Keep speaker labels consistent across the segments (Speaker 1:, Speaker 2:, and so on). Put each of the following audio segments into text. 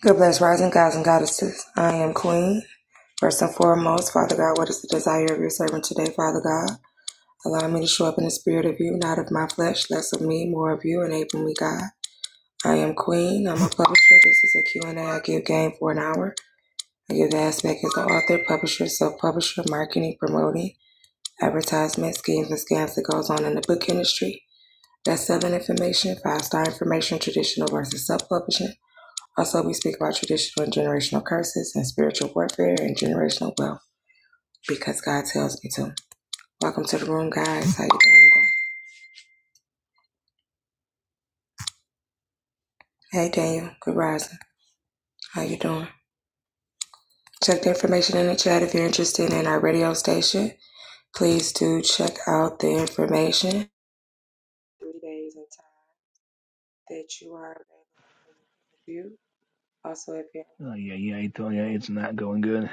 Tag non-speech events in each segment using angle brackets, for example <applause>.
Speaker 1: Good bless rising gods and goddesses. I am Queen. First and foremost, Father God, what is the desire of your servant today, Father God? Allow me to show up in the spirit of you, not of my flesh, less of me, more of you, enable me, God. I am Queen. I'm a publisher. This is a Q and A. I give game for an hour. I give the aspect as the author, publisher, self-publisher, marketing, promoting, advertisement, schemes, and scams that goes on in the book industry. That's selling information, five-star information, traditional versus self-publishing also, we speak about traditional and generational curses and spiritual warfare and generational wealth because God tells me to. Welcome to the room, guys. How you doing today? Hey, Daniel. Good rising. How you doing? Check the information in the chat if you're interested in our radio station. Please do check out the information. Three days and time that you are available for your interview. Also, if you're
Speaker 2: Oh yeah, yeah, I tell you, it's not going good.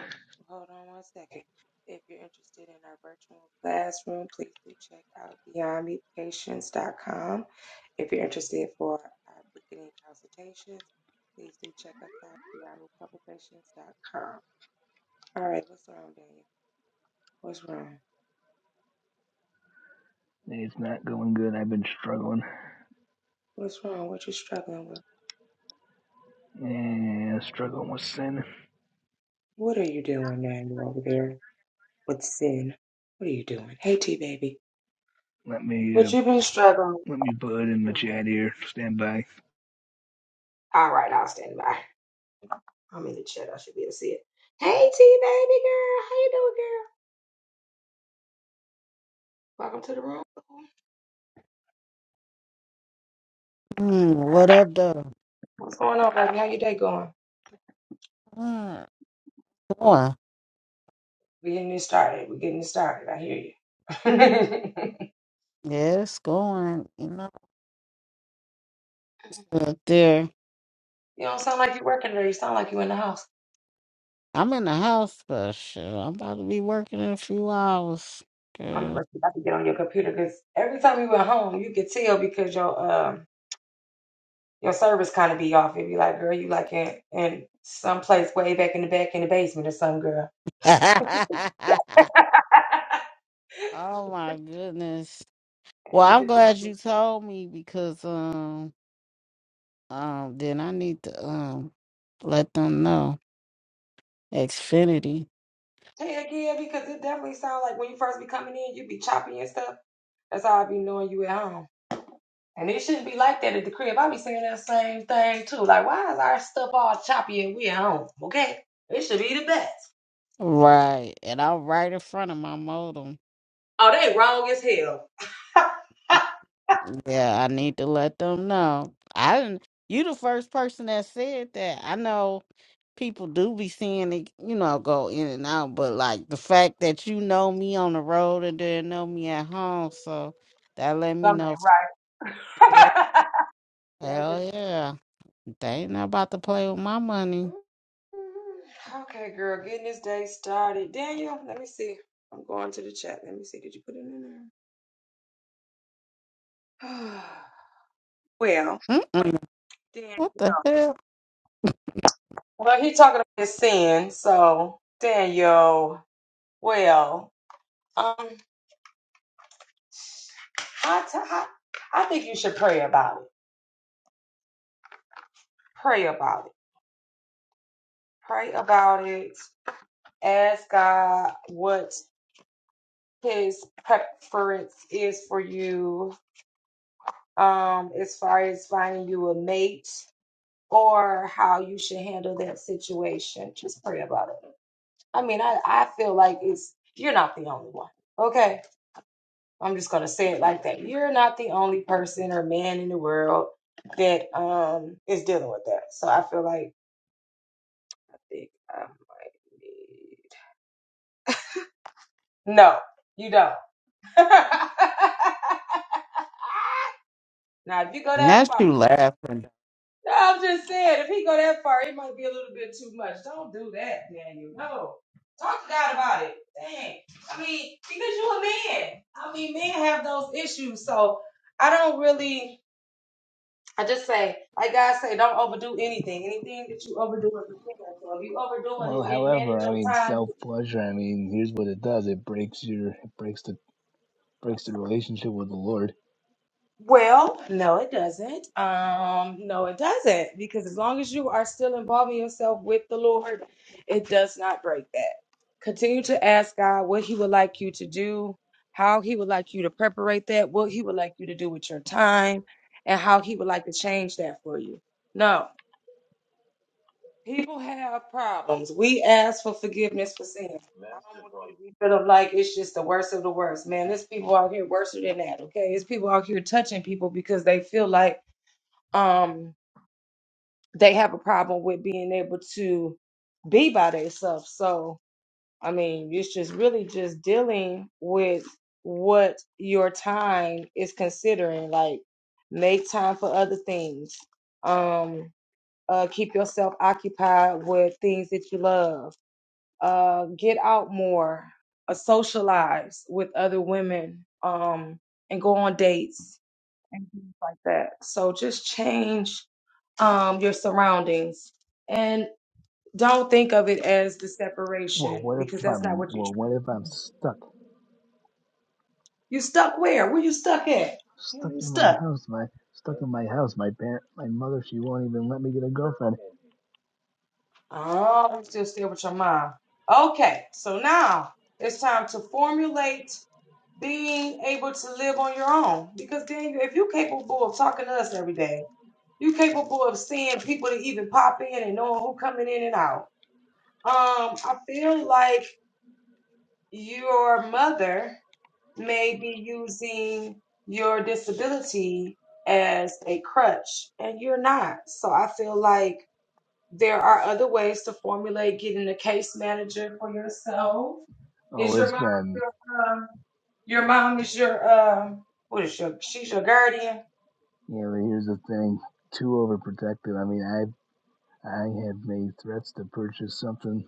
Speaker 1: Hold on one second. If you're interested in our virtual classroom, please do check out Beyond medications dot com. If you're interested for our beginning consultations, please do check us out Beyond Publications dot com. All right, what's wrong, Daniel? What's wrong?
Speaker 2: It's not going good. I've been struggling,
Speaker 1: What's wrong? What you struggling with?
Speaker 2: yeah, struggling with sin.
Speaker 1: What are you doing, Daniel, over there with sin? What are you doing? Hey, T baby,
Speaker 2: Let me, uh,
Speaker 1: what you been struggling? With?
Speaker 2: let me put it
Speaker 1: What
Speaker 2: in
Speaker 1: you
Speaker 2: the
Speaker 1: doing?
Speaker 2: chat here. Stand by.
Speaker 1: All right, I'll stand by. I'm in the chat. I should be able to see it. Hey, T baby girl, how you doing, girl? Welcome to the room.
Speaker 3: Mm, what up, though?
Speaker 1: What's going on, baby? How your day going?
Speaker 3: Mm, going.
Speaker 1: We getting this started. We getting this started. I hear you. <laughs>
Speaker 3: Yeah, it's going. You know, it's up there.
Speaker 1: you don't sound like you're working today. You sound like you in the house.
Speaker 3: I'm in the house, but shit, I'm about to be working in a few hours.
Speaker 1: I'm
Speaker 3: Girl.
Speaker 1: about to about to get on your computer because every time you at home, you could tell because your um your service kind of be off. It'd be like, girl, you like in in some place way back in the back in the basement or some girl.
Speaker 3: <laughs>
Speaker 1: <laughs>
Speaker 3: oh my goodness. Well,
Speaker 1: And you
Speaker 3: I'm
Speaker 1: could
Speaker 3: glad
Speaker 1: tell.
Speaker 3: you told me because um um then I need to um let them know Xfinity.
Speaker 1: Heck yeah, because it definitely sounds like when you first be coming in, you be choppy and stuff. That's how I be knowing you at home. And it shouldn't be like that at the crib. I be saying that same thing too. Like, why is our stuff all choppy and we at home? Okay? It should be the best.
Speaker 3: Right, and I'm right in front of my modem.
Speaker 1: Oh, they wrong as hell. <laughs>
Speaker 3: Yeah, I need to let them know. I didn't. You the first person that said that. I know people do be seeing it, you know, go in and out, but like the fact that you know me on the road and didn't know me at home, so that let me
Speaker 1: Something
Speaker 3: know.
Speaker 1: ain't
Speaker 3: Yeah,
Speaker 1: right. <laughs> yeah, I
Speaker 3: hell
Speaker 1: get...
Speaker 3: yeah, they ain't not about to play with my money.
Speaker 1: Mm-hmm. Okay, girl, getting this day started. Daniel, let me see. I'm going to the chat. Let me see. Did you put it in there? <sighs> well,
Speaker 3: Mm-mm.
Speaker 1: Daniel.
Speaker 3: What the hell?
Speaker 1: Well, he talking about his sin, so Daniel. Well, um, I t- I I think you should pray about it. Pray about it. Pray about it. Ask God what His preference is for you, um, as far as finding you a mate or how you should handle that situation. Just pray about it. I mean, I I feel like it's you're not the only one. Okay I'm just gonna say it like that. You're not the only person or man in the world that um is dealing with that. So I feel like I think um no, you don't. <laughs> now if you go
Speaker 3: And
Speaker 1: that
Speaker 3: that's
Speaker 1: far,
Speaker 3: you laughing.
Speaker 1: no, I'm just saying if he go that far, it might be a little bit too much. Don't do that, Daniel. No, talk to God about it. Dang, I mean because you a man. I mean men have those issues, so I don't really. I just say, like God say, don't overdo anything. Anything that you overdo is a sin. So if you overdoing
Speaker 2: Well,
Speaker 1: it, then
Speaker 2: however,
Speaker 1: manage
Speaker 2: I
Speaker 1: your
Speaker 2: mean,
Speaker 1: time.
Speaker 2: self pleasure. I mean, here's what it does. It breaks your, it breaks the, breaks the relationship with the Lord.
Speaker 1: Well, no, it doesn't. Um, no, it doesn't. Because as long as you are still involving yourself with the Lord, it does not break that. Continue to ask God what He would like you to do, how He would like you to preparate that, what He would like you to do with your time, and how He would like to change that for you. No. People have problems. We ask for forgiveness for sins. I don't want you to be feel like it's just the worst of the worst, man. There's people out here worse than that, okay? There's people out here touching people because they feel like um they have a problem with being able to be by themselves. So I mean, it's just really just dealing with what your time is considering. Like, make time for other things. Um, uh, keep yourself occupied with things that you love uh, get out more, uh, socialize with other women, um, and go on dates and things like that. So just change um, your surroundings and don't think of it as the
Speaker 2: Well,
Speaker 1: separation
Speaker 2: what if
Speaker 1: because that's not
Speaker 2: I'm,
Speaker 1: what you're
Speaker 2: well,
Speaker 1: trying
Speaker 2: what if
Speaker 1: to
Speaker 2: I'm
Speaker 1: do.
Speaker 2: stuck,
Speaker 1: You stuck where? Where you stuck at?
Speaker 2: stuck
Speaker 1: Where you
Speaker 2: in my
Speaker 1: stuck?
Speaker 2: house, my, stuck in my house. My parent, my mother, she won't even let me get a girlfriend.
Speaker 1: Oh, you still stay with your mom. Okay, so now it's time to formulate being able to live on your own. Because then, if you're capable of talking to us every day, you're capable of seeing people that even pop in and knowing who coming in and out. Um, I feel like your mother may be using your disability as a crutch, and you're not. So I feel like there are other ways to formulate getting a case manager for yourself
Speaker 2: Oh,
Speaker 1: is your
Speaker 2: it's
Speaker 1: mom
Speaker 2: been,
Speaker 1: your um your mom is your um what is your she's your guardian?
Speaker 2: yeah. But here's the thing too overprotective. I mean, I. I have made threats to purchase something.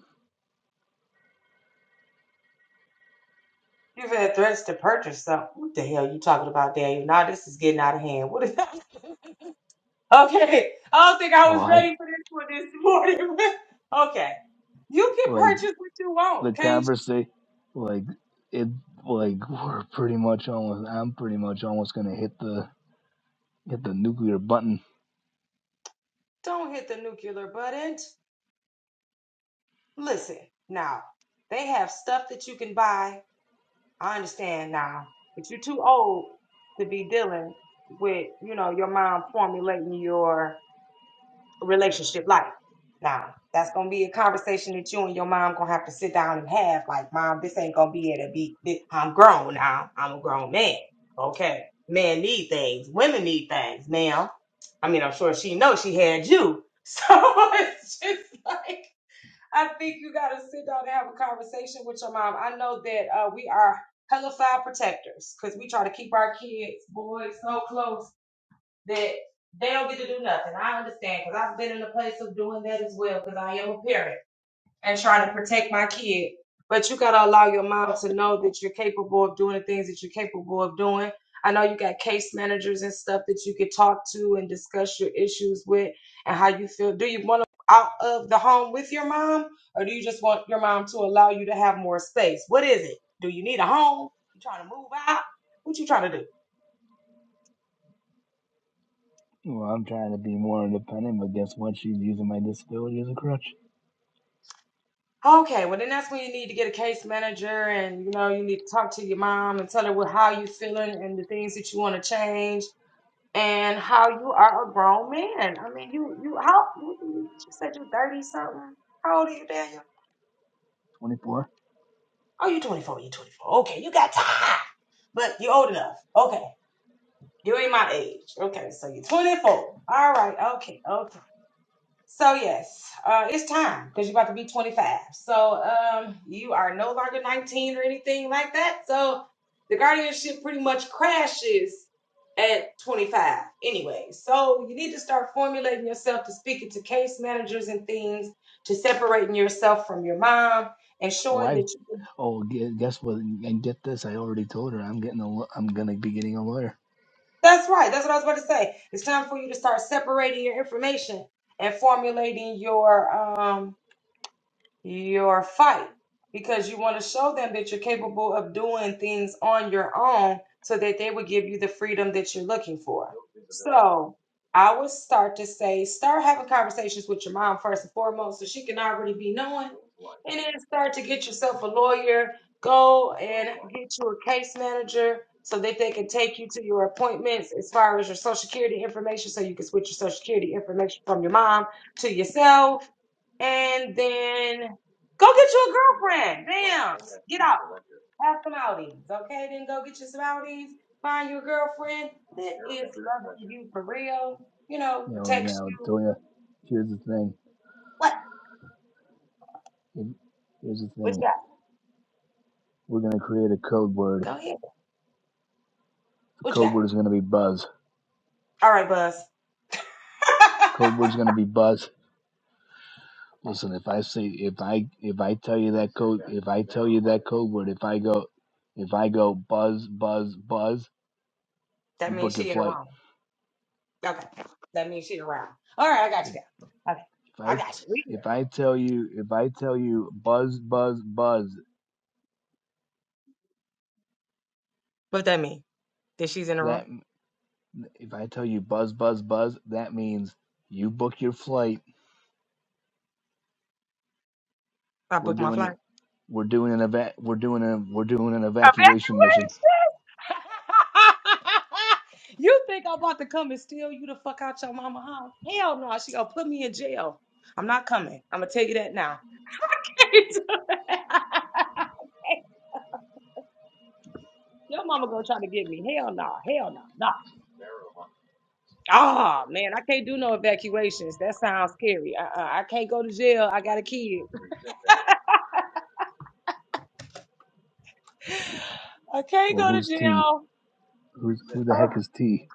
Speaker 1: You've had threats to purchase something. What the hell you talking about, Daniel? Now this is getting out of hand. What is <laughs> Okay. I don't think I
Speaker 2: Oh,
Speaker 1: was
Speaker 2: I
Speaker 1: ready for this one this morning. <laughs> okay. You can
Speaker 2: like
Speaker 1: purchase what you
Speaker 2: the
Speaker 1: want, can't you?
Speaker 2: conversation, like it, like we're pretty much almost. I'm pretty much almost gonna hit the hit the nuclear button.
Speaker 1: Don't hit the nuclear button. Listen, now they have stuff that you can buy I understand now, but you're too old to be dealing with, you know, your mom formulating your relationship life. Now, that's gonna be a conversation that you and your mom gonna have to sit down and have. Like, mom, this ain't gonna be it. be. This, I'm grown now. I'm a grown man. Okay, men need things. Women need things, ma'am. I mean, I'm sure she knows she had you. <laughs> So it's just like. I think you got to sit down and have a conversation with your mom. I know that uh, we are hellified protectors because we try to keep our kids, boys, so close that they don't get to do nothing. I understand because I've been in a place of doing that as well because I am a parent and trying to protect my kid. But you gotta allow your mom to know that you're capable of doing the things that you're capable of doing. I know you got case managers and stuff that you could talk to and discuss your issues with and how you feel. Do you want to out of the home with your mom, or do you just want your mom to allow you to have more space? What is it? Do you need a home? You trying to move out? What you trying to do?
Speaker 2: Well, I'm trying to be more independent, but guess what? She's using my disability as a crutch.
Speaker 1: Okay, well then that's when you need to get a case manager and you know you need to talk to your mom and tell her what how you feeling and the things that you want to change and how you are a grown man. I mean, you you how you, you said you're thirty something. How old are you, Daniel?
Speaker 2: Twenty four.
Speaker 1: Oh, you 24. You 24. Okay, you got time, but you're old enough. Okay, you ain't my age. Okay, so you're 24. All right. Okay. Okay. So yes, uh, it's time because you're about to be 25. So um, you are no longer 19 or anything like that. So the guardianship pretty much crashes at 25 anyway. So you need to start formulating yourself to speaking to case managers and things, to separating yourself from your mom and
Speaker 2: Oh,
Speaker 1: showing
Speaker 2: I've.
Speaker 1: that you.
Speaker 2: Oh, gue- guess what? And get this. I already told her I'm getting a. law- I'm gonna be getting a lawyer.
Speaker 1: That's right. That's what I was about to say. It's time for you to start separating your information and formulating your um your fight because you want to show them that you're capable of doing things on your own so that they will give you the freedom that you're looking for. So I would start to say, start having conversations with your mom first and foremost so she can already be knowing. And then start to get yourself a lawyer, go and get you a case manager so that they can take you to your appointments as far as your social security information so you can switch your social security information from your mom to yourself and then go get you a girlfriend. Bam! Get out. Have some outings. Okay, then go get you some outings. Find your girlfriend that is loving you for real. You know,
Speaker 2: You know.
Speaker 1: protects
Speaker 2: Now,
Speaker 1: you.
Speaker 2: Toya. Here's the thing.
Speaker 1: What?
Speaker 2: Here's the
Speaker 1: What
Speaker 2: thing.
Speaker 1: you got?
Speaker 2: We're gonna create a code word.
Speaker 1: Go ahead.
Speaker 2: The
Speaker 1: What you
Speaker 2: code
Speaker 1: got?
Speaker 2: word is gonna be buzz
Speaker 1: All right, Buzz. <laughs>
Speaker 2: Code word's gonna be buzz.
Speaker 1: Okay,
Speaker 2: Listen, if I say if I if I tell you that code if I tell you that code word, if I go if I go buzz, buzz, buzz,
Speaker 1: that
Speaker 2: you
Speaker 1: means
Speaker 2: book your
Speaker 1: she in the
Speaker 2: flight.
Speaker 1: wrong. Okay. That means she in the wrong. All right, I got
Speaker 2: If,
Speaker 1: you guys. Okay.
Speaker 2: if
Speaker 1: I
Speaker 2: I
Speaker 1: got you. We good.
Speaker 2: if I tell you if I tell you buzz, buzz, buzz,
Speaker 1: What that mean? That she's in the room?
Speaker 2: that if I tell you buzz, buzz, buzz, that means you book your flight.
Speaker 1: I
Speaker 2: We're
Speaker 1: booked my flight.
Speaker 2: doing we're doing an eva- we're doing a we're doing an
Speaker 1: I
Speaker 2: evacuation
Speaker 1: bet
Speaker 2: mission.
Speaker 1: <laughs> you think I'm about to come and steal you the fuck out your mama house? Hell no, she gonna put me in jail. I'm not coming. I'm gonna tell you that now. <laughs> your mama gonna try to get me. Hell no, hell no, no. Ah man, I can't do no evacuations. That sounds scary. Uh-uh. I can't go to jail. I got a kid. I can't
Speaker 2: Well,
Speaker 1: go to
Speaker 2: who's T?
Speaker 1: jail.
Speaker 2: Who's who the
Speaker 1: Oh,
Speaker 2: heck is T?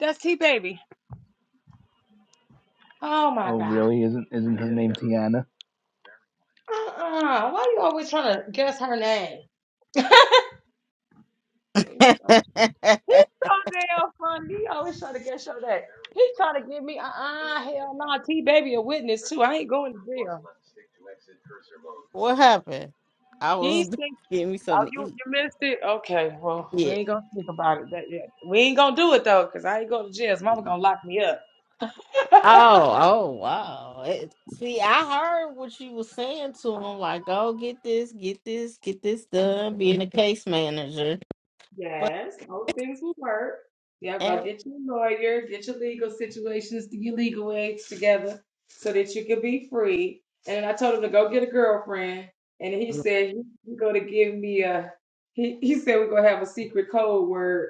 Speaker 1: that's T baby. Oh my
Speaker 2: Oh,
Speaker 1: god.
Speaker 2: really? Isn't isn't her name Tiana?
Speaker 1: Uh-uh. Why you always trying to guess her name? <laughs>
Speaker 3: <laughs>
Speaker 1: It's so He's so damn funny. He always trying to get show that. He's trying to give me, uh-uh, hell no, T baby a witness too. I ain't going to jail.
Speaker 3: what happened? I
Speaker 1: He
Speaker 3: was
Speaker 1: think
Speaker 3: <laughs> getting me
Speaker 1: oh,
Speaker 3: something to
Speaker 1: you
Speaker 3: eat.
Speaker 1: you missed it. Okay, well, we
Speaker 3: Yeah.
Speaker 1: ain't gonna think about it. That yeah. We ain't gonna do it though, because I ain't going to jail. His mama gonna lock me up. <laughs>
Speaker 3: Oh, oh, wow. It, see, I heard what you was saying to him, like, go get this, get this, get this done, being a case manager. But,
Speaker 1: Yes, all things will work. Yep, go
Speaker 3: and,
Speaker 1: get your lawyer, get your legal situations, your legal aids together so that you can be free. And then I told him to go get a girlfriend. And he said he- he's going to give me a, he, he said we're going to have a secret code word.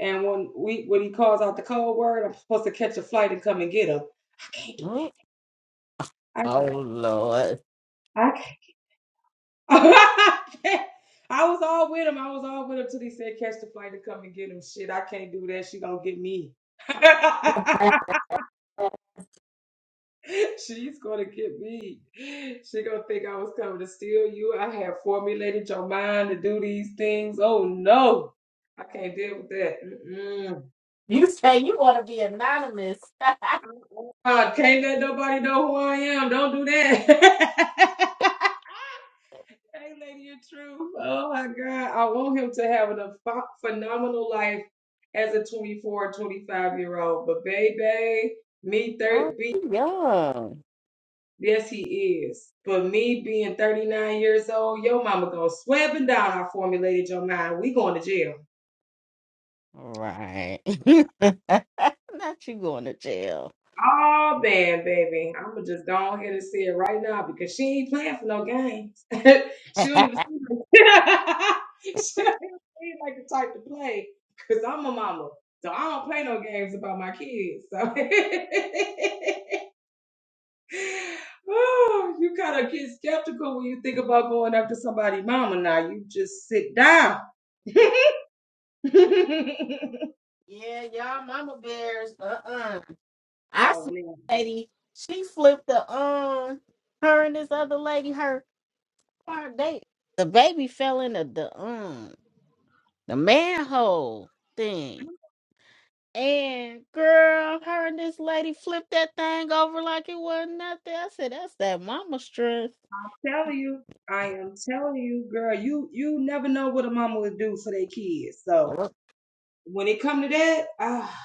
Speaker 1: And when we when he calls out the code word, I'm supposed to catch a flight and come and get him. I can't do
Speaker 3: oh,
Speaker 1: that.
Speaker 3: Lord. <laughs>
Speaker 1: I can't. <laughs> I was all with him. I was all with him till he said catch the flight to come and get him. Shit, I can't do that. She gonna get me. <laughs> She's gonna get me. She gonna think I was coming to steal you. I had formulated your mind to do these things. Oh no, I can't deal with that. Mm-mm.
Speaker 3: You say you want to be anonymous. <laughs>
Speaker 1: Uh, can't let nobody know who I am. Don't do that. <laughs> Hey, Lady of Truth. Oh my God. I want him to have a ph- phenomenal life as a 24, 25 year old. But, baby, me,
Speaker 3: oh,
Speaker 1: thir-
Speaker 3: you young.
Speaker 1: yes, he is. But me being 39 years old, your mama gonna swear up and down I formulated your mind. We going to jail.
Speaker 3: Right. <laughs> Not you going to jail.
Speaker 1: Oh man, baby. I'ma just go on here and say it right now because she ain't playing for no games. <laughs>
Speaker 3: <laughs>
Speaker 1: she don't
Speaker 3: Y-
Speaker 1: even seem like <laughs> she don't even seem like the type to play. Cause I'm a mama. So I don't play no games about my kids. So <laughs> oh, you kind of get skeptical when you think about going up to somebody, mama. Now you just sit down. <laughs> oh
Speaker 3: yeah, y'all mama bears. Uh-uh. I see
Speaker 1: man.
Speaker 3: a lady, she flipped the, um, her and this other lady, her Why they the baby fell into the um the manhole thing. And girl, her and this lady flipped that thing over like it wasn't nothing. I said, That's that mama strength.
Speaker 1: telling you, I am telling you, girl, you you never know what a mama would do for their kids.
Speaker 3: <laughs>
Speaker 1: So when it come to that, ah,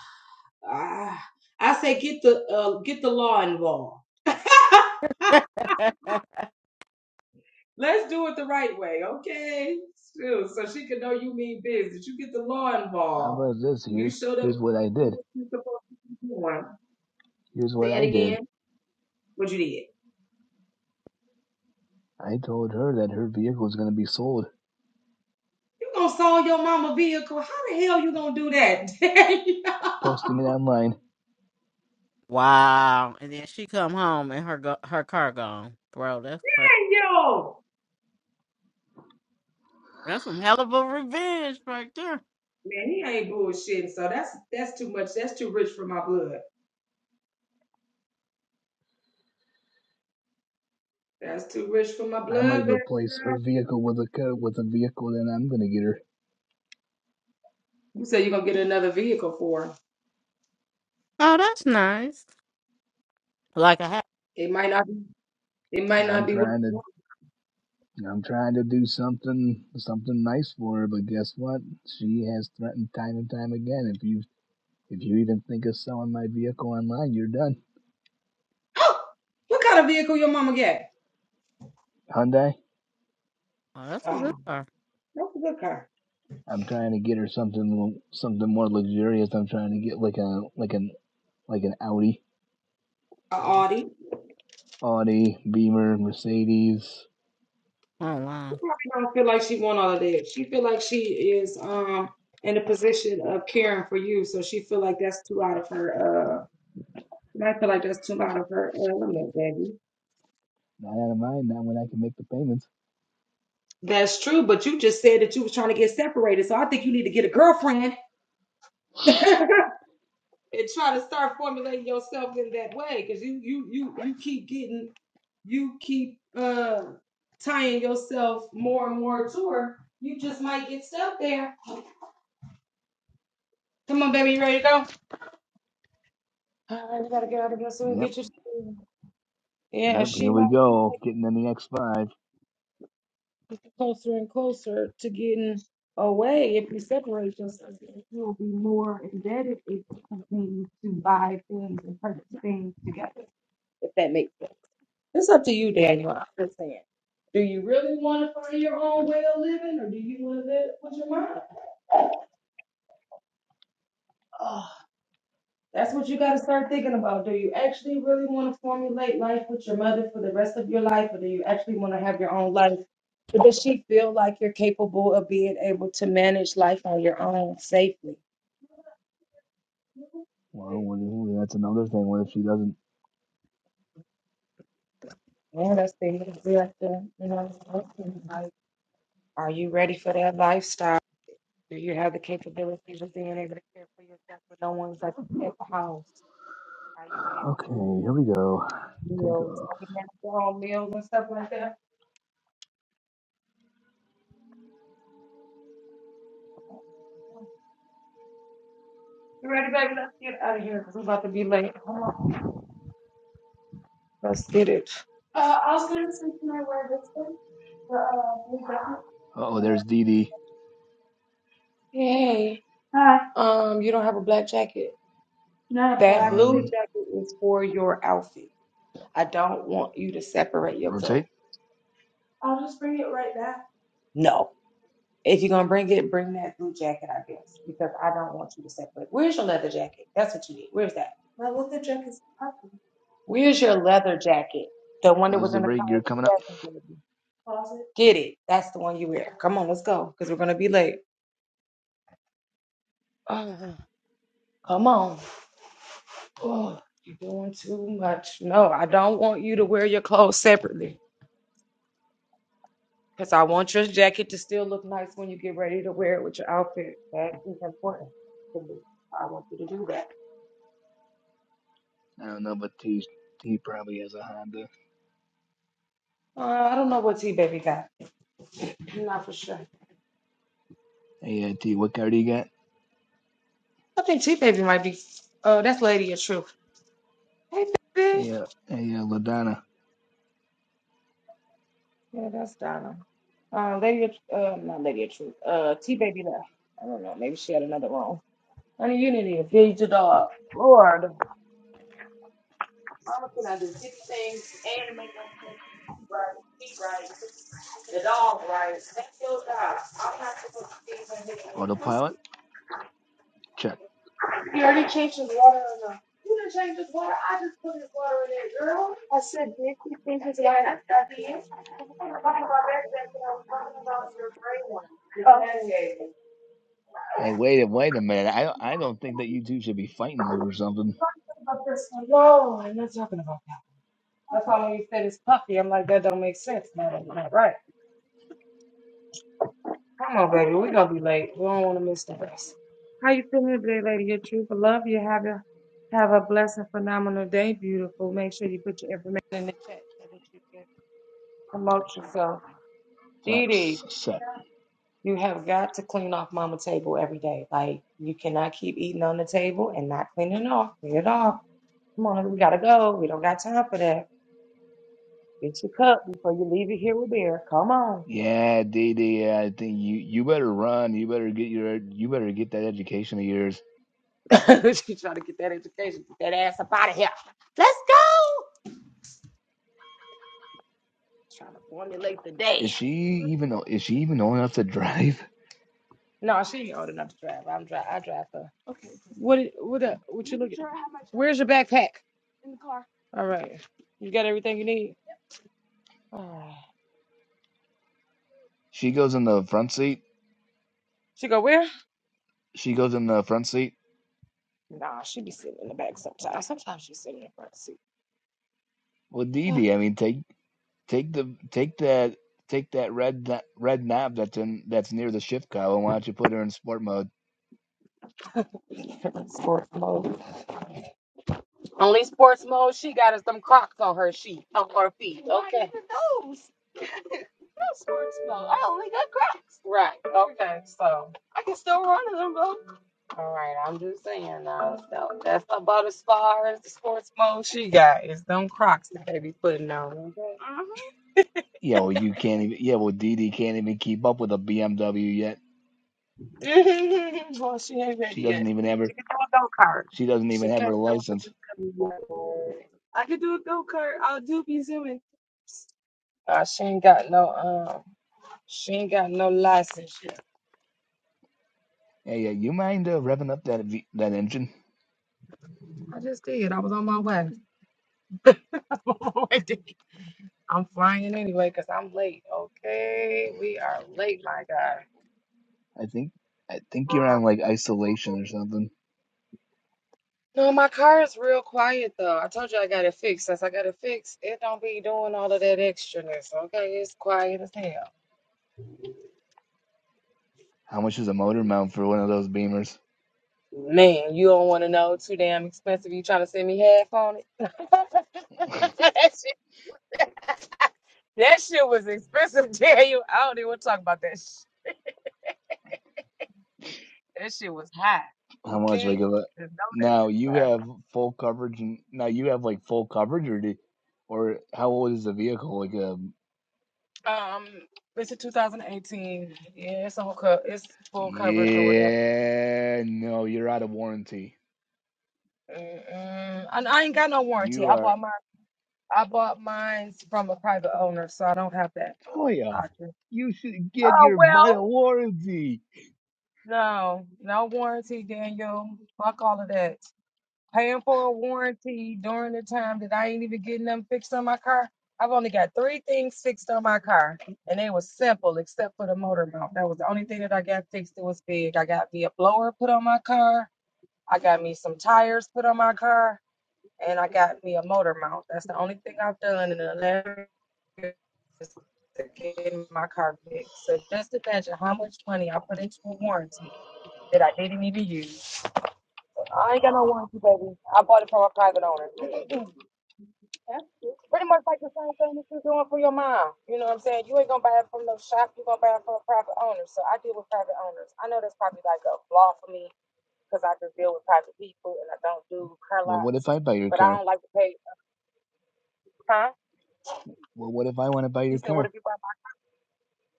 Speaker 1: ah, I say get the uh, get the law involved. <laughs> Let's do it the right way, okay? So, so she can know you mean business. You get the law
Speaker 2: How
Speaker 1: involved.
Speaker 2: about this?
Speaker 1: You
Speaker 2: Here's
Speaker 1: show them
Speaker 2: here's what I did.
Speaker 1: what you're supposed to be doing.
Speaker 2: Here's what
Speaker 1: Say
Speaker 2: I
Speaker 1: it
Speaker 2: did.
Speaker 1: again. What you did.
Speaker 2: I told her that her vehicle is going to be sold.
Speaker 1: You gonna sold your mama vehicle. How the hell you gonna do that? <laughs>
Speaker 2: Posting it online,
Speaker 3: wow. And then she come home and her go- her car gone. Bro, that's crazy.
Speaker 1: Yo!
Speaker 3: That's some hell of a revenge right there.
Speaker 1: Man, he ain't bullshitting. So that's that's too much. That's too rich for my blood. That's too rich for my
Speaker 2: I might
Speaker 1: blood. Baby.
Speaker 2: replace her vehicle with a with a vehicle that I'm going to get her.
Speaker 1: You said you're gonna get another vehicle for her.
Speaker 3: Oh, that's nice. Like a hat.
Speaker 1: It might not. Be, it might
Speaker 2: I'm
Speaker 1: not be what
Speaker 2: trying
Speaker 1: you
Speaker 2: to
Speaker 1: want.
Speaker 2: I'm trying to do something something nice for her, but guess what? She has threatened time and time again. If you if you even think of selling my vehicle online, you're done.
Speaker 1: Oh, what kind of vehicle your mama got?
Speaker 2: Hyundai.
Speaker 3: oh, that's a good
Speaker 1: Oh,
Speaker 3: car.
Speaker 1: that's a good car.
Speaker 2: I'm trying to get her something something more luxurious. I'm trying to get like a like an like an Audi
Speaker 1: A
Speaker 3: Oh,
Speaker 1: Audi.
Speaker 2: Audi, Beamer, Mercedes.
Speaker 3: wow.
Speaker 1: She probably don't feel like she want all of that. She feel like she is um in a position of caring for you. So she feel like that's too out of her. Uh, she might feel like that's too out of her element, baby.
Speaker 2: Not out of mind Not when I can make the payments.
Speaker 1: That's true, but you just said that you was trying to get separated. So I think you need to get a girlfriend <laughs> and try to start formulating yourself in that way because you you you you keep getting you keep uh tying yourself more and more to her you just might get stuck there come on baby you ready to go all right we gotta get out of here soon
Speaker 2: Yep,
Speaker 1: get your yeah
Speaker 2: yep, here
Speaker 1: she
Speaker 2: we
Speaker 1: might you
Speaker 2: go. Getting in the X5.
Speaker 1: might get closer and closer to getting away if you separate yourself you'll be more indebted if you continue to buy things and purchase things together if that makes sense It's up to you, Daniel. I'm just saying. Do you really want to find your own way of living or do you want to live with your mom? Oh, that's what you got to start thinking about. Do you actually really want to formulate life with your mother for the rest of your life or do you actually want to have your own life? But does she feel like you're capable of being able to manage life on your own safely?
Speaker 2: Well, what
Speaker 1: Yeah,
Speaker 2: if- well, that's another thing. What if she doesn't?
Speaker 1: that's the right there. You know, like, are you ready for that lifestyle? Do you have the capabilities of being able to care for yourself when no one's at, at the house? Are you able
Speaker 2: Okay,
Speaker 1: to
Speaker 2: here
Speaker 1: do
Speaker 2: we go. Take
Speaker 1: meals?
Speaker 2: off.
Speaker 1: Are you able to do home meals and stuff like that? You ready, baby? Let's get out of here because we're about to be late. Come on. Let's get it. Uh, I was going to say, can I wear this one? The, uh, blue jacket?
Speaker 2: Uh oh,
Speaker 1: Or-
Speaker 2: there's DD.
Speaker 1: Hey. Hi. Um, you don't have a black jacket? No. That black blue
Speaker 2: One,
Speaker 1: jacket is for your outfit. I don't want you to separate your
Speaker 2: rotate.
Speaker 1: clothes. I'll just bring it right back. No. If you're gonna bring it, bring that blue jacket, I guess, because I don't want you to separate. Where's your leather jacket? That's what you need. Where's that? My leather jacket's purple. Where's your leather jacket? The one that was in
Speaker 2: Positive
Speaker 1: the car.
Speaker 2: rate gear coming up.
Speaker 1: that Jasmine gave you. Closet. Get it. That's the one you wear. Come on, let's go, because we're gonna be late. Oh, come on. Oh, you're doing too much. No, I don't want you to wear your clothes separately. Because I want your jacket to still look nice when you get ready to wear it with your outfit. That is important to me. I want you to do that.
Speaker 2: I don't know, but T, T probably has a Honda.
Speaker 1: Uh, I don't know what T Baby got. I'm not for sure.
Speaker 2: Hey, uh, T, what car do you got?
Speaker 1: I think T Baby might be. Oh, that's Lady of Truth. Hey, baby.
Speaker 2: Hey, uh, hey, uh, Ladonna.
Speaker 1: Yeah, that's Donna. Uh, Lady of, uh, not Lady of Truth. Uh, T Baby left. I don't know. Maybe she had another room. Honey, you need to feed your dog. Lord. Mama can I do fifty things and right, eat right, the dog right. Thank your God. I'm not supposed to.
Speaker 2: Autopilot? Check.
Speaker 1: He already changed his water or no? You didn't change his water. I just put his water in there, girl. I said, did you change his water? Yes, I did. I was talking about that, that I was talking about your gray one. Okay.
Speaker 2: Hey, wait a wait a minute. I I don't think that you two should be fighting over something.
Speaker 1: About this one. No, I'm not talking about that. That's why when you said it's puffy, I'm like, that don't make sense. No, that's not right. Come on, baby. We're going to be late. We don't want to miss the bus. How you feeling today, lady? Your truth of love. You have a, have a blessed, phenomenal day, beautiful. Make sure you put your information in the chat so that you can promote yourself. Dee Dee,
Speaker 2: Flaps set.
Speaker 1: you have got to clean off mama table every day. Like you cannot keep eating on the table and not cleaning it off. Clean it off. Come on, we gotta go. We don't got time for that. Get your cup before you leave it here with beer. Come on.
Speaker 2: Yeah, Dee I think you you better run. You better get your you better get that education of yours.
Speaker 1: <laughs> she trying to get that education, get that ass up out of here. Let's go. Trying to formulate the day.
Speaker 2: Is she even is she even old enough to <laughs> drive?
Speaker 1: No, she ain't old enough to drive. I'm drive. I drive her. Okay. What? i- What? uh, What you looking? Where's your backpack? All right. You got everything you need. <sighs>
Speaker 2: She goes in the front seat.
Speaker 1: She go where?
Speaker 2: She goes in the front seat.
Speaker 1: Nah, she be sitting in the back sometimes. Sometimes she sitting in the front seat.
Speaker 2: Well, Dee Dee, I mean, take take the take that take that red na- red knob that's in that's near the shift column. Why don't you put her in sport mode?
Speaker 1: <sighs> Sports mode. Only sports mode she got is them Crocs on her sheet, on her feet. Okay. those. No sports mode. I only got Crocs. Right. Okay. So. I can still run in them though. All right. I'm just saying. Uh, so that's about as far as the sports mode she got is them Crocs that they be putting on. Okay.
Speaker 2: Yeah, well, you can't even. Yeah, well, Dee Dee can't even keep up with a BMW yet.
Speaker 1: Mhm. <laughs> well, she ain't
Speaker 2: She
Speaker 1: ready
Speaker 2: doesn't
Speaker 1: yet.
Speaker 2: even have her.
Speaker 1: She can do a go kart.
Speaker 2: She doesn't
Speaker 1: She
Speaker 2: even have her
Speaker 1: can't do
Speaker 2: license.
Speaker 1: a go kart. I can do a go kart. I'll do be zooming. Uh, she ain't got no um. She ain't got no license yet.
Speaker 2: Hey, uh, you mind uh, revving up that v- that engine?
Speaker 1: I just did. I was on my way. <laughs> I'm on my way to- I'm flying anyway because I'm late. Okay, we are late, my guy.
Speaker 2: I think I think you're on like isolation or something.
Speaker 1: No, my car is real quiet though. I told you I got it fixed. Since I got it fixed, it don't be doing all of that extraness. Okay, it's quiet as hell.
Speaker 2: How much is a motor mount for one of those beamers?
Speaker 1: Man, you don't want to know. Too damn expensive. You trying to send me half on it? <laughs> that, shit, that shit was expensive, <laughs> Daniel. I don't even want to talk about that. Shit. That shit was high.
Speaker 2: How much? Like
Speaker 1: Okay.
Speaker 2: a lot?
Speaker 1: Just know
Speaker 2: now you
Speaker 1: that.
Speaker 2: have full coverage, and now you have like full coverage, or do, or how old is the vehicle? Like a
Speaker 1: Um, it's a 2018. Yeah, it's on co- It's full coverage or whatever.
Speaker 2: yeah, no, you're out of warranty.
Speaker 1: Mm-mm. And I ain't got no warranty.
Speaker 2: You
Speaker 1: I
Speaker 2: are
Speaker 1: bought mine. I bought mine from a private owner, so I don't have that
Speaker 2: Toya.
Speaker 1: option.
Speaker 2: You should get
Speaker 1: Oh
Speaker 2: your
Speaker 1: well.
Speaker 2: butt a warranty.
Speaker 1: No, no warranty, Daniel. Fuck all of that. paying for a warranty during the time that I ain't even getting them fixed on my car. I've only got three things fixed on my car, and they were simple except for the motor mount. That was the only thing that I got fixed. It was big. I got me a blower put on my car. I got me some tires put on my car, and I got me a motor mount. That's the only thing I've done in the eleven years to get my car fixed. So just imagine how much money I put into a warranty that I didn't even use. I ain't got no warranty, baby. I bought it from a private owner. <clears throat> Pretty much like the same thing that you're doing for your mom. You know what I'm saying? You ain't gonna buy it from no shop. You're gonna buy it from a private owner. So I deal with private owners. I know that's probably like a flaw for me because I just deal with private people and I don't do car
Speaker 2: Well, what if
Speaker 1: lots.
Speaker 2: I buy your
Speaker 1: But I
Speaker 2: car?
Speaker 1: don't like to pay. Huh?
Speaker 2: Well, what if I want to buy
Speaker 1: You
Speaker 2: your
Speaker 1: said, what
Speaker 2: car?
Speaker 1: if you buy my?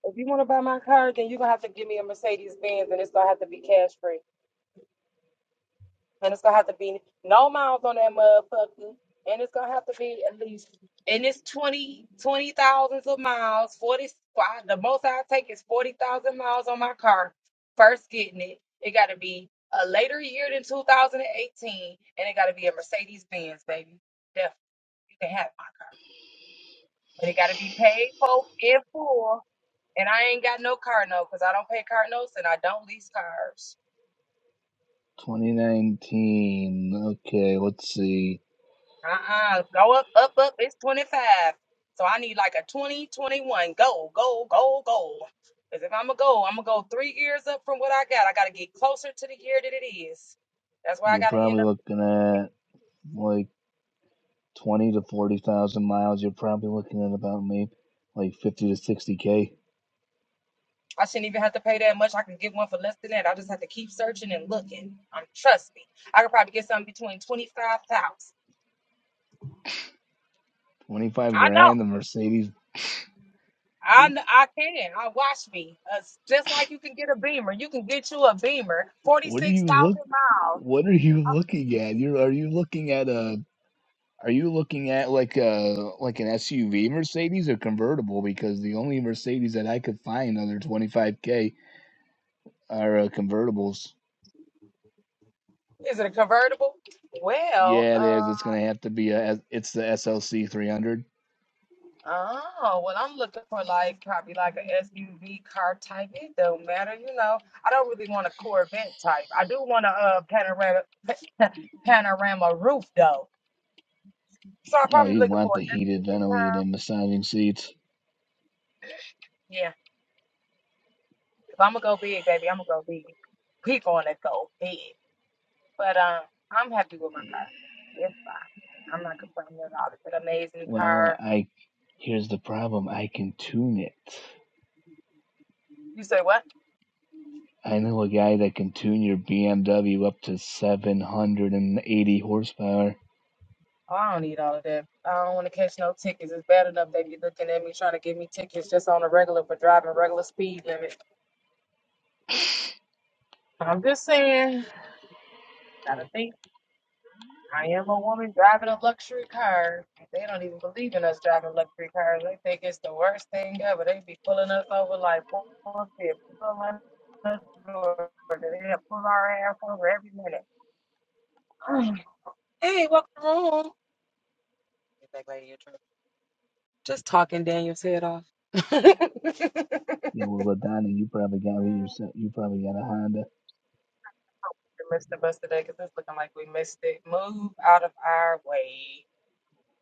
Speaker 1: If you want to buy my car, then you're gonna have to give me a Mercedes Benz and it's gonna have to be cash free. And it's gonna have to be no miles on that motherfucker. And it's gonna have to be at least and it's twenty twenty thousands of miles. Forty I- the most I take is forty thousand miles on my car. First getting it, it gotta be a later year than two thousand and eighteen, and it gotta be a Mercedes Benz, baby. Definitely, you can have my car, but it gotta be paid for in full. And I ain't got no car note because I don't pay car notes and I don't lease cars.
Speaker 2: 2019. Okay, let's see.
Speaker 1: Uh-uh. Go up, up, up. It's 25. So I need like a 20, 21. Go, go, go, go. Because if I'm going to go, I'm going to go three years up from what I got. I got to get closer to the year that it is. That's why I
Speaker 2: You're
Speaker 1: got to end
Speaker 2: probably
Speaker 1: up.
Speaker 2: looking at like 20 to 40,000 miles. You're probably looking at about maybe like 50 to 60k.
Speaker 1: I shouldn't even have to pay that much. I can get one for less than that. I just have to keep searching and looking. Um, trust me, I could probably get something between 25,000.
Speaker 2: 25
Speaker 1: I know.
Speaker 2: grand. The Mercedes.
Speaker 1: I,
Speaker 2: You're,
Speaker 1: kn- I can. I watch me. Uh, s- just like you can get a Beamer. You can get you a Beamer,
Speaker 2: what are
Speaker 1: 46,000
Speaker 2: you look?
Speaker 1: miles.
Speaker 2: What are you looking at? You're are you looking at a are you looking at like a like an SUV Mercedes or convertible? Because the only Mercedes that I could find under 25k are uh, convertibles.
Speaker 1: Is it a convertible? Well,
Speaker 2: Yeah, it
Speaker 1: uh,
Speaker 2: is. It's going to have to be a. S- It's the SLC 300.
Speaker 1: oh, well, I'm looking for like probably like an SUV car type. It don't matter, you know. I don't really want a Corvette type. I do want a uh, panorama <laughs> panorama roof though. So I'm
Speaker 2: Oh,
Speaker 1: probably
Speaker 2: you
Speaker 1: looking for
Speaker 2: want the
Speaker 1: an
Speaker 2: heated,
Speaker 1: SUV
Speaker 2: ventilated,
Speaker 1: car.
Speaker 2: and massaging seats?
Speaker 1: Yeah, if I'm gonna go big, baby, I'm gonna go big. We gonna go big. But um, I'm happy with my car. It's fine. I'm not complaining at all. It's an amazing
Speaker 2: Well,
Speaker 1: car.
Speaker 2: I. Here's the problem. I can tune it.
Speaker 1: You say what?
Speaker 2: I know a guy that can tune your BMW up to 780 horsepower.
Speaker 1: Oh, I don't need all of that. I don't want to catch no tickets. It's bad enough they be looking at me trying to give me tickets just on a regular for driving regular speed limit. I'm just saying, gotta think. I am a woman driving a luxury car. They don't even believe in us driving luxury cars. They think it's the worst thing ever. They be pulling us over like forfeit, pulling us over. They have pull our ass over every minute. <clears throat> hey, welcome home. Get back, lady. in trouble. Just talking Daniel's head off.
Speaker 2: Yeah, well, Ladonna, you probably got
Speaker 1: <laughs>
Speaker 2: yourself. You probably got a Honda.
Speaker 1: We missed the bus today because it's looking like we missed it. Move out of our way.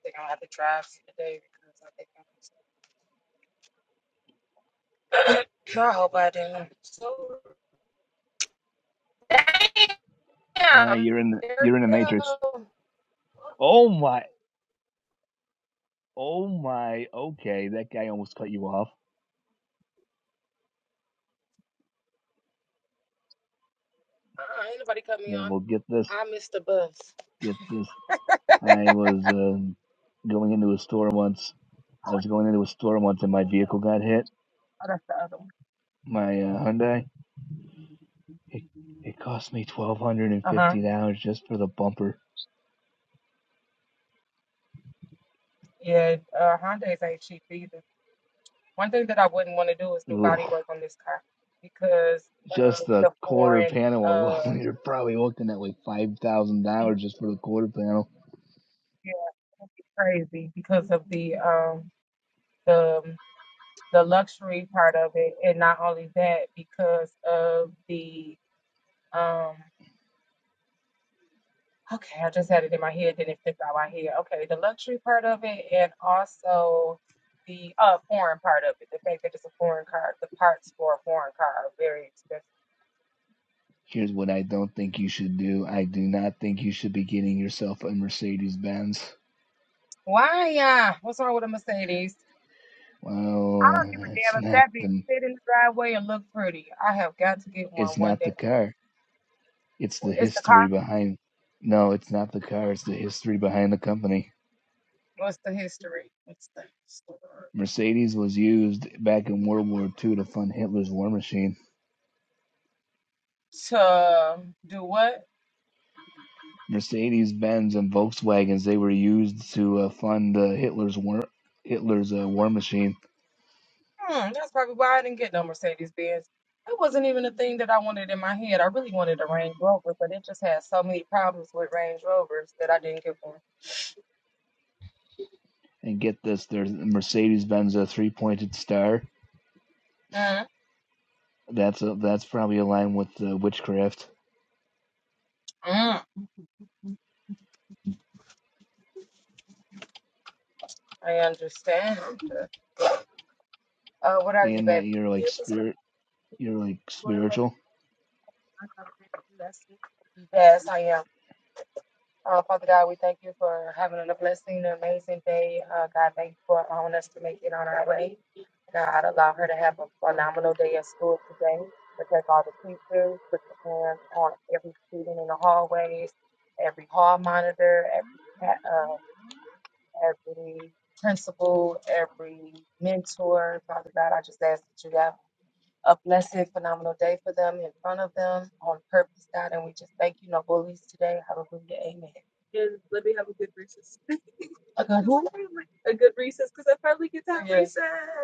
Speaker 1: They're gonna have to drive today because I think I missed it. <coughs> <clears throat> I hope I didn't. So damn,
Speaker 2: Uh, you're in the.
Speaker 1: there
Speaker 2: You're in the
Speaker 1: we
Speaker 2: matrix.
Speaker 1: go.
Speaker 2: Oh my. Oh my. Okay, that guy almost cut you off.
Speaker 1: Uh-uh, ain't nobody cut me
Speaker 2: Yeah,
Speaker 1: off.
Speaker 2: well, get this.
Speaker 1: I missed the bus.
Speaker 2: Get this. I was um going into a store once. I was going into a store once, and my vehicle got hit.
Speaker 1: Oh, that's the other one.
Speaker 2: My uh, Hyundai. It, it cost me twelve hundred and
Speaker 1: Uh huh.
Speaker 2: fifty dollars just for the bumper.
Speaker 1: Yeah, uh, Hondas ain't cheap either. One thing that I wouldn't want to do is do
Speaker 2: Ooh,
Speaker 1: body work on this car because uh,
Speaker 2: just the
Speaker 1: the
Speaker 2: quarter
Speaker 1: foreign
Speaker 2: panel
Speaker 1: uh
Speaker 2: alone. <laughs> You're probably looking at like five thousand
Speaker 1: yeah,
Speaker 2: dollars just for the quarter panel.
Speaker 1: it'd be crazy because of the um the the luxury part of it, and not only that, because of the um. Okay, I just had it in my head, then it flipped out my head. Okay, the luxury part of it, and also the uh foreign part of it. The fact that it's a foreign car, the parts for a foreign car are very expensive.
Speaker 2: Here's what I don't think you should do. I do not think you should be getting yourself a Mercedes Benz.
Speaker 1: Why, yeah? What's wrong with a Mercedes? I don't
Speaker 2: Well,
Speaker 1: give a
Speaker 2: it's
Speaker 1: damn if
Speaker 2: not
Speaker 1: that bitch
Speaker 2: the
Speaker 1: sit in the driveway and look pretty. I have got to get one
Speaker 2: it's
Speaker 1: one
Speaker 2: not
Speaker 1: day.
Speaker 2: the car. It's the
Speaker 1: It's the car.
Speaker 2: history behind. No, it's not the car. It's the history behind the company.
Speaker 1: What's the history? What's the story?
Speaker 2: Mercedes was used back in World War II to fund Hitler's war machine.
Speaker 1: to do what?
Speaker 2: Mercedes Benz and Volkswagens they were used to uh, fund uh, Hitler's war Hitler's uh, war machine.
Speaker 1: Hmm, that's probably why I didn't get no Mercedes Benz. It wasn't even a thing that I wanted in my head. I really wanted a Range Rover, but it just had so many problems with Range Rovers that I didn't get one.
Speaker 2: And get this, there's Mercedes Benz a three pointed star.
Speaker 1: Mm,
Speaker 2: That's a, that's probably aligned with uh, witchcraft.
Speaker 1: mm, I understand. Uh, what are
Speaker 2: The
Speaker 1: you,
Speaker 2: end that
Speaker 1: baby?
Speaker 2: you're like spirit, you're like spiritual.
Speaker 1: Yes, I am. Uh, Father God, we thank you for having a blessing, an amazing day. Uh, God, thank you for allowing us to make it on our way. God, allow her to have a phenomenal day at school today. Protect all the teachers, put your hands on every student in the hallways, every hall monitor, every pa- uh, every principal, every mentor. Father God, I just ask that you have a blessed, phenomenal day for them, in front of them, on purpose, God. And we just thank you, no bullies today. Hallelujah. Amen. Yes.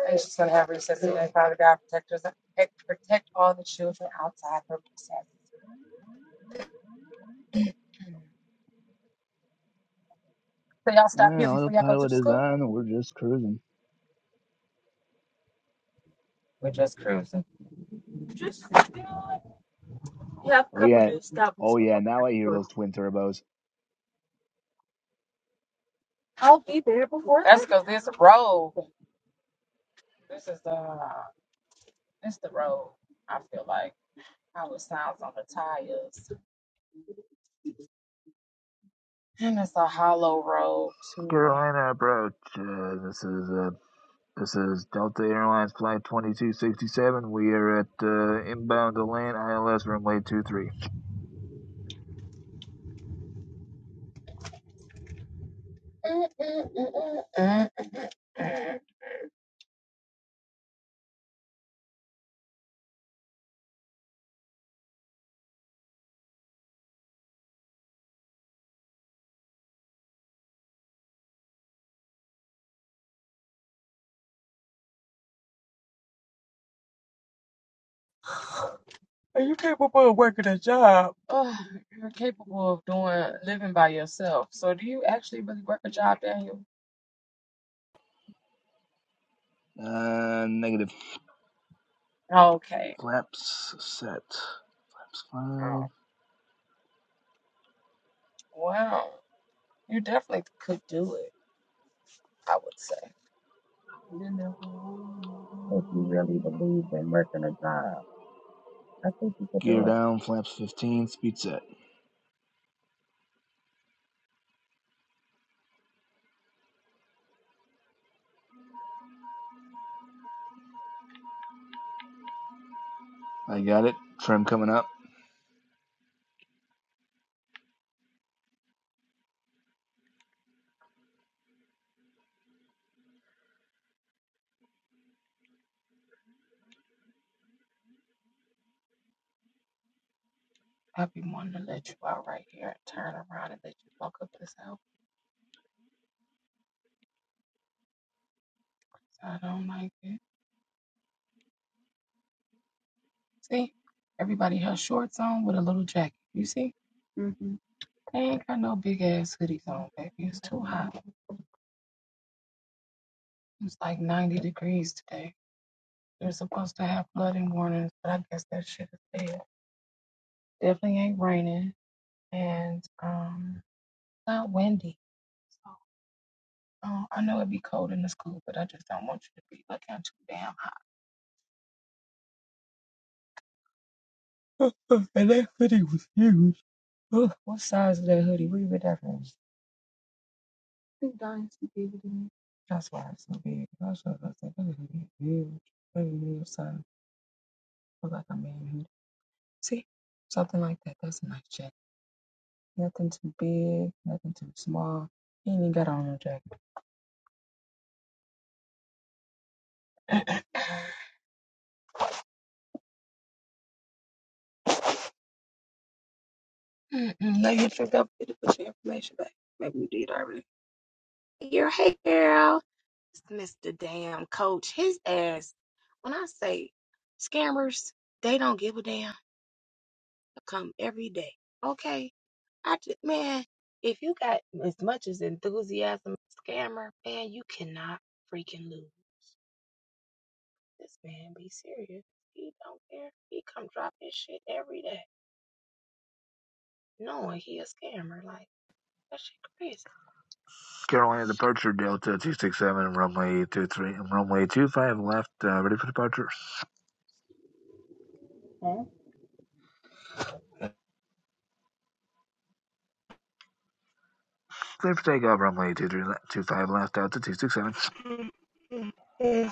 Speaker 1: And she's gonna have recess and Father God protect us protect protect all the children outside her recess. So y'all stop here
Speaker 2: Yeah,
Speaker 1: before y'all go to
Speaker 2: autopilot
Speaker 1: the
Speaker 2: is
Speaker 1: school?
Speaker 2: on. We're just cruising. Oh yeah, oh yeah. Now I hear those twin turbos.
Speaker 1: That's because this road. This is the this the road. I feel like how it sounds on the tires. And it's a hollow road too.
Speaker 2: Carolina approach. Uh, this is uh, this is Delta Airlines flight 2267. We are at uh, inbound to land ILS runway 23.
Speaker 1: Are you capable of working a job? Ugh, you're capable of doing living by yourself. So do you actually really work a job, Daniel?
Speaker 2: Uh, negative.
Speaker 1: Okay.
Speaker 2: Flaps set. Flaps five.
Speaker 1: Oh, wow. You definitely could do it, I would say. If you really believe in working a job, I think you could
Speaker 2: Gear
Speaker 1: do it.
Speaker 2: down. Flaps 15. Speed set. I got it. Trim coming up.
Speaker 1: I'd be wanting to let you out right here and turn around and let you walk up this house. I don't like it. See, everybody has shorts on with a little jacket. You see? mm hmm They ain't got no big ass hoodies on, baby. It's too hot. It's like 90 degrees today. They're supposed to have flooding warnings, but I guess that shit is dead. Definitely ain't raining. And, um, not windy. So uh, I know it'd be cold in the school, but I just don't want you to be looking too damn hot. <laughs> and that hoodie was huge. Ugh, what size is that hoodie? Where you get that from? I think Dynasty gave it to me. That's why it's so big. I was just like, that hoodie is huge. Maybe medium size. Look like a man hoodie. See, something like that. That's a nice jacket. Nothing too big, nothing too small. You ain't even got on no jacket. <laughs> Mm-mm, Now you think I'll get to put your information back. Maybe you did already. Girl, hey girl. Mr. Damn Coach, his ass. When I say scammers, they don't give a damn. They Come every day, okay? I just, man, if you got as much as enthusiasm, as a scammer, man, you cannot freaking lose. This man be serious. He don't care. He come drop his shit every day, knowing he a scammer. Like that shit
Speaker 2: Carolina departure Delta 267 runway two three runway two five left. Uh, ready for departure.
Speaker 1: crazy. <laughs>
Speaker 2: Clear for takeoff runway two three two five 25 left Delta 267.
Speaker 1: Mhm. Yeah.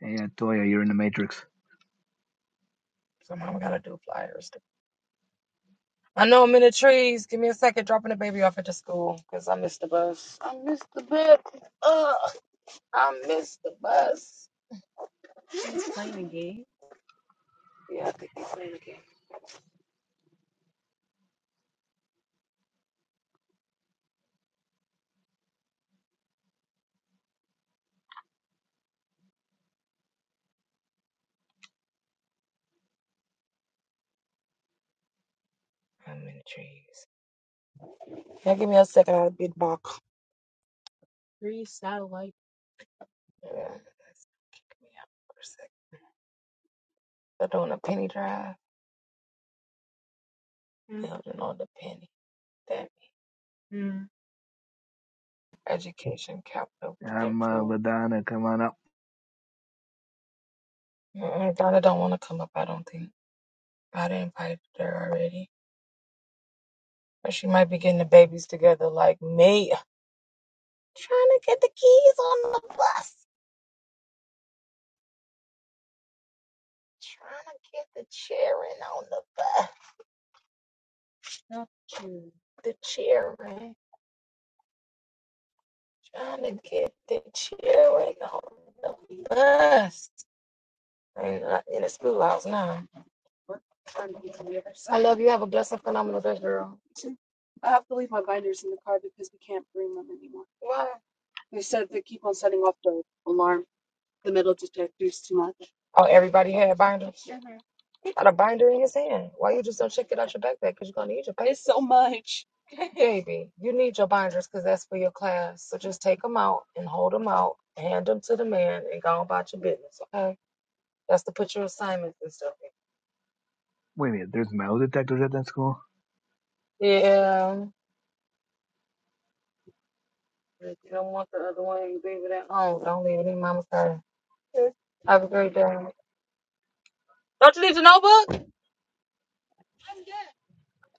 Speaker 2: Hey, uh, Toya, you're in the Matrix.
Speaker 1: Somehow we gotta do flyers. I know I'm in the trees. Give me a second, dropping the baby off at the school because I missed the bus. I missed the bus. Ugh, I missed the bus. He's playing a game? Yeah, I think he's playing a game. I'm in the trees. Yeah, give me a second. I'll be back. Three satellite. Yeah. Give me out for a second. They're doing a penny drive. Mm. Building on the penny. That mm. education capital
Speaker 2: I'm uh,
Speaker 1: improved.
Speaker 2: Ladonna. Come on up.
Speaker 1: Mm-mm, Donna don't want to come up, I don't think. I didn't invite her already. Or she might be getting the babies together like me. Trying to get the keys on the bus. Trying to get the cheering on the bus. The cheering. Trying to get the cheering on the bus. And uh, in the schoolhouse now. Trying to get to the other side. I love you. Have a blessed and phenomenal day, girl. I have to leave my binders in the car because we can't bring them anymore. Why? They said they keep on setting off the alarm. the middle detectors too much. Oh, everybody had binders? hmm He got a binder in his hand. Why you just don't check it out your backpack? Because you're going to need your It's so papers. much. <laughs> Baby, you need your binders because that's for your class. So just take them out and hold them out, hand them to the man, and go on about your business, okay? That's to put your assignments and stuff
Speaker 2: Wait a minute. There's metal detectors at that school.
Speaker 1: in. Yeah. If you don't want the other one, you leave it at home. Don't leave it in mama's car. Okay. Have a great day. Don't you leave the notebook?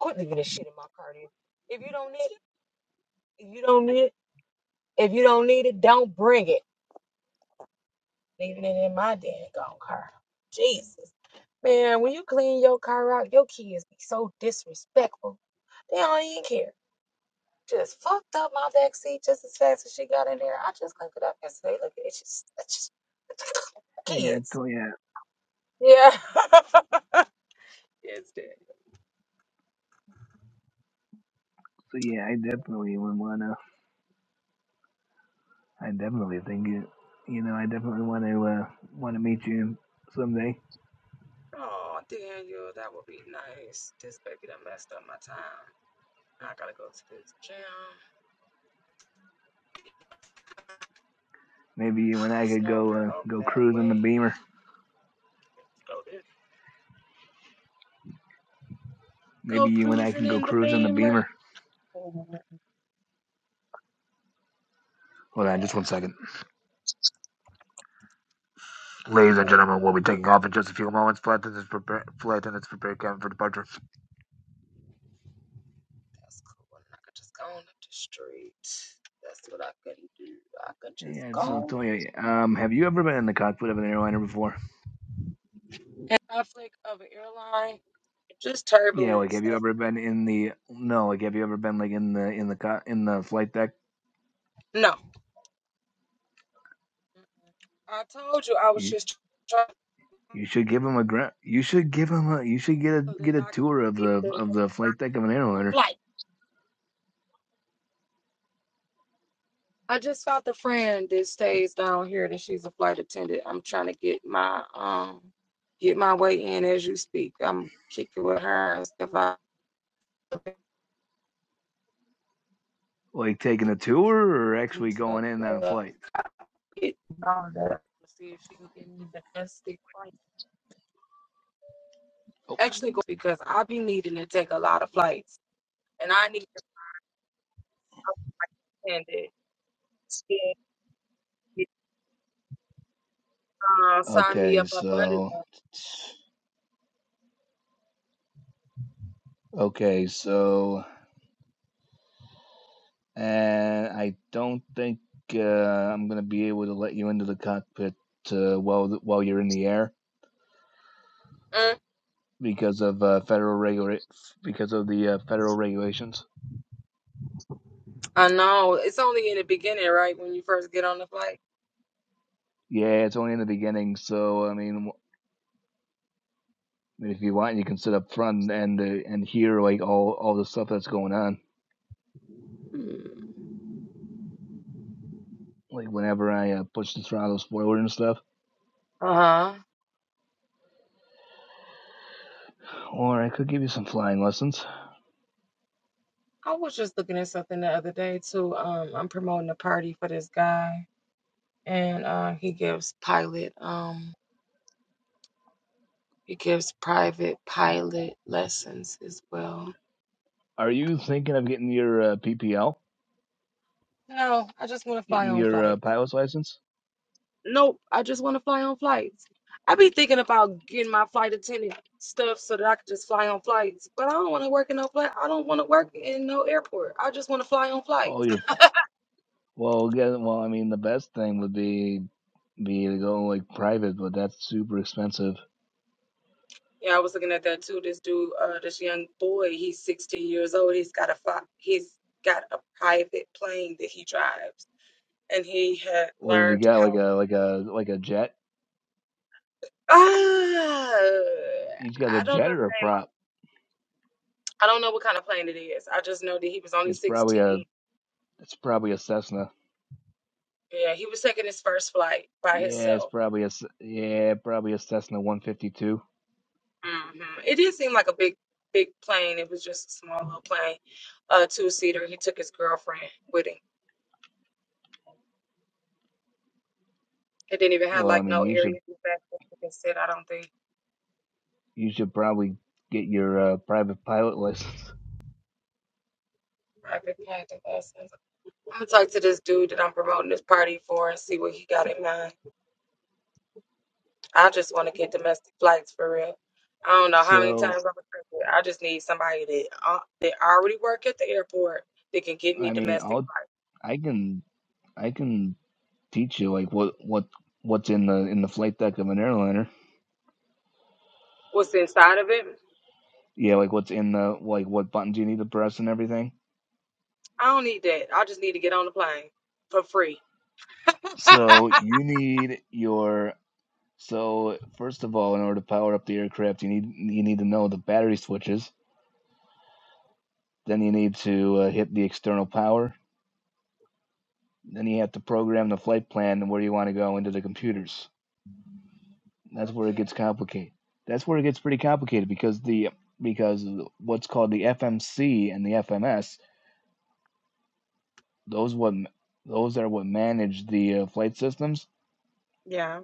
Speaker 1: Quit leaving this shit in my car, dude. If you don't need it, you don't need it. If you don't need it, don't bring it. Leaving it in my daggone car. Jesus. Man, when you clean your car out, your kids be so disrespectful. They don't even care. Just fucked up my back seat just as fast as she got in there. I just cleaned it up yesterday. Look at it. It's just, it's just <laughs>
Speaker 2: Hey, uh,
Speaker 1: kids.
Speaker 2: Toya.
Speaker 1: Yeah. <laughs> yes, Daniel.
Speaker 2: So yeah, I definitely would wanna. I definitely think you. You know, I definitely want to uh, want to meet you someday.
Speaker 1: Oh, Daniel, that would be nice. This baby done messed up my time. I gotta go to this gym.
Speaker 2: Maybe you
Speaker 1: <sighs>
Speaker 2: and I
Speaker 1: It's
Speaker 2: could go
Speaker 1: nowhere
Speaker 2: uh,
Speaker 1: over
Speaker 2: go
Speaker 1: that
Speaker 2: cruise in the
Speaker 1: way.
Speaker 2: Beamer.
Speaker 1: Go this. Go
Speaker 2: Maybe you and I
Speaker 1: cruising
Speaker 2: can go
Speaker 1: in the
Speaker 2: cruise in the
Speaker 1: Beamer.
Speaker 2: Beamer.
Speaker 1: Yeah.
Speaker 2: Hold on, just one second. Ladies and
Speaker 1: Oh,
Speaker 2: gentlemen, we'll
Speaker 1: cool.
Speaker 2: be taking off in just a few moments. Flight attendants prepare, flight attendants prepare cabin for departure.
Speaker 1: That's cool. And I could just go on up the street. That's what I could do. I could just
Speaker 2: Yeah,
Speaker 1: go
Speaker 2: so
Speaker 1: on
Speaker 2: Toya, um, have you ever been in the cockpit of an airliner before?
Speaker 1: conflict of an airline. Just
Speaker 2: Yeah, like
Speaker 1: turbulence.
Speaker 2: have you
Speaker 1: That's
Speaker 2: ever been in the no, like have you ever been like in the in the co- in the flight deck?
Speaker 1: no. I told you I was
Speaker 2: You
Speaker 1: just trying
Speaker 2: you should give him a gra- you should give him a you should get a
Speaker 1: so
Speaker 2: get a
Speaker 1: that I
Speaker 2: tour
Speaker 1: could
Speaker 2: of
Speaker 1: get
Speaker 2: the
Speaker 1: the
Speaker 2: of the flight deck of an airliner.
Speaker 1: flight. I just found a friend that stays down here that she's a flight attendant. I'm trying to get my um get my way in as you speak. I'm kicking with her and stuff. I
Speaker 2: Like taking a tour or actually
Speaker 1: and
Speaker 2: going in on a
Speaker 1: Uh,
Speaker 2: flight.
Speaker 1: get down there. See if she can give me the best sick flight.
Speaker 2: Oh.
Speaker 1: Actually, go because I be needing to take a lot of flights, and I need to understand it. Yeah, uh, sign me
Speaker 2: Okay,
Speaker 1: up up under
Speaker 2: so
Speaker 1: that.
Speaker 2: okay, so and I don't think uh, I'm gonna be able to let you into the cockpit uh, while th- while you're in the air
Speaker 1: Mm,
Speaker 2: because of uh, federal regula- because of the uh, federal regulations.
Speaker 1: I know it's only in the beginning, right? When you first get on the flight.
Speaker 2: Yeah, it's only in the beginning. So I mean, w- I mean, if you want, you can sit up front and uh, and hear like all all the stuff that's going on.
Speaker 1: Mm.
Speaker 2: Like whenever I uh, push the Toronto's forward and stuff,
Speaker 1: Uh huh.
Speaker 2: or I could give you some flying lessons.
Speaker 1: I was just looking at something the other day too. Um, I'm promoting a party for this guy, and uh, he gives pilot um he gives private pilot lessons as well.
Speaker 2: Are you thinking of getting your uh, PPL,
Speaker 1: No, I just want to fly
Speaker 2: getting
Speaker 1: on
Speaker 2: your uh,
Speaker 1: flights.
Speaker 2: pilot's license?
Speaker 1: Nope, I just want to fly on flights. I be thinking about getting my flight attendant stuff so that I could just fly on flights, but I don't want to work in no flight. I don't want to work in no airport. I just want to fly on
Speaker 2: Oh,
Speaker 1: flights.
Speaker 2: your well, get, well, I mean, the best thing would be be to go like private, but that's super expensive.
Speaker 1: Yeah, I was looking at that too. This dude, uh, this young boy, he's 16 years old. He's got a fi- he's got a private plane that he drives, and he had
Speaker 2: What does he
Speaker 1: learned
Speaker 2: got? Like
Speaker 1: how.
Speaker 2: a like a like a jet?
Speaker 1: Ah,
Speaker 2: He's got a
Speaker 1: I don't
Speaker 2: jet
Speaker 1: know
Speaker 2: or a
Speaker 1: the name.
Speaker 2: prop?
Speaker 1: I don't know what kind of plane it is. I just know that he was only
Speaker 2: It's probably a
Speaker 1: 16
Speaker 2: it's probably a Cessna.
Speaker 1: Yeah, he was taking his first flight by
Speaker 2: Yeah, it's
Speaker 1: himself.
Speaker 2: probably a s- yeah, probably a Cessna 152.
Speaker 1: hmm It didn't seem like a big, big plane. It was just a small little plane, uh, two seater. He took his girlfriend with him. It didn't even have
Speaker 2: Well, I
Speaker 1: like
Speaker 2: mean,
Speaker 1: no
Speaker 2: you
Speaker 1: area
Speaker 2: should
Speaker 1: in the back that he could sit. I don't think
Speaker 2: you should probably get your uh, private pilot license. <laughs>
Speaker 1: I could contact us. I'm gonna talk to this dude that I'm promoting this party for and see what he got in mind. I just want to get domestic flights for real. I don't know how many
Speaker 2: So,
Speaker 1: times I'm gonna say it. I just need somebody that uh, that already work at the airport that can get
Speaker 2: I
Speaker 1: me
Speaker 2: mean,
Speaker 1: domestic
Speaker 2: I'll
Speaker 1: flights.
Speaker 2: I can I can teach you like what what what's in the in the flight deck of an airliner.
Speaker 1: What's inside of it?
Speaker 2: Yeah, like what's in the like what buttons you need to press and everything.
Speaker 1: I don't need that. I just need to get on the plane for free.
Speaker 2: So,
Speaker 1: <laughs>
Speaker 2: you need your so first of all, in order to power up the aircraft, you need you need to know the battery switches. Then you need to uh, hit the external power Then you have to program the flight plan and where you want to go into the computers. That's where it
Speaker 1: Okay.
Speaker 2: gets complicated. That's where it gets pretty complicated because the because what's called the FMC and the FMS those what those are what manage the uh, flight systems.
Speaker 1: Yeah.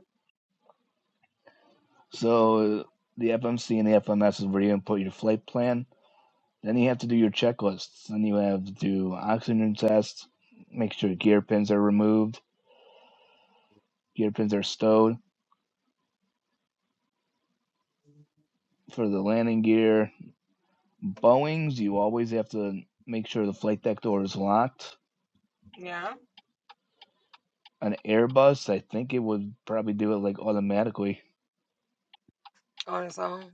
Speaker 2: So the FMC and the FMS is where you input your flight plan. Then you have to do your checklists. Then you have to do oxygen tests, make sure gear pins are removed, gear pins are stowed for the landing gear, Boeings, you always have to make sure the flight deck door is locked.
Speaker 1: Yeah.
Speaker 2: An Airbus, I think it would probably do it like automatically.
Speaker 1: On its own.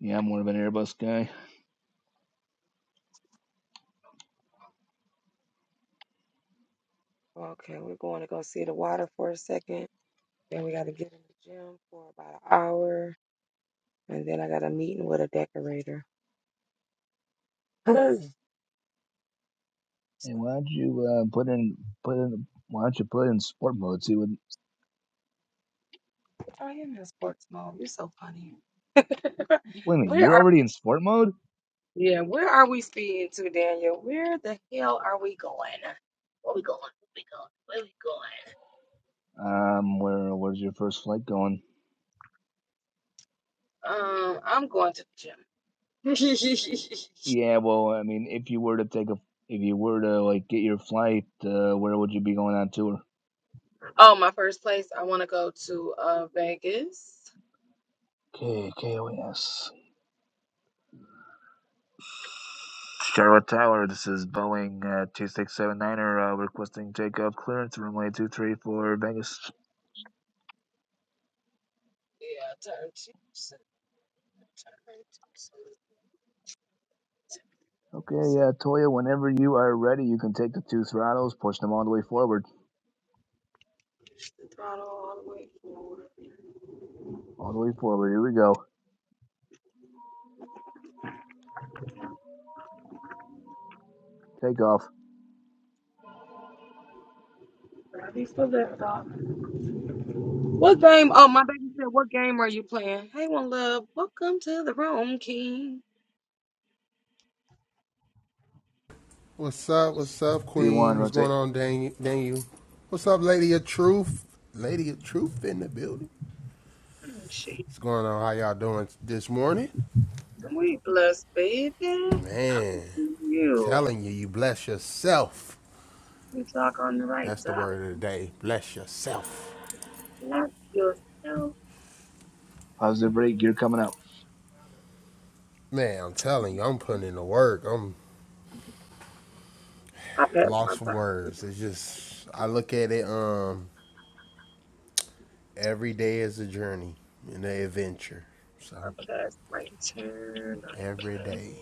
Speaker 2: Yeah, I'm more of an Airbus guy.
Speaker 1: Okay, we're going to go see the water for a second. Then we got to get in the gym for about an hour. And then I got a meeting with a decorator. <clears throat> So
Speaker 2: And why
Speaker 1: that's
Speaker 2: don't you
Speaker 1: cool.
Speaker 2: uh, put in put in why don't you put in sport mode? See what
Speaker 1: Oh, you're in sports mode. You're so funny. <laughs>
Speaker 2: wait a minute,
Speaker 1: Where
Speaker 2: you're
Speaker 1: are
Speaker 2: already in sport mode?
Speaker 1: yeah? Where are we speeding to, Daniel? Where the hell are we going? Where we going? Where we going?
Speaker 2: Um where where's your first flight going?
Speaker 1: Where we going? Um, I'm going to the gym. <laughs>
Speaker 2: Yeah, well I mean if you were to take a if you were to like get your flight, uh, where would you be going on tour?
Speaker 1: oh, my first place. I want to go to uh Vegas.
Speaker 2: KKOS. Charlotte Tower, this is Boeing uh, 2679er uh, requesting takeoff clearance runway 23 for Vegas.
Speaker 1: Yeah, turn two percent. Turn two
Speaker 2: Okay,
Speaker 1: percent.
Speaker 2: uh, Toya, whenever you are ready, you can take the two throttles, push them all the way forward.
Speaker 1: I don't wanna
Speaker 2: All the way forward, here we go. Take off.
Speaker 1: Ready for that dog. What game? Oh, my baby said, "What game are you playing?" Hey, one love, welcome to the room, King.
Speaker 4: What's up? What's up, Queen?
Speaker 2: V1,
Speaker 4: What's going
Speaker 2: rotate.
Speaker 4: on, Dan- Daniel? What's up, Lady of Truth? Lady of Truth in the building.
Speaker 1: Oh, shit,
Speaker 4: What's going on? How y'all doing this morning?
Speaker 1: we blessed, baby.
Speaker 4: Man, I'm
Speaker 1: You,
Speaker 4: telling you, you bless yourself.
Speaker 1: you talk on the right
Speaker 4: That's the
Speaker 1: side.
Speaker 4: word of the day. Bless yourself.
Speaker 1: Not yourself.
Speaker 2: Positive rate, gear coming up.
Speaker 4: Man, I'm telling you, I'm putting in the work. I'm
Speaker 1: I passed my
Speaker 4: lost for
Speaker 1: time.
Speaker 4: words. It's just I look at it. Um, every day is a journey and an adventure. So
Speaker 1: I passed my turn. I
Speaker 4: every
Speaker 1: passed
Speaker 4: day,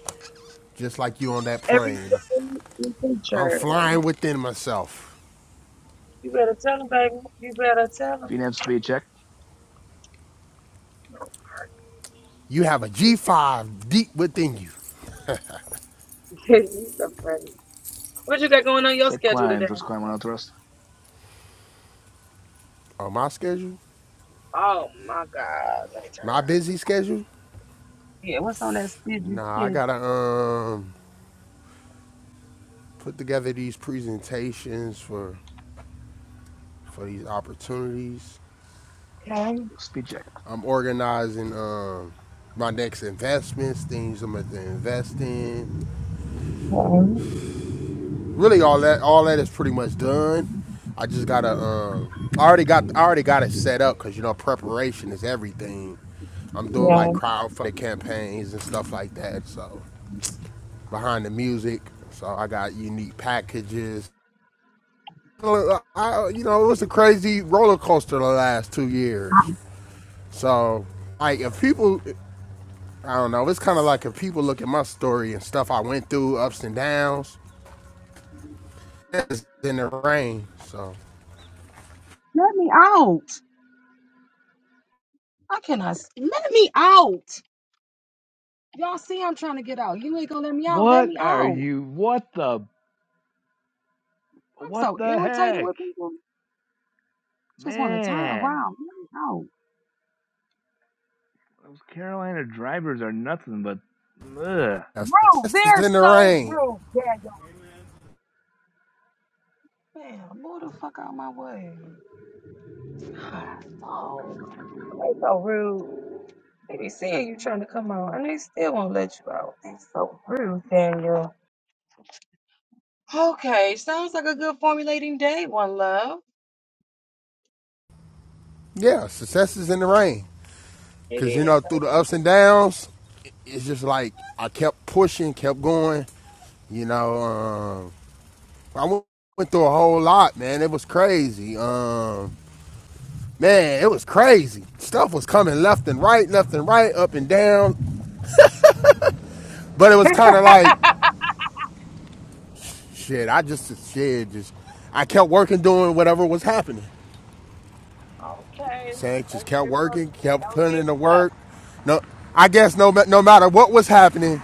Speaker 4: just like you on that
Speaker 1: every
Speaker 4: plane.
Speaker 1: day is a
Speaker 4: I'm
Speaker 1: journey.
Speaker 4: flying within myself.
Speaker 1: You better tell him, baby. You better tell him. <laughs>
Speaker 2: VNAV speed check.
Speaker 4: You have a G5 deep within you.
Speaker 1: you so funny. What you got going on your
Speaker 2: Set
Speaker 1: schedule
Speaker 2: climb,
Speaker 1: today?
Speaker 2: first climb on thrust.
Speaker 4: On my schedule,
Speaker 1: Oh my God. Let me turn
Speaker 4: my
Speaker 1: around.
Speaker 4: busy schedule,
Speaker 1: Yeah, what's on that schedule?
Speaker 4: nah, I
Speaker 1: Kid?
Speaker 4: gotta um put together these presentations for for these opportunities.
Speaker 1: Okay,
Speaker 2: Speed check.
Speaker 4: I'm organizing um my next investments, things I'm gonna invest in.
Speaker 1: okay,
Speaker 4: Really, all that all that is pretty much done. I just gotta um. I already got I already got it set up because you know preparation is everything. I'm doing
Speaker 1: yeah.
Speaker 4: like crowdfunding campaigns and stuff like that. So behind the music, so I got unique packages. I, you know, it was a crazy roller coaster the last two years. So like if people, I don't know, it's kind of like if people look at my story and stuff I went through, ups and downs. It's in the rain. So
Speaker 1: Let me out. I cannot. s- Let me out. Y'all see, I'm trying to get out. You ain't gonna let me out. Let
Speaker 2: What
Speaker 1: me
Speaker 2: are
Speaker 1: out.
Speaker 2: you, what the,
Speaker 1: I'm
Speaker 2: what
Speaker 1: so
Speaker 2: the
Speaker 1: irritated
Speaker 2: heck?
Speaker 1: with people. Just want to turn
Speaker 2: Man,
Speaker 1: around. Let me out.
Speaker 2: those Carolina drivers are nothing but, ugh.
Speaker 4: that's
Speaker 1: Bro,
Speaker 4: success is
Speaker 1: they're
Speaker 4: in the
Speaker 1: so
Speaker 4: rain.
Speaker 1: rude, Daniel. Man, move the fuck out of my way. <sighs> God, dog. Ain't so rude. They be seeing you trying to come out, And they still won't let you out. They so rude, Daniel. Okay, sounds like a good formulating day, one love.
Speaker 4: Yeah, success is in the rain.
Speaker 1: It
Speaker 4: Cause you
Speaker 1: is.
Speaker 4: know through the ups and downs, it's just like I kept pushing, kept going, You know, um, I went, went through a whole lot, man. It was crazy. Um, man, it was crazy. Stuff was coming left and right, left and right, up and down. But it was kind of like, shit, I just, shit, just, I kept working, doing whatever was happening.
Speaker 1: Okay.
Speaker 4: Saying,
Speaker 1: That's
Speaker 4: just
Speaker 1: what
Speaker 4: kept
Speaker 1: you're supposed
Speaker 4: working,
Speaker 1: to do.
Speaker 4: kept
Speaker 1: Don't
Speaker 4: putting
Speaker 1: give
Speaker 4: in the
Speaker 1: it up.
Speaker 4: work. No, I guess no, no matter what was happening,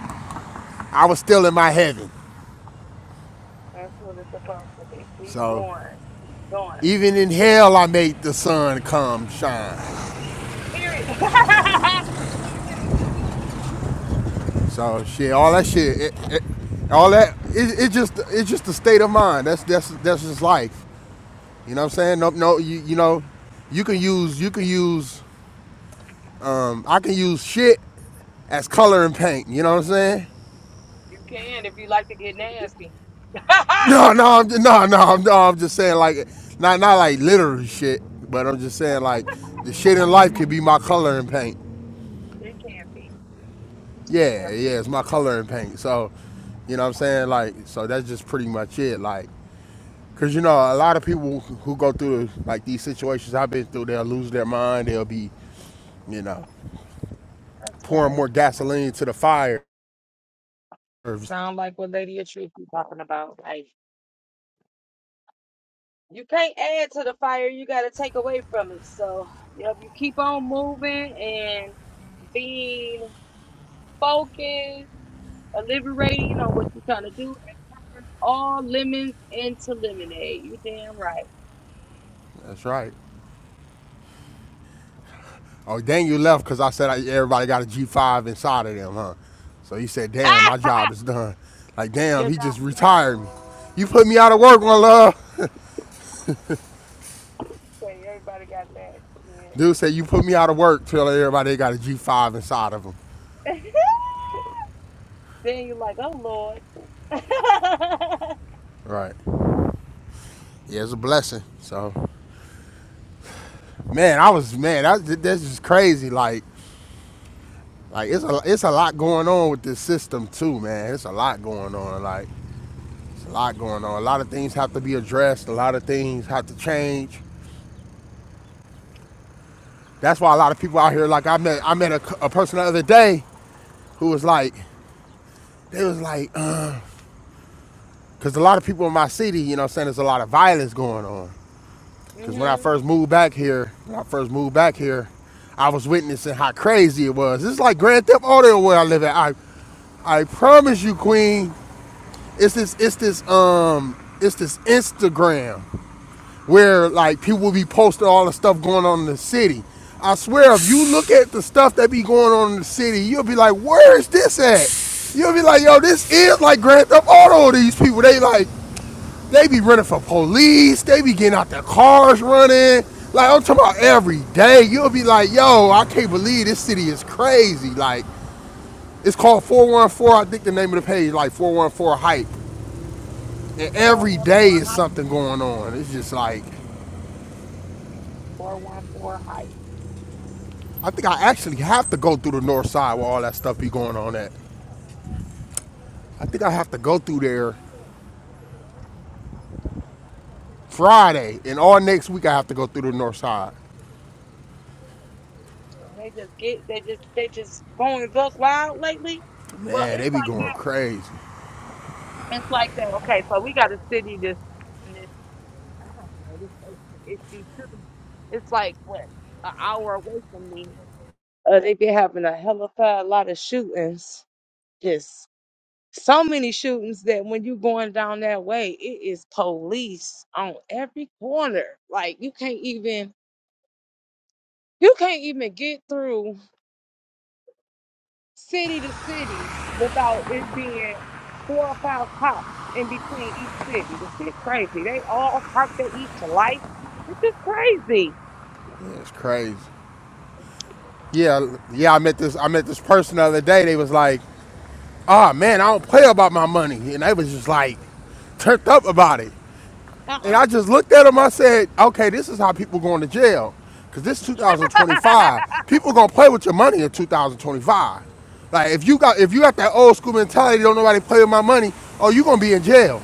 Speaker 4: I was still in my heaven.
Speaker 1: That's what it's supposed to be. Keep
Speaker 4: So
Speaker 1: going. Keep going.
Speaker 4: even in hell, I made the sun come shine.
Speaker 1: Period. <laughs>
Speaker 4: So shit, all that shit, it, it, all that, it, it just, it's just a state of mind. That's that's that's just life. You know what I'm saying? No, no, you you know, you can use you can use, um, I can use shit as color and paint. You know what I'm saying? <laughs>
Speaker 1: you can if you like to get nasty. <laughs> it
Speaker 4: No, no, I'm, no, no, I'm, no, I'm just saying like, not not like literary shit, but I'm just saying like, the shit in life can be my color and paint.
Speaker 1: can be. It
Speaker 4: Yeah,
Speaker 1: definitely.
Speaker 4: yeah, it's my color and paint. So, you know what I'm saying? Like, so that's just pretty much it. Like, Cause you know, a lot of people who go through like these situations I've been through, they'll lose their mind. They'll be, you know,
Speaker 1: That's
Speaker 4: pouring
Speaker 1: right.
Speaker 4: more gasoline to the fire. That's
Speaker 1: Sound like what Lady of Truth be talking about. like. You can't add to the fire, you got to take away from it. So, yep, you keep on moving and being focused, deliberating on what you're trying to do. All lemons into lemonade. You damn right.
Speaker 4: right. Oh, dang, you left because I said I, everybody got a G5 inside of them, huh? So he said, damn,
Speaker 1: Ah!
Speaker 4: my job is done. Like, damn, he just retired me. You put me out of work, my love. <laughs> Dude said, you put me out of work till everybody got a G5 inside of them.
Speaker 1: Then you're like, oh Lord. <laughs>
Speaker 4: Right. Yeah, it's a blessing. So, man, I was, man, that, that's just crazy. Like, Like it's a it's a lot going on with this system too, man. It's a lot going on. Like it's a lot going on. A lot of things have to be addressed. A lot of things have to change. That's why a lot of people out here. Like I met I met a a person the other day who was like they was like because a lot of people in my city, you know, what I'm saying there's a lot of violence going on. Because when I
Speaker 1: mm-hmm.
Speaker 4: first moved back here, when I first moved back here, I was witnessing how crazy it was. It's like Grand Theft Auto where I live at. I I promise you, Queen, it's this it's this um it's this Instagram where like people will be posting all the stuff going on in the city. I swear, if you look at the stuff that be going on in the city, you'll be like, where is this at? You'll be like, yo, this is like Grand Theft Auto. These people, they like, they be running for police. They be getting out their cars running. Like I'm talking about every day. You'll be like, yo, I can't believe this city is crazy. Like it's called 414. I think the name of the page, like 414 hype. And
Speaker 1: Four
Speaker 4: every day is something going on. It's just like
Speaker 1: four one four height.
Speaker 4: I think I actually have to go through the north side where all that stuff be going on at. I think I have to go through there Friday and all next week I have to go through the north side.
Speaker 1: And they just get they just they just going buck wild lately. Well,
Speaker 4: Man,
Speaker 1: it's
Speaker 4: they be
Speaker 1: like
Speaker 4: going
Speaker 1: that.
Speaker 4: crazy.
Speaker 1: It's like that. Okay, so we got a city that's I don't know this extra issue too. It's like what an hour away from me. Uh, they be having a hell of a lot of shootings. Just so many shootings that when you going down that way, it is police on every corner. Like you can't even you can't even get through city to city without it being four or five cops in between each city. This shit crazy. They all parked at each light. This is crazy.
Speaker 4: Man, it's crazy. Yeah, yeah, I met this I met this person the other day. They was like, "Ah, man, I don't play about my money." And they was just like turned up about it.
Speaker 1: Uh,
Speaker 4: And I just looked at him. I said, okay, this is how people going to jail. Because this 2025, people going to play with your money in 2025. Like, if you got if you got that old school mentality, don't nobody play with my money, oh, you going to be in jail.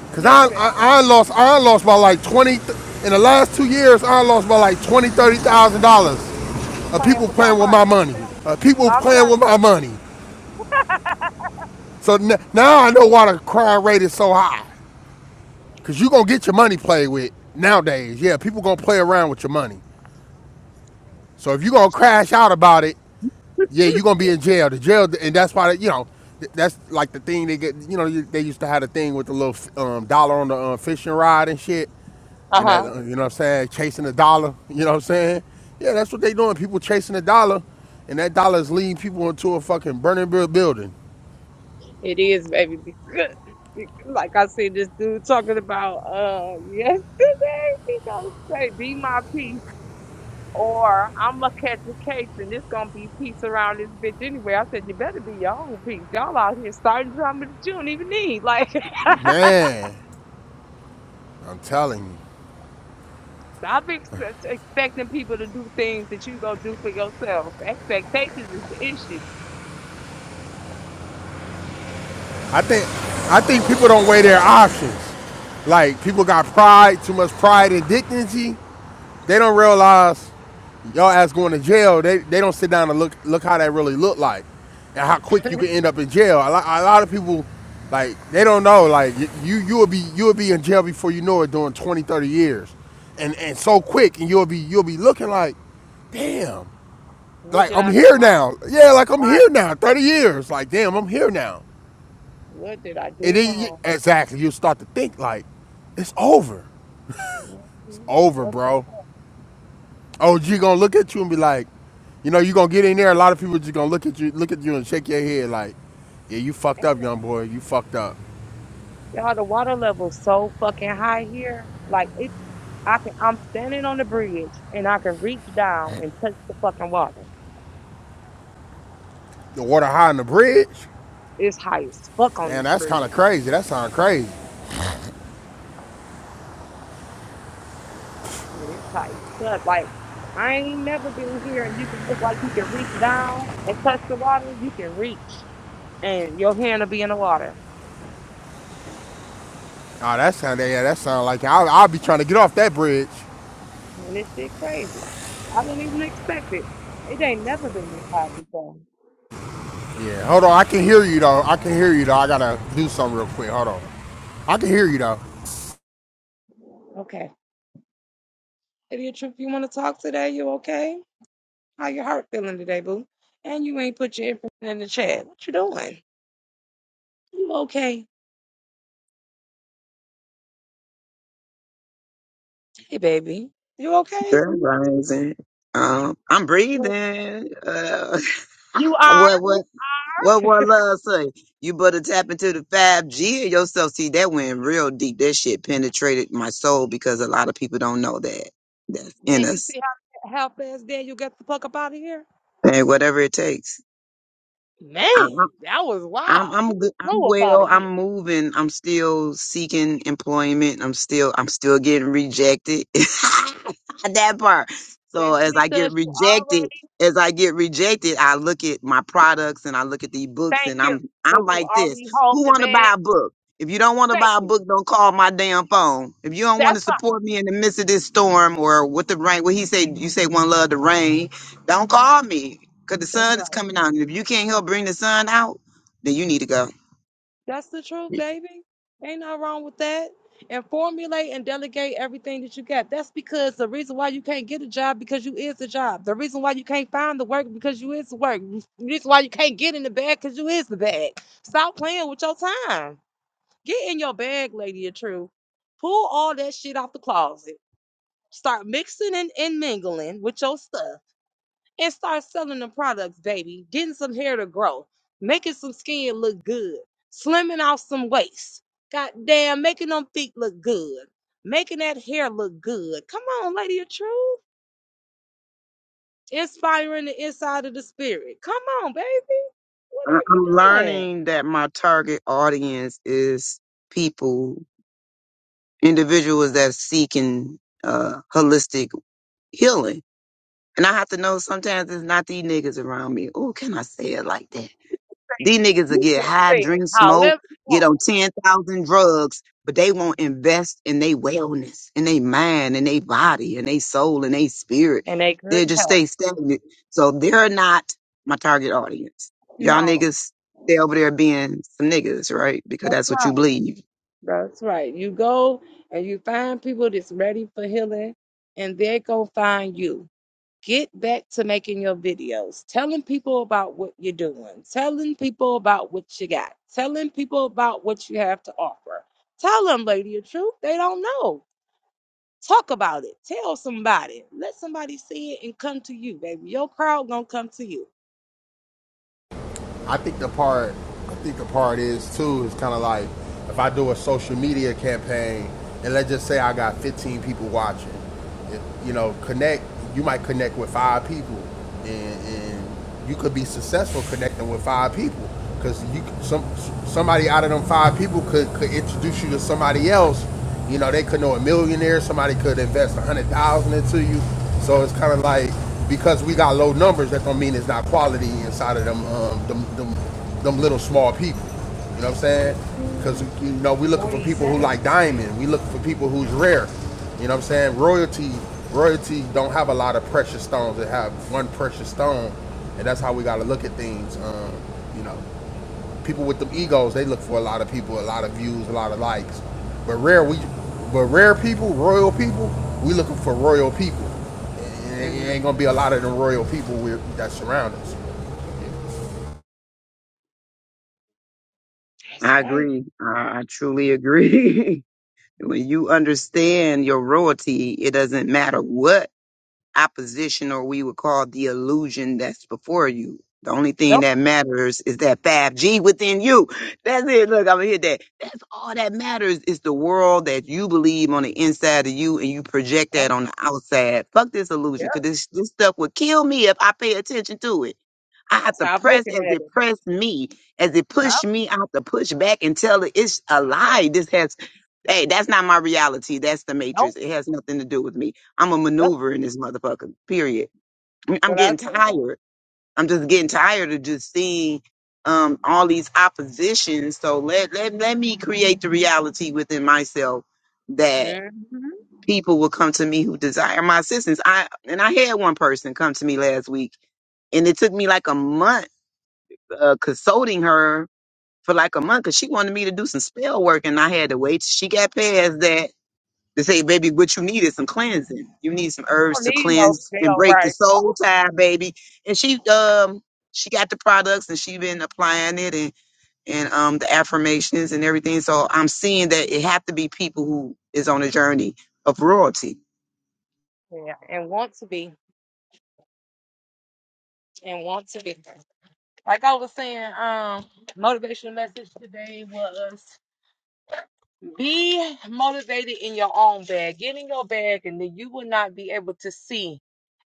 Speaker 4: Because
Speaker 1: Listen,
Speaker 4: I, I, I lost I lost by like 20 in the last two years, I lost by like 20, $30,000 of
Speaker 1: playing
Speaker 4: people
Speaker 1: with your
Speaker 4: playing with my
Speaker 1: money. I'm
Speaker 4: money.
Speaker 1: telling
Speaker 4: Uh,
Speaker 1: you.
Speaker 4: people playing
Speaker 1: I'm
Speaker 4: with my money. So n- now I know why the crime rate is so high. Cause you gonna get your money played with nowadays. Yeah, people gonna play around with your money. So if you gonna crash out about it, yeah, you gonna be in jail. The jail, and that's why you know that's like the thing they get. You know, they used to have the thing with the little um, dollar on the um, fishing rod and shit,
Speaker 1: telling
Speaker 4: and
Speaker 1: Uh
Speaker 4: that
Speaker 1: huh.
Speaker 4: uh, you know what I'm saying, chasing the dollar. <laughs> You know what I'm saying? Yeah, that's what they doing. People chasing the dollar, and that dollar is leading people into a fucking burning building.
Speaker 1: It is, baby. Like I said, this dude talking about uh yesterday gonna say be my peace or I'ma catch a case and it's gonna be peace around this bitch anyway. I said, You better be your own peace. Y'all out here starting drama that you don't even need. Like
Speaker 4: Man, I'm telling you. I think I think people don't weigh their options. Like people got pride, too much pride and dignity. They don't realize y'all ass going to jail. They they don't sit down and look look how that really look like, and how quick you can end up in jail. A lot, a lot of people like they don't know. Like you you will be you will be in jail before you know it during 20 30 years, and and so quick, and you'll be you'll be looking like, damn,
Speaker 1: <laughs> what
Speaker 4: like
Speaker 1: did
Speaker 4: I'm
Speaker 1: I
Speaker 4: here now. Yeah, like I'm here now. Thirty years. Like damn, I'm here now.
Speaker 1: what did I
Speaker 4: And
Speaker 1: do
Speaker 4: then you,
Speaker 1: wrong?
Speaker 4: exactly, you start to think like, it's over. It's over, bro. OG gonna look at you and be like, you know, you gonna get in there. A lot of people just gonna look at you, look at you and shake your head like, yeah, you fucked
Speaker 1: Damn.
Speaker 4: up, young boy. You fucked up.
Speaker 1: Y'all the water level's so fucking high here. Like it I can I'm standing on the bridge and I can reach down and touch the fucking water.
Speaker 4: The water high on the bridge.
Speaker 1: It's high as fuck on
Speaker 4: Damn,
Speaker 1: this
Speaker 4: that's
Speaker 1: bird.
Speaker 4: kind of crazy. That sound crazy.
Speaker 1: Man, it's high as fuck. Like, I ain't never been here and you can look like you can reach down and touch the water. You can reach and your hand will be in the water.
Speaker 4: Oh, that sound yeah, that sound like I'll, I'll be trying to get off that bridge.
Speaker 1: Man, this shit crazy. I didn't even expect it. It ain't never been this hot before.
Speaker 4: Yeah, hold on. I can hear you though. I can hear you though. I gotta do something real quick. Hold on. I can hear you though.
Speaker 1: Okay. Idiot Trip, you want to talk today? You okay? How your heart feeling today, boo? And you ain't put your information in the chat. What you doing? You okay? Hey, baby. You okay?
Speaker 5: Good rising. Um, I'm
Speaker 1: You
Speaker 5: breathing. Uh, <laughs>
Speaker 1: alright?
Speaker 5: what what what what love say? You better tap into the five G of yourself. See that went real deep. That shit penetrated my soul because a lot of people don't know that that's
Speaker 1: Man,
Speaker 5: in
Speaker 1: you
Speaker 5: us
Speaker 1: see how, how fast Daniel got the fuck up out of here?
Speaker 5: and whatever it takes.
Speaker 1: Man, that was
Speaker 5: I'm
Speaker 1: wild. He
Speaker 5: I'm good. I'm
Speaker 1: flew up out
Speaker 5: well.
Speaker 1: of here.
Speaker 5: I'm moving. I'm still seeking employment. I'm still I'm still getting rejected. <laughs> that part. So
Speaker 1: That's
Speaker 5: as I get
Speaker 1: because you already
Speaker 5: rejected, as I get rejected, I look at my products and I look at the books
Speaker 1: thank
Speaker 5: and
Speaker 1: you.
Speaker 5: I'm I'm
Speaker 1: Because you
Speaker 5: like this.
Speaker 1: already home
Speaker 5: Who
Speaker 1: the
Speaker 5: want to
Speaker 1: bed.
Speaker 5: buy a book? If you don't want to
Speaker 1: Thank
Speaker 5: buy a
Speaker 1: you.
Speaker 5: book, don't call my damn phone. If you don't
Speaker 1: That's
Speaker 5: want to
Speaker 1: right.
Speaker 5: support me in the midst of this storm or with the rain, what he said, you say one love the rain. Don't call me because the
Speaker 1: that's
Speaker 5: sun
Speaker 1: right.
Speaker 5: is coming out. And if you can't help bring the sun out. Then you need to go.
Speaker 1: That's the truth,
Speaker 5: I-
Speaker 1: baby. Ain't nothing wrong with that. And formulate and delegate everything that you got. That's because the reason why you can't get a job because you is the job. The reason why you can't find the work because you is the work. The reason why you can't get in the bag because you is the bag. Stop playing with your time. Get in your bag, Lady of Truth. Pull all that shit off the closet. Start mixing and, and mingling with your stuff and start selling the products, baby. Getting some hair to grow, making some skin look good, slimming off some waist. Goddamn, making them feet look good, making that hair look good. Come on, Lady of Truth. Inspiring the inside of the spirit. Come on, baby. What are
Speaker 5: I'm
Speaker 1: you doing?
Speaker 5: learning that my target audience is people, individuals that are seeking uh, holistic healing. And I have to know sometimes it's not these niggas around me. Oh, can I say it like that? These niggas will get high, drink, smoke,
Speaker 1: However you
Speaker 5: get
Speaker 1: want.
Speaker 5: on 10,000 drugs, but they won't invest in their wellness, in their mind, in their body, in their soul, in their spirit.
Speaker 1: And they
Speaker 5: they
Speaker 1: couldn't
Speaker 5: just
Speaker 1: help.
Speaker 5: stay stagnant. So they're not my target audience. Y'all
Speaker 1: No,
Speaker 5: niggas stay over there being some niggas, right? Because
Speaker 1: that's
Speaker 5: that's what you
Speaker 1: right.
Speaker 5: believe.
Speaker 1: That's right. You go and you find people that's ready for healing, and they're going to find you. Get back to making your videos, telling people about what you're doing, telling people about what you got, telling people about what you have to offer. Tell them, lady, the truth. They don't know. Talk about it. Tell somebody. Let somebody see it and come to you, baby. Your crowd going to come to you.
Speaker 4: I think the part I think the part is too is kind of like if I do a social media campaign and let's just say I got 15 people watching, it, you know, connect. You might connect with five people, and, and you could be successful connecting with five people because you some somebody out of them five people could, could introduce you to somebody else. You know, they could know a millionaire. Somebody could invest a hundred thousand into you. So it's kind of like because we got low numbers, that don't mean it's not quality inside of them um, them, them them little small people. You know what I'm saying?
Speaker 1: Mhm.
Speaker 4: Because you know we looking for people who like diamond. We looking for people who's rare. You know what I'm saying? Royalty royalty don't have a lot of precious stones. They have one precious stone, and that's how we got to look at things. Um, you know people with them egos, they look for a lot of people, a lot of views, a lot of likes. But rare, we, but rare people, royal people, we looking for royal people. And It ain't gonna be
Speaker 1: Mhm.
Speaker 4: a lot of the royal people we, that surround us.
Speaker 1: That's
Speaker 5: I
Speaker 1: right.
Speaker 5: agree. I, I truly agree. <laughs> when you understand your royalty, it doesn't matter what opposition or we would call the illusion that's before you. The only thing
Speaker 1: Nope.
Speaker 5: that matters is that 5G within you. That's it. Look, I'm gonna hit that. That's all that matters is the world that you believe on the inside of you and you project that
Speaker 1: Nope.
Speaker 5: on the outside. Fuck this illusion,
Speaker 1: Yep.
Speaker 5: cause this this stuff would kill me if I pay attention to it. I have to
Speaker 1: Stop
Speaker 5: press
Speaker 1: looking
Speaker 5: as
Speaker 1: at
Speaker 5: it
Speaker 1: it.
Speaker 5: pressed me, as it pushed
Speaker 1: Yep.
Speaker 5: me. I have to push back and tell it it's a lie. This has, hey, that's not my reality. That's the matrix.
Speaker 1: Nope.
Speaker 5: It has nothing to do with me. I'm a maneuver in this motherfucker. Period. I mean, I'm
Speaker 1: But I
Speaker 5: getting
Speaker 1: said,
Speaker 5: tired. I'm just getting tired of just seeing um all these oppositions. So let let let me create the reality within myself that
Speaker 1: hmm
Speaker 5: people will come to me who desire my assistance. I and I had one person come to me last week and it took me like a month uh, consulting her for like a month because she wanted me to do some spell work and I had to wait. till She got past that to say, baby, what you need is some cleansing. You need some herbs
Speaker 1: don't
Speaker 5: to
Speaker 1: need no
Speaker 5: cleanse and
Speaker 1: jail
Speaker 5: break the
Speaker 1: right.
Speaker 5: soul tie, baby. And she um she got the products and she been applying it and and um the affirmations and everything. So I'm seeing that it have to be people who is on a journey of royalty.
Speaker 1: <laughs> and want to be and want to be. Like I was saying, um, motivational message today was be motivated in your own bag. Get in your bag, and then you will not be able to see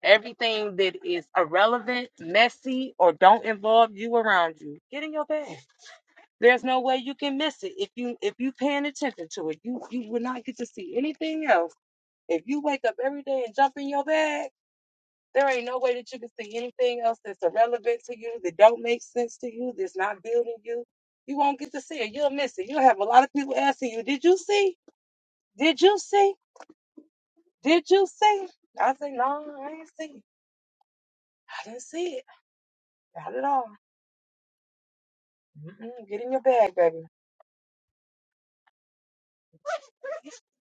Speaker 1: everything that is irrelevant, messy, or don't involve you around you. Get in your bag. There's no way you can miss it if you if you paying attention to it. You you will not get to see anything else If you wake up every day and jump in your bag, there ain't no way that you can see anything else that's irrelevant to you, that don't make sense to you, that's not building you. You won't get to see it. You'll miss it. You'll have a lot of people asking you, Did you see? Did you see? Did you see? I say, No, I ain't see it. I didn't see it. Not at all. Mm-mm, get in your bag, baby.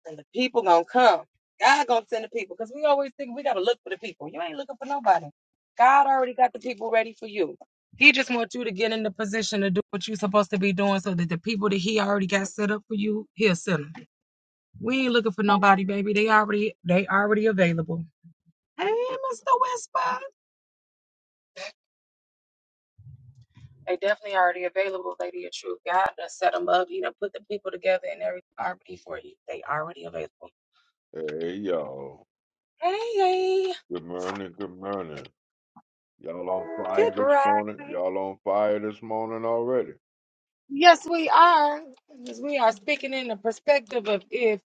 Speaker 1: And the people gonna come. God gonna send the people. Because we always think we gotta look for the people. You ain't looking for nobody. God already got the people ready for you. He just wants you to get in the position to do what you're supposed to be doing so that the people that he already got set up for you, he'll send them. We ain't looking for nobody, baby. They already they already available. Hey, Mr. Whisper. They definitely already available, Lady of Truth. God done set them up. He done put the people together and everything already for you. They already available.
Speaker 6: Hey y'all.
Speaker 1: Hey,
Speaker 6: Good morning, good morning. Y'all on
Speaker 1: hey.
Speaker 6: fire this morning? Y'all on fire this morning already?
Speaker 1: Yes, we are. Because we are speaking in the perspective of if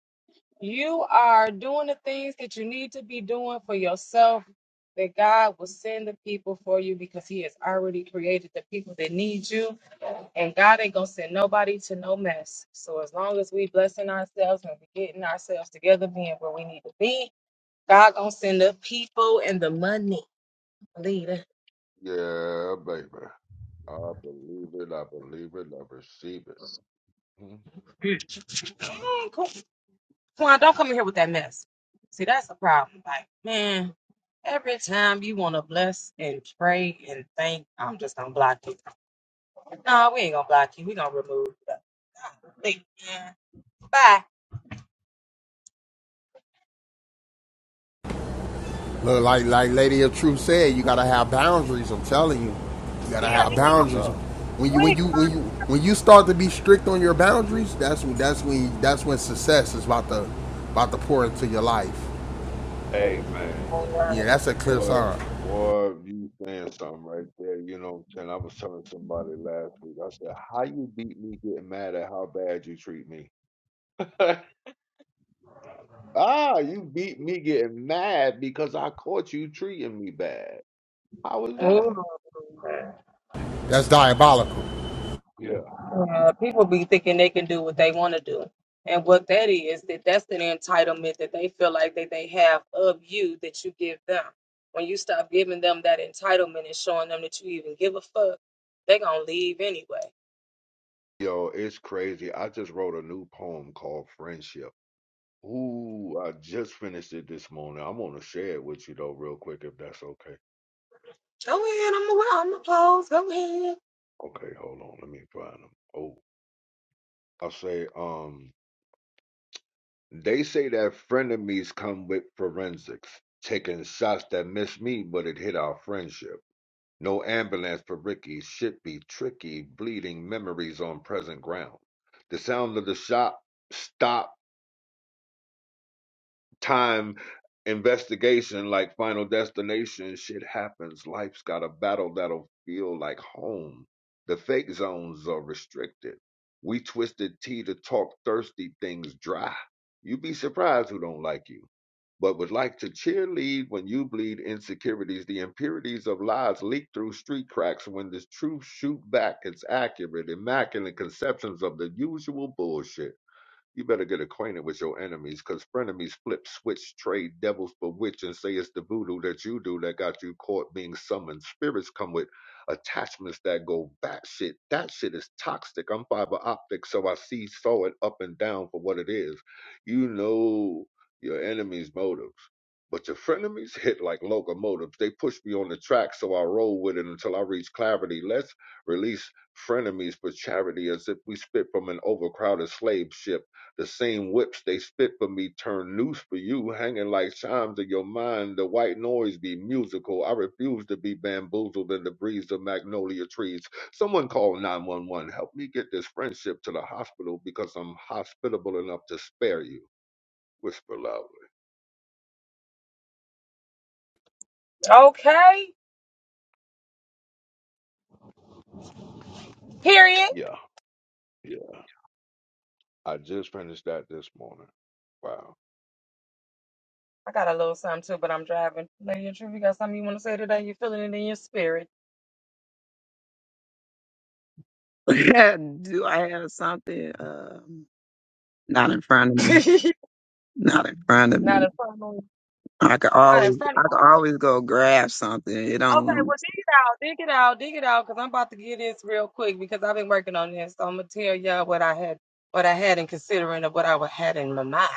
Speaker 1: you are doing the things that you need to be doing for yourself, that God will send the people for you because He has already created the people that need you. And God ain't going to send nobody to no mess. So as long as we blessing ourselves and we getting ourselves together, being where we need to be, God going to send the people and the money. Leader.
Speaker 6: Yeah, baby. I believe it, I believe it, I receive it. Hmm.
Speaker 1: Swan, don't come in here with that mess. See, that's the problem. Like, man, every time you want to bless and pray and thank, I'm just gonna block you. No, we ain't gonna block you. We gonna remove you. Like, man, Bye.
Speaker 4: Look, like like Lady of Truth said, you gotta have boundaries. I'm telling you, you gotta have
Speaker 6: Y'all
Speaker 4: boundaries. When you when
Speaker 1: Wait.
Speaker 4: you when you when you start to be strict on your boundaries, that's when that's when that's when success is about to about to pour into your life.
Speaker 6: Hey man,
Speaker 4: Yeah, that's a clear
Speaker 6: boy,
Speaker 4: sign.
Speaker 6: boy, you saying something right there. You know what I'm saying? I was telling somebody last week. I said, how you beat me getting mad at how bad you treat me? <laughs> ah, you beat me getting mad because I caught you treating me bad. How was that?
Speaker 1: Ooh,
Speaker 4: That's
Speaker 6: Mm-mm.
Speaker 4: diabolical.
Speaker 6: Yeah.
Speaker 1: uh, people be thinking they can do what they want to do, and what that is that that's an entitlement that they feel like that they have of you that you give them. When you stop giving them that entitlement and showing them that you even give a fuck, they gonna leave anyway.
Speaker 6: Yo, it's crazy. I just wrote a new poem called Friendship. Ooh, I just finished it this morning. I'm gonna share it with you though, real quick, if that's okay.
Speaker 1: Go ahead. I'm gonna I'm gonna Go ahead.
Speaker 6: Okay, hold on. Let me find them. Oh, I say, um, they say that frenemies come with forensics, taking shots that missed me, but it hit our friendship. No ambulance for Ricky. Shit be tricky, bleeding memories on present ground. The sound of the shot stop time investigation like final destination shit happens life's got a battle that'll feel like home the fake zones are restricted we twisted tea to talk thirsty things dry you would be surprised who don't like you but would like to cheerlead when you bleed insecurities the impurities of lies leak through street cracks when the truth shoot back it's accurate immaculate conceptions of the usual bullshit you better get acquainted with your enemies, 'cause frenemies flip, switch, trade devils bewitch, and say it's the voodoo that you do that got you caught being summoned. Spirits come with attachments that go batshit. That shit is toxic. I'm fiber optic, so I see, saw it up and down for what it is. You know your enemy's motives. But your frenemies <laughs> hit like locomotives. They push me on the track, so I roll with it until I reach clarity. Let's release frenemies for charity as if we spit from an overcrowded slave ship. The same whips they spit for me turn noose for you, hanging like chimes in your mind. The white noise be musical. I refuse to be bamboozled in the breeze of magnolia trees. Someone call 911. Help me get this friendship to the hospital because I'm hospitable enough to spare you. Whisper loudly.
Speaker 1: Okay. Period.
Speaker 6: Yeah, yeah. I just finished that this morning. Wow.
Speaker 1: I got a little something too, but I'm driving. Lady of Truth, you got something you want to say today? You're feeling it in your spirit.
Speaker 5: <laughs> do I have something? Um, not in front of
Speaker 1: <laughs>
Speaker 5: me. Not in front of
Speaker 1: not in
Speaker 5: me.
Speaker 1: front of me.
Speaker 5: I could
Speaker 1: Not in
Speaker 5: always
Speaker 1: front
Speaker 5: I
Speaker 1: of
Speaker 5: could always go grab something. It
Speaker 1: Okay,
Speaker 5: don't
Speaker 1: well, dig it out. Dig it out. Dig it out because I'm about to get this real quick because I've been working on this. So I'm going to tell y'all what I had what I had in considering of what I wa- had in my mind.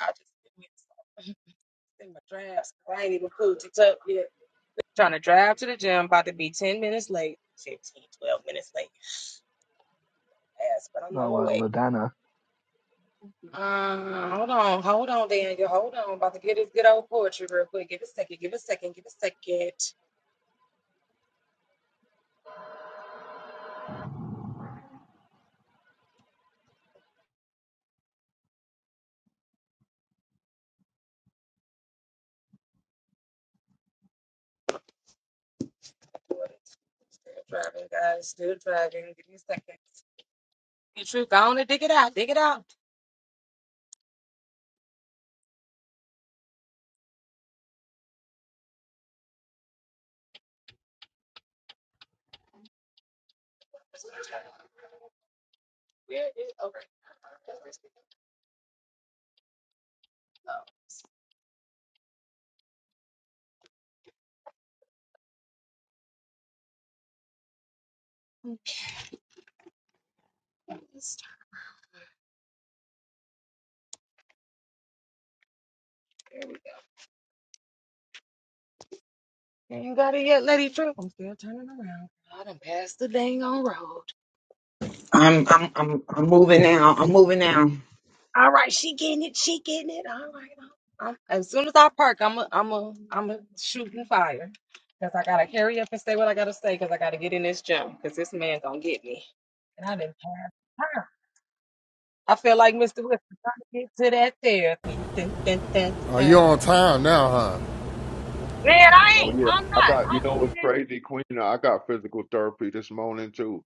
Speaker 1: I just been with- <laughs> in my drafts. I ain't even pulled it up yet. Trying to drive to the gym, about to be 10 minutes late, 15, 12 minutes late, ass, but I'm on
Speaker 2: Oh,
Speaker 1: my
Speaker 2: uh,
Speaker 1: way.
Speaker 2: Ladana.
Speaker 1: Uh, hold on, hold on, Daniel, hold on. About to get this good old poetry real quick. Give it a second, give it a second, give it a second. Still driving, guys, still driving. Give me a second. You truth, go on and dig it out, dig it out. Where is, okay. You ain't got it yet, Lady True. I'm still turning around. I done passed the dang on road.
Speaker 5: I'm I'm I'm I'm moving now. I'm moving now.
Speaker 1: All right, she getting it. She getting it. All right. I'm, as soon as I park, I'm a, I'm a, I'm a shooting fire because I gotta hurry up and say what I gotta say because I gotta get in this gym because this man gonna get me. And I didn't have time. I feel like Mr. Whisper trying to get to that therapy. Dun, dun, dun,
Speaker 4: Are
Speaker 1: dun, dun.
Speaker 4: you on time now, huh?
Speaker 1: Man, I
Speaker 6: Oh
Speaker 1: ain't.
Speaker 6: yeah.
Speaker 1: I'm
Speaker 6: I thought you know what's
Speaker 1: not.
Speaker 6: crazy, Queen? I got physical therapy this morning too.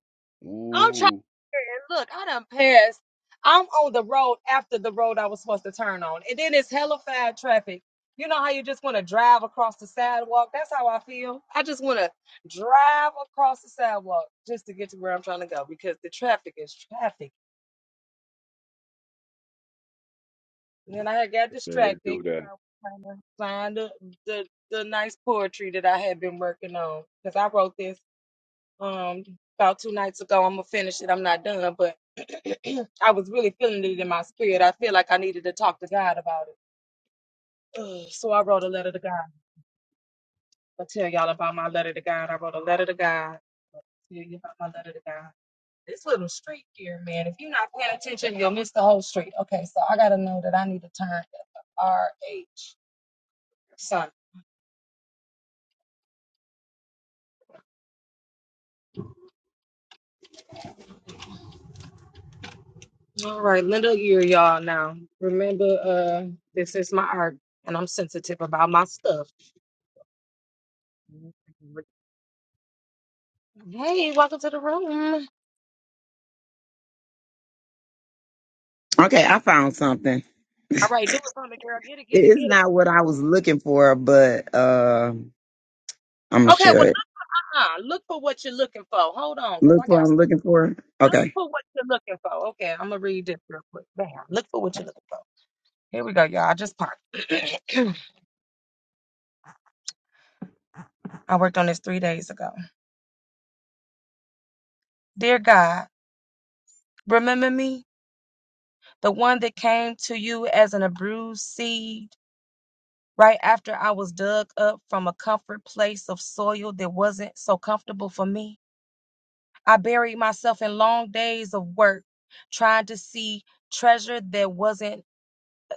Speaker 1: I'm trying
Speaker 6: Ooh.
Speaker 1: to look, I done passed. I'm on the road after the road I was supposed to turn on. And then it's hella fast traffic. You know how you just want to drive across the sidewalk? That's how I feel. I just want to drive across the sidewalk just to get to where I'm trying to go because the traffic is traffic. And then I had got
Speaker 6: They
Speaker 1: distracted
Speaker 6: do
Speaker 1: 'cause
Speaker 6: that.
Speaker 1: I was trying to find the, the, the nice poetry that I had been working on because I wrote this. um about two nights ago. I'm gonna finish it. I'm not done, but <clears throat> I was really feeling it in my spirit. I feel like I needed to talk to God about it. Ugh, so I wrote a letter to God. I'll tell y'all about my letter to God. I wrote a letter to God. I'll tell you about my letter to God. This little street here, man. If you're not paying attention, you'll miss the whole street. Okay, so I gotta know that I need to turn at the RH sign. All right, Linda Ear, y'all now. Remember, uh, this is my art, and I'm sensitive about my stuff. Hey, welcome to the room.
Speaker 5: Okay, I found something.
Speaker 1: All right, do something, girl. Get it, get
Speaker 5: It-
Speaker 1: it,
Speaker 5: It's
Speaker 1: get it.
Speaker 5: not what I was looking for, but uh I'm gonna
Speaker 1: Okay, well,
Speaker 5: share it.
Speaker 1: uh-uh. Look for what you're looking for. Hold on, because
Speaker 5: Look
Speaker 1: I got
Speaker 5: what
Speaker 1: s-
Speaker 5: I'm looking for. Okay.
Speaker 1: for what you're looking for. Okay, I'm gonna read this real quick. Bam. Look for what you're looking for. Here we go, y'all. I just parked. <clears throat> I worked on this three days ago. Dear God, remember me, the one that came to you as an abused seed. Right after I was dug up from a comfort place of soil that wasn't so comfortable for me. I buried myself in long days of work trying to see treasure that wasn't,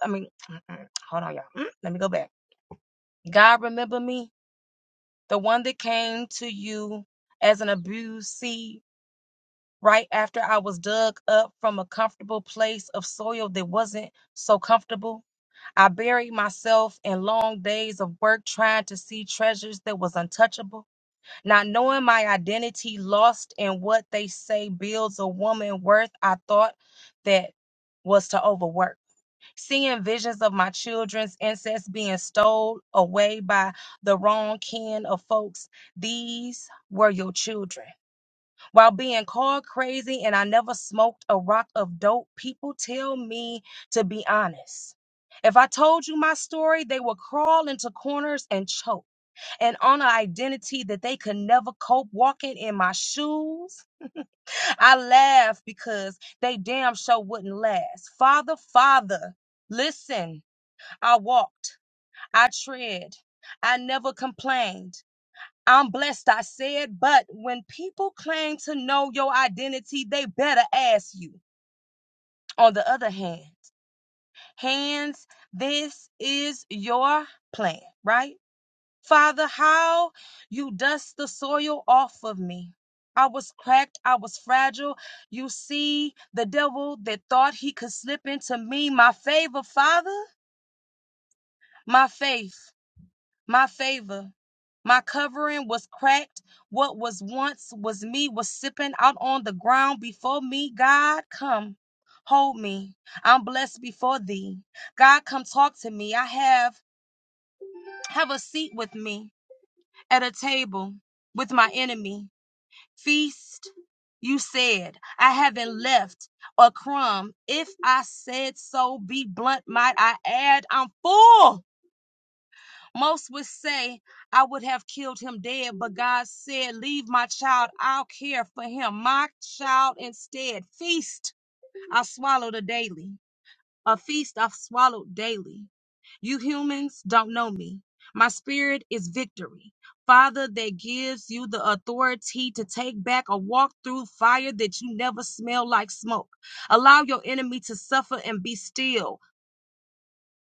Speaker 1: I mean, mm-mm. hold on, y'all. Mm, Let me go back. God, remember me, the one that came to you as an abused seed right after I was dug up from a comfortable place of soil that wasn't so comfortable. I buried myself in long days of work trying to see treasures that was untouchable. Not knowing my identity, lost in what they say builds a woman worth, I thought that was to overwork. Seeing visions of my children's incest being stole away by the wrong kin of folks, these were your children. While being called crazy and I never smoked a rock of dope, people tell me to be honest. If I told you my story, they would crawl into corners and choke and on an identity that they could never cope walking in my shoes. I laugh because they damn sure wouldn't last. Father, Father, listen, I walked, I tread, I never complained. I'm blessed, I said, but when people claim to know your identity, they better ask you. On the other hand, hands, this is your plan, right? Father, how you dust the soil off of me. I was cracked. I was fragile. You see, the devil that thought he could slip into me, my favor, Father, my faith, my favor. My covering was cracked. What was once was me was sipping out on the ground before me. God, come, hold me. I'm blessed before thee. God, come talk to me. I have have a seat with me at a table with my enemy. feast. You said, I haven't left a crumb. If I said so, be blunt, might I add, I'm full. Most would say I would have killed him dead, but God said, Leave my child, I'll care for him. My child instead, feast I swallowed a daily. A feast I've swallowed daily. You humans don't know me. My spirit is victory. Father, that gives you the authority to take back a walk through fire that you never smell like smoke. Allow your enemy to suffer and be still.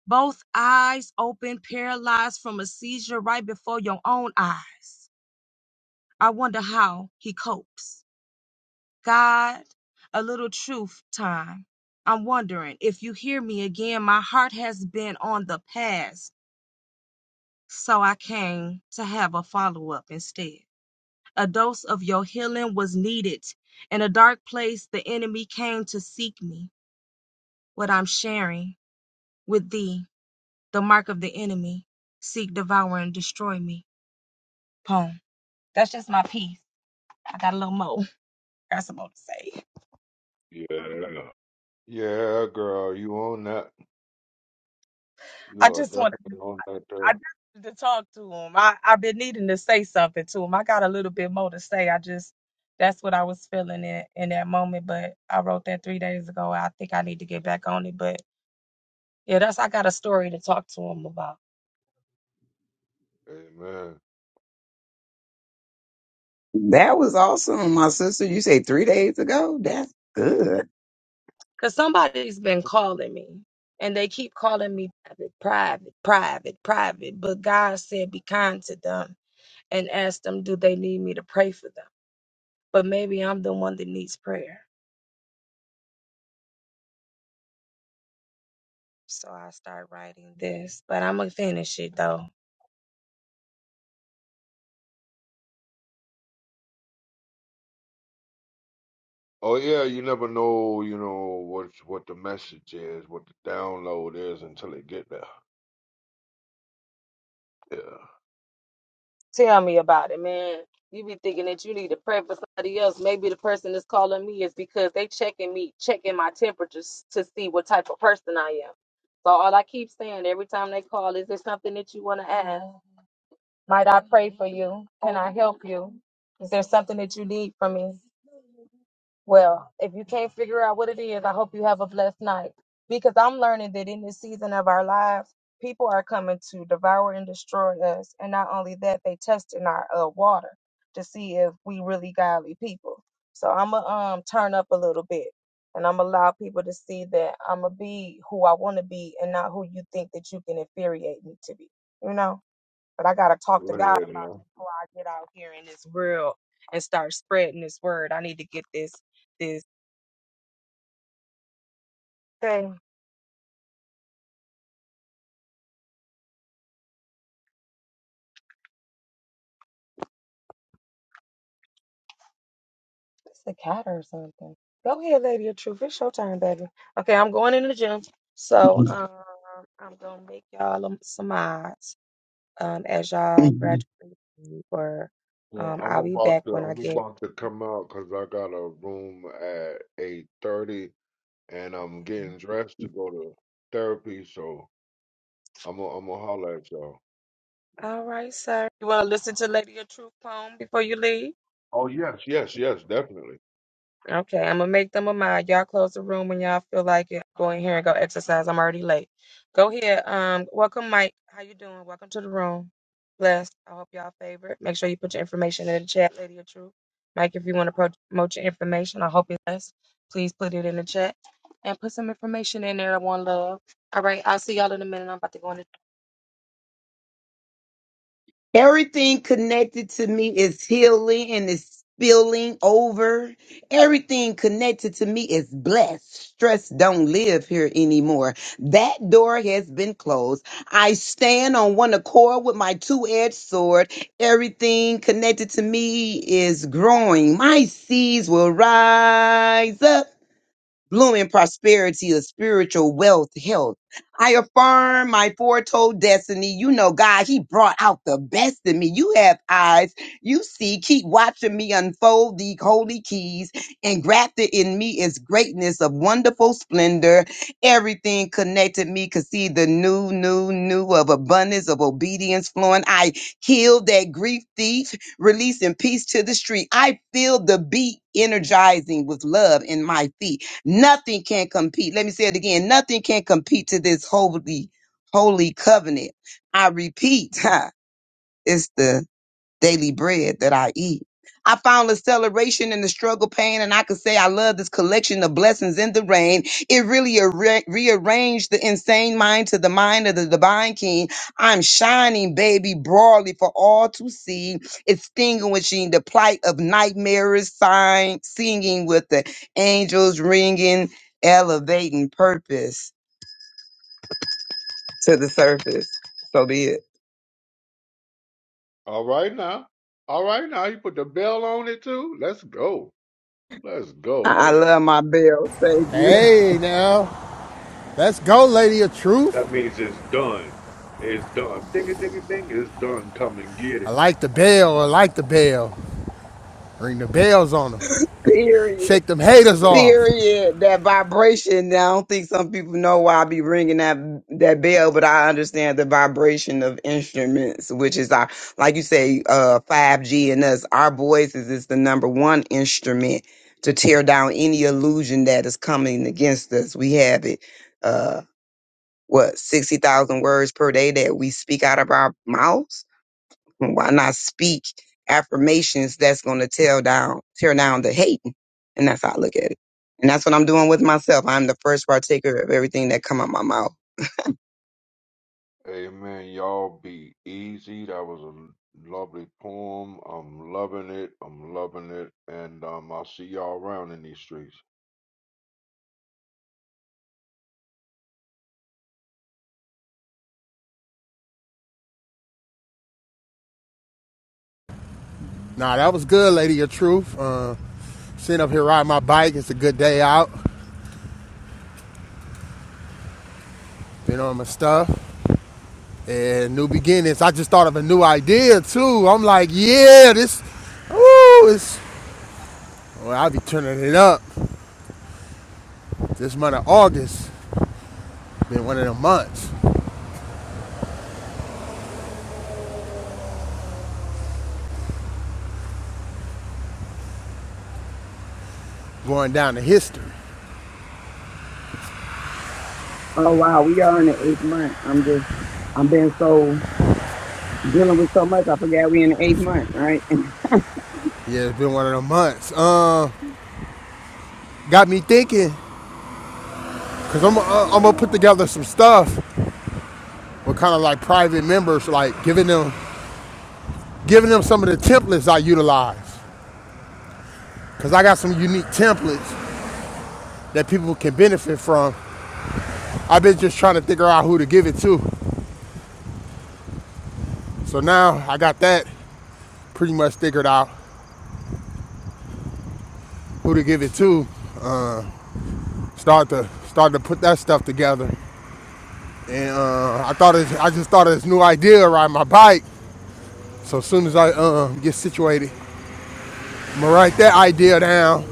Speaker 1: Both eyes open, paralyzed from a seizure right before your own eyes. I wonder how he copes. God, a little truth time. I'm wondering if you hear me again. My heart has been on the past. So I came to have a follow up instead. A dose of your healing was needed. In a dark place, the enemy came to seek me. What I'm sharing with thee, the mark of the enemy, seek, devour, and destroy me. Poem. That's just my piece. I got a little more. <laughs> Got some more to say.
Speaker 6: Yeah. Yeah, girl, you on that.
Speaker 1: I
Speaker 6: You are
Speaker 1: just want.
Speaker 6: definitely on that
Speaker 1: I
Speaker 6: there.
Speaker 1: just wanted to talk to him. I, I've been needing to say something to him. I got a little bit more to say. I just that's what I was feeling in, in that moment. But I wrote that three days ago. I think I need to get back on it. But yeah, that's I got a story to talk to him about.
Speaker 6: Amen.
Speaker 5: That was awesome, my sister. You say three days ago? That's good.
Speaker 1: Cause somebody's been calling me and they keep calling me private, private, private, private. But God said be kind to them and ask them do they need me to pray for them. But maybe I'm the one that needs prayer. So I start writing this, but I'm gonna finish it though.
Speaker 6: Oh yeah, you never know, you know, what what the message is, what the download is until they get there. Yeah.
Speaker 1: Tell me about it, man. You be thinking that you need to pray for somebody else. Maybe the person that's calling me is because they checking me, checking my temperatures to see what type of person I am. So all I keep saying every time they call, is there something that you want to ask? Might I pray for you? Can I help you? Is there something that you need from me? Well, if you can't figure out what it is, I hope you have a blessed night because I'm learning that in this season of our lives, people are coming to devour and destroy us. And not only that, they testing our uh, water to see if we really godly people. So I'm going to um, turn up a little bit and I'm going to allow people to see that I'm going to be who I want to be and not who you think that you can infuriate me to be, you know? but I gotta talk
Speaker 6: Go
Speaker 1: to God about
Speaker 6: ahead now.
Speaker 1: it before I get out here in this world and start spreading this word. I need to get this this thing. It's a cat or something. Go ahead, lady of truth. It's your time, baby. Okay, I'm going in the gym. So um I'm gonna make y'all um, some odds um as y'all
Speaker 5: <laughs>
Speaker 1: graduate or
Speaker 6: Well,
Speaker 1: um
Speaker 6: I'm
Speaker 1: I'll be back
Speaker 6: about to
Speaker 1: when I
Speaker 6: I'm
Speaker 1: get
Speaker 6: about to come out 'cause I got a room at eight thirty and I'm
Speaker 1: okay.
Speaker 6: getting dressed to go to therapy, so I'm gonna I'm gonna holler at y'all.
Speaker 1: All right, sir. You wanna listen to Lady of Truth poem before you leave?
Speaker 6: Oh yes, yes, yes, definitely.
Speaker 1: Okay, I'm gonna make them a mind. Y'all close the room when y'all feel like it. Go in here and go exercise. I'm already late. Go ahead. Um, welcome, Mike. How you doing? Welcome to the room. Blessed. I hope y'all favorite. Make sure you put your information in the chat, Lady of Truth. Mike, if you want to promote your information, I hope it's blessed. Please put it in the chat and put some information in there. I want love. All right, I'll see y'all in a minute. I'm about to go in. The-
Speaker 5: Everything connected to me is healing and is spilling over. Everything connected to me is blessed. Stress don't live here anymore. That door has been closed. I stand on one accord with my two-edged sword. Everything connected to me is growing. My seeds will rise up blooming prosperity of spiritual wealth, health. I affirm my foretold destiny. You know, God, He brought out the best in me. You have eyes. You see, keep watching me unfold the holy keys. Engrafted in me is greatness of wonderful splendor. Everything connected me could see the new, new, new of abundance of obedience flowing. I killed that grief thief, releasing peace to the street. I feel the beat energizing with love in my feet. Nothing can compete. Let me say it again. Nothing can compete to this holy, holy covenant. I repeat, <laughs> it's the daily bread that I eat. I found acceleration in the struggle pain, and I could say I love this collection of blessings in the rain. It really arra- rearranged the insane mind to the mind of the divine king. I'm shining, baby, broadly for all to see, extinguishing the plight of nightmares, sign, singing with the angels ringing, elevating purpose to the surface. So be it.
Speaker 6: All right now. All right now, you put the bell on it too. Let's go. Let's go,
Speaker 5: I I
Speaker 6: lady.
Speaker 5: love my bell. Thank you.
Speaker 4: Hey, now. Let's go, lady of truth.
Speaker 6: That means it's done. It's done. Ding a ding a ding. It's done. Come and get it.
Speaker 4: I like the bell. I like the bell. Ring the bells on them.
Speaker 5: <laughs> Period.
Speaker 4: Shake them haters off.
Speaker 5: Period. That vibration. I don't think some people know why I be ringing that that bell, but I understand the vibration of instruments, which is our, like you say, uh, 5G and us. Our voices is the number one instrument to tear down any illusion that is coming against us. We have it. Uh, what sixty thousand words per day that we speak out of our mouths? Why not speak affirmations that's going to tear down, tear down the hate? And that's how I look at it. And that's what I'm doing with
Speaker 6: Amen.
Speaker 5: myself. I'm the first partaker of everything that come out my mouth.
Speaker 6: Amen. Y'all be easy. That was a lovely poem. I'm loving it. I'm loving it. And um, I'll see y'all around in these streets.
Speaker 4: Nah, that was good, lady of truth. Uh, sitting up here riding my bike. It's a good day out. Been on my stuff. And new beginnings. I just thought of a new idea, too. I'm like, yeah, this, ooh, it's, well, I'll be turning it up. This month of August been one of them months going down to history.
Speaker 5: Oh wow, we are in the eighth month. I'm just, I'm been so dealing with so much. I forgot we in the eighth month, right? <laughs>
Speaker 4: Yeah, it's been one of them months. Um, got me thinking, cause I'm uh, I'm gonna put together some stuff with kind of like private members, like giving them giving them some of the templates I utilize, cause I got some unique templates that people can benefit from. I've been just trying to figure out who to give it to, so now I got that pretty much figured out who to give it to. Start to start to put that stuff together, and uh, I thought it, I just thought of this new idea riding my bike. So as soon as I uh, get situated, I'm gonna write that idea down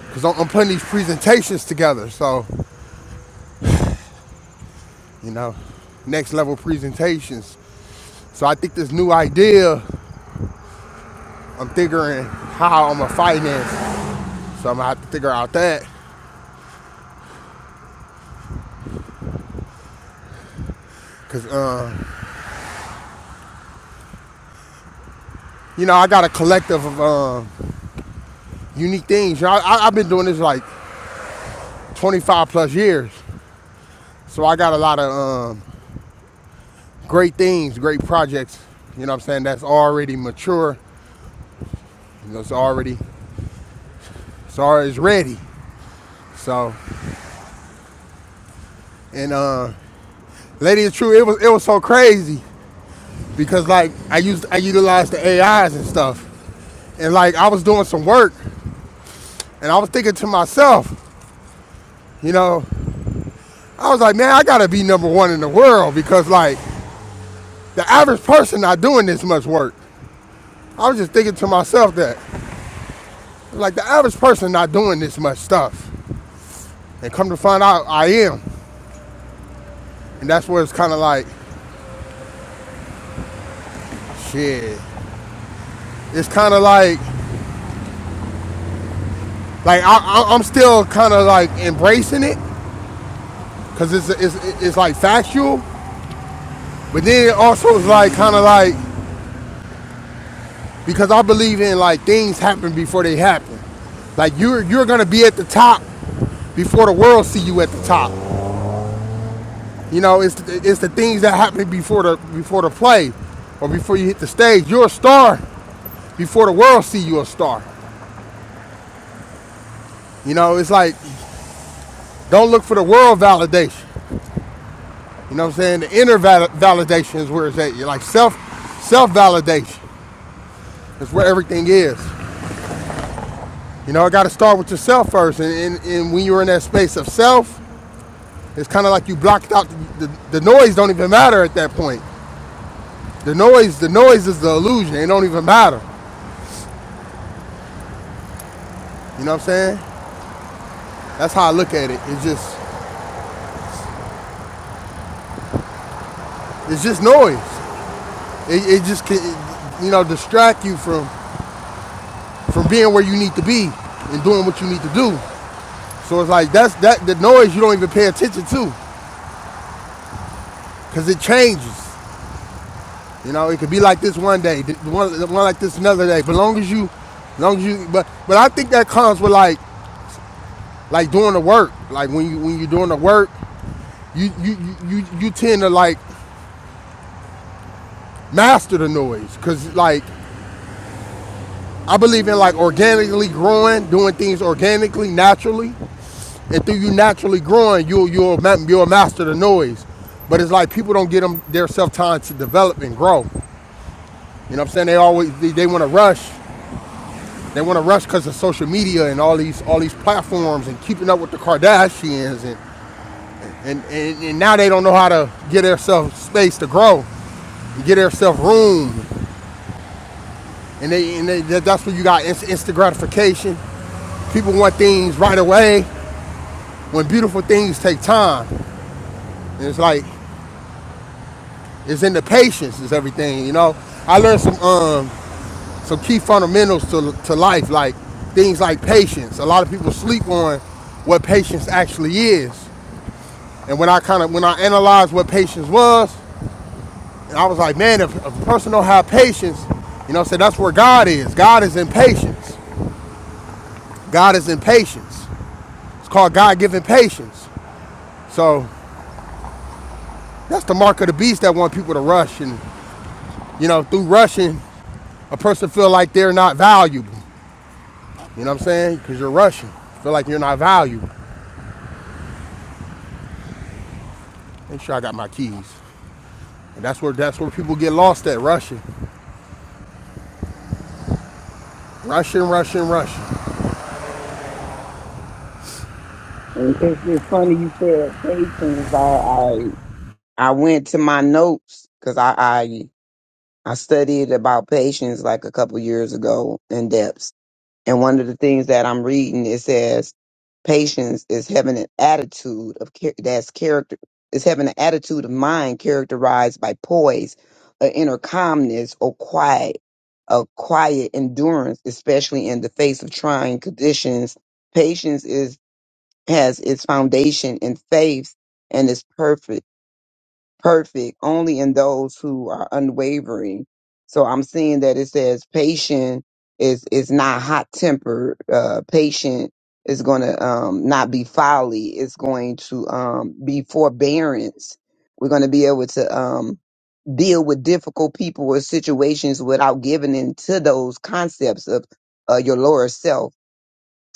Speaker 4: because I'm, putting these presentations together. So, you know, next level presentations. So I think this new idea, I'm figuring how I'm gonna finance. So I'm gonna have to figure out that because, um, you know, I got a collective of um, unique things. You know, I, I, have been doing this like 25 plus years. So I got a lot of um, great things, great projects. You know what I'm saying? That's already mature. You know, it's already, it's already ready. So, and uh, Lady is true. It was it was so crazy because like I used I utilized the AIs and stuff, and like I was doing some work, and I was thinking to myself, you know, I was like, man, I gotta be number one in the world because like the average person not doing this much work. I was just thinking to myself that like the average person not doing this much stuff, and come to find out I am, and that's where it's kind of like, shit, it's kind of like like I, I, I'm still kind of like embracing it because it's, it's it's like factual, but then also it's like kind of like because I believe in like things happen before they happen. Like you're you're gonna be at the top before the world see you at the top. You know, it's it's the things that happen before the before the play or before you hit the stage. You're a star before the world see you a star. You know, it's like don't look for the world validation. You know what I'm saying? The inner val- validation is where it's at. You're like self self validation is where everything is. You know, I got to start with yourself first. And, and, and when you're in that space of self, it's kind of like you blocked out the, the, the noise. Don't even matter at that point. The noise, the noise is the illusion. It don't even matter. You know what I'm saying? That's how I look at it. It's just, it's just noise. It, it just can, it, you know, distract you from from being where you need to be and doing what you need to do. So it's like that's that the noise you don't even pay attention to because it changes. You know, it could be like this one day, one, one like this another day. But long as you, long as you, but but I think that comes with like like doing the work. Like when you when you're doing the work, you you you you, tend to like master the noise because like I believe in like organically growing, doing things organically, naturally, and through you naturally growing, you'll you'll you'll master the noise. But it's like people don't get them their self time to develop and grow. You know what I'm saying? They always they, they want to rush They want to rush because of social media and all these all these platforms and keeping up with the Kardashians and and, and, and now they don't know how to get themselves space to grow, and get themselves room, and they and they, that's where you got inst- instant gratification. People want things right away when beautiful things take time. And it's like it's in the patience is everything, you know. I learned some um some key fundamentals to to life like things like patience. A lot of people sleep on what patience actually is. And when I kind of when I analyzed what patience was, and I was like, man, if, if a person don't have patience, you know, so that's where God is. God is in patience. God is in patience. It's called God-given patience. So that's the mark of the beast that want people to rush, and you know, through rushing, a person feel like they're not valuable. You know what I'm saying? Because you're rushing, feel like you're not valuable. Make sure I got my keys. And that's where that's where people get lost at rushing, rushing, rushing, rushing.
Speaker 5: And It's, it's funny you said patience. I, I I went to my notes because I, I I studied about patience like a couple years ago in depth. And one of the things that I'm reading, it says patience is having an attitude of char- that's character is having an attitude of mind characterized by poise, an inner calmness or quiet, a quiet endurance, especially in the face of trying conditions. Patience is has its foundation in faith and is perfect perfect only in those who are unwavering. So I'm seeing that it says patient is is not hot tempered. Uh, patient is going to um, not be folly. It's going to um, be forbearance. We're going to be able to um, deal with difficult people or situations without giving in to those concepts of uh, your lower self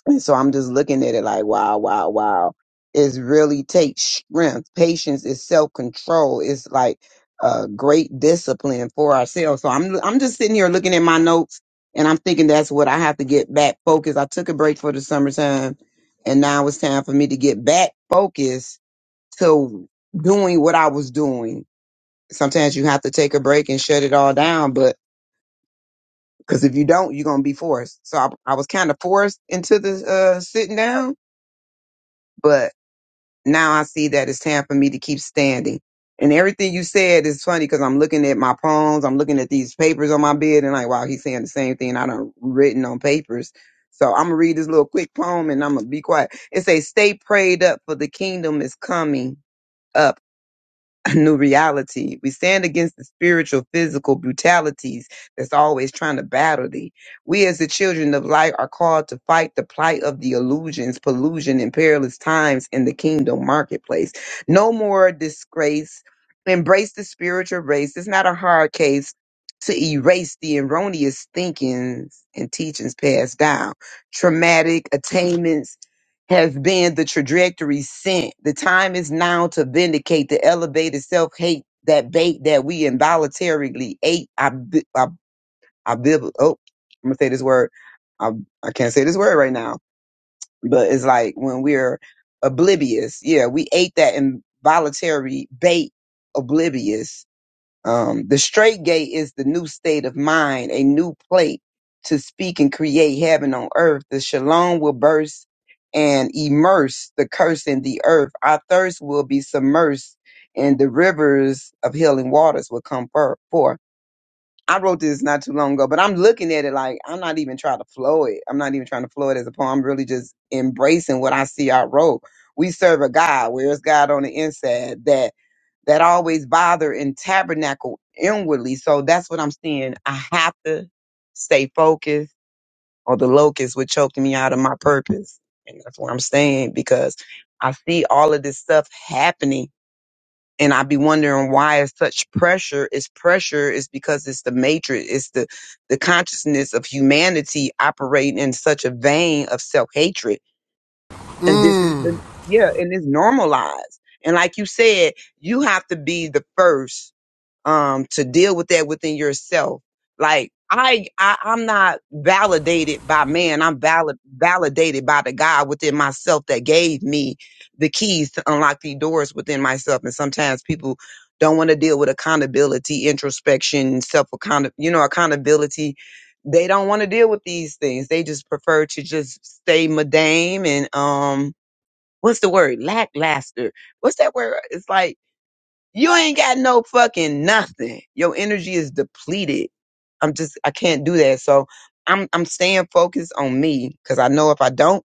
Speaker 5: and so I'm just looking at it like, wow, wow, wow. It really takes strength. Patience is self control. It's like a great discipline for ourselves. So I'm I'm just sitting here looking at my notes and I'm thinking that's what I have to get back focused. I took a break for the summertime and now it's time for me to get back focused to doing what I was doing. Sometimes you have to take a break and shut it all down, but because if you don't, you're gonna be forced. So I, I was kind of forced into the uh, sitting down, but now I see that it's time for me to keep standing. And everything you said is funny because I'm looking at my poems, I'm looking at these papers on my bed, and like, wow, he's saying the same thing I done written on papers. So I'm gonna read this little quick poem and I'm gonna be quiet. It says, "Stay prayed up for the kingdom is coming up a new reality. We stand against the spiritual, physical brutalities that's always trying to battle thee. We as the children of light are called to fight the plight of the illusions, pollution, and perilous times in the kingdom marketplace. No more disgrace. Embrace the spiritual race. It's not a hard case to erase the erroneous thinkings and teachings passed down, traumatic attainments has been the trajectory sent. The time is now to vindicate the elevated self hate that bait that we involuntarily ate. I, bi- I, I, bib- oh, I'm gonna say this word. I, I can't say this word right now, but it's like when we're oblivious. Yeah, we ate that involuntary bait oblivious um, the straight gate is the new state of mind, a new plate to speak and create heaven on earth. The shalom will burst and immerse the curse in the earth. Our thirst will be submersed and the rivers of healing waters will come for- forth. I wrote this not too long ago, but I'm looking at it like I'm not even trying to flow it. I'm not even trying to flow it as a poem. I'm really just embracing what I see I wrote. We serve a God. Where's God on the inside? That that always bother and tabernacle inwardly. So that's what I'm seeing. I have to stay focused or the locust would choke me out of my purpose. And that's what I'm saying because I see all of this stuff happening and I be wondering why is such pressure. It's pressure is because it's the matrix. It's the, the consciousness of humanity operating in such a vein of self-hatred. And
Speaker 4: Mm.
Speaker 5: this is the, yeah, and it's normalized. And like you said, you have to be the first um, to deal with that within yourself. Like I, I I'm not validated by man. I'm valid, validated by the God within myself that gave me the keys to unlock the doors within myself. And sometimes people don't want to deal with accountability, introspection, self account, you know, accountability. They don't want to deal with these things. They just prefer to just stay madame and um, what's the word? Lackluster. What's that word? It's like you ain't got no fucking nothing. Your energy is depleted. I'm just I can't do that. So I'm I'm staying focused on me because I know if I don't,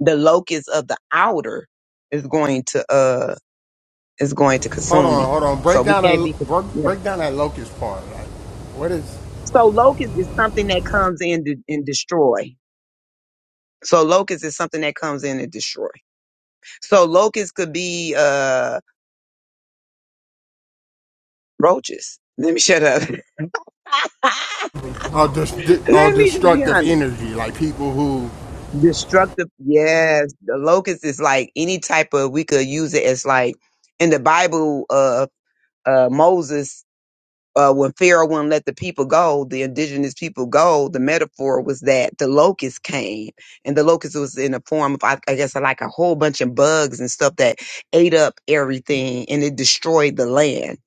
Speaker 5: the locust of the outer is going to uh is going to
Speaker 4: Hold
Speaker 5: consume
Speaker 4: on,
Speaker 5: me.
Speaker 4: hold on. Break
Speaker 5: So we
Speaker 4: down
Speaker 5: can't
Speaker 4: that
Speaker 5: be
Speaker 4: break,
Speaker 5: yeah.
Speaker 4: break down that locust part. Like, what is
Speaker 5: So locust is something that comes in to, and destroy. So locust is something that comes in and destroy. So locust could be uh roaches. Let me shut up. <laughs> Let
Speaker 4: oh, dis, oh
Speaker 5: me just be
Speaker 4: destructive
Speaker 5: honest.
Speaker 4: energy? Like people who
Speaker 5: destructive yes the locust is like any type of we could use it as like in the bible uh uh moses uh when pharaoh wouldn't let the people go the indigenous people go the metaphor was that the locust came and the locust was in the form of i, I guess like a whole bunch of bugs and stuff that ate up everything and it destroyed the land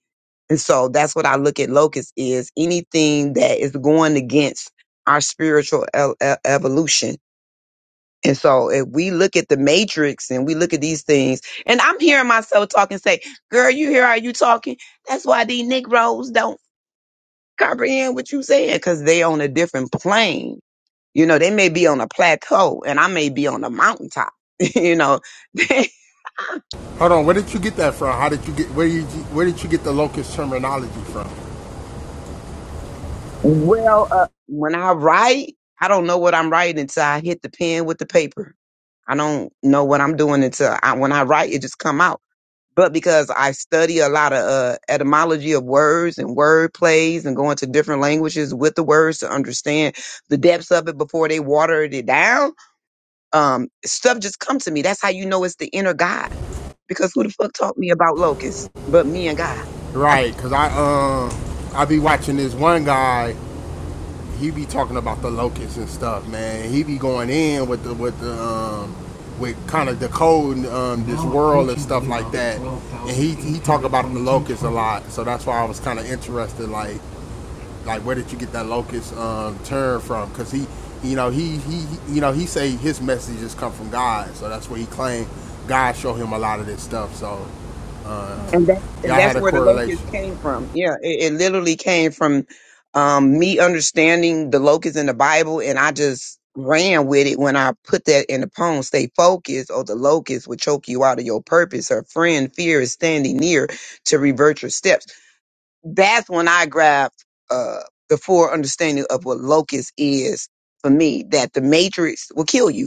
Speaker 5: and so that's what i look at locust is anything that is going against our spiritual e- e- evolution and so if we look at the matrix and we look at these things, and I'm hearing myself talking, say, girl, you hear how you talking? That's why these Negroes don't comprehend what you saying, because they on a different plane. You know, they may be on a plateau and I may be on a mountaintop. <laughs> you know, <laughs>
Speaker 4: hold on. Where did you get that from? How did you get where you where did you get the locust terminology from?
Speaker 5: well, uh, when I write, I don't know what I'm writing until I hit the pen with the paper. I don't know what I'm doing until I, when I write, it just come out. but because I study a lot of uh, etymology of words and word plays and going to different languages with the words to understand the depths of it before they watered it down, um, stuff just come to me. That's how you know it's the inner God. Because who the fuck taught me about locusts but me and God?
Speaker 4: Right, cause I um I be watching this one guy. He be talking about the locusts and stuff, man. He be going in with the with the um with kind of decoding um, this world and stuff like that. And he he talk about the locusts a lot, so that's why I was kind of interested. Like, Like, where did you get that locust um, term from? Because he, you know, he, he, you know, he say his messages come from God, so that's where he claimed. God showed him a lot of this stuff. So, uh,
Speaker 5: and that and
Speaker 4: y'all
Speaker 5: that's
Speaker 4: had a
Speaker 5: where the locust
Speaker 4: correlation.
Speaker 5: came from. Yeah, it, it literally came from um, me understanding the locust in the Bible, and I just ran with it when I put that in the poem. Stay focused, or the locust will choke you out of your purpose. Her friend fear is standing near to revert your steps. That's when I grabbed uh, the full understanding of what locust is for me. That the matrix will kill you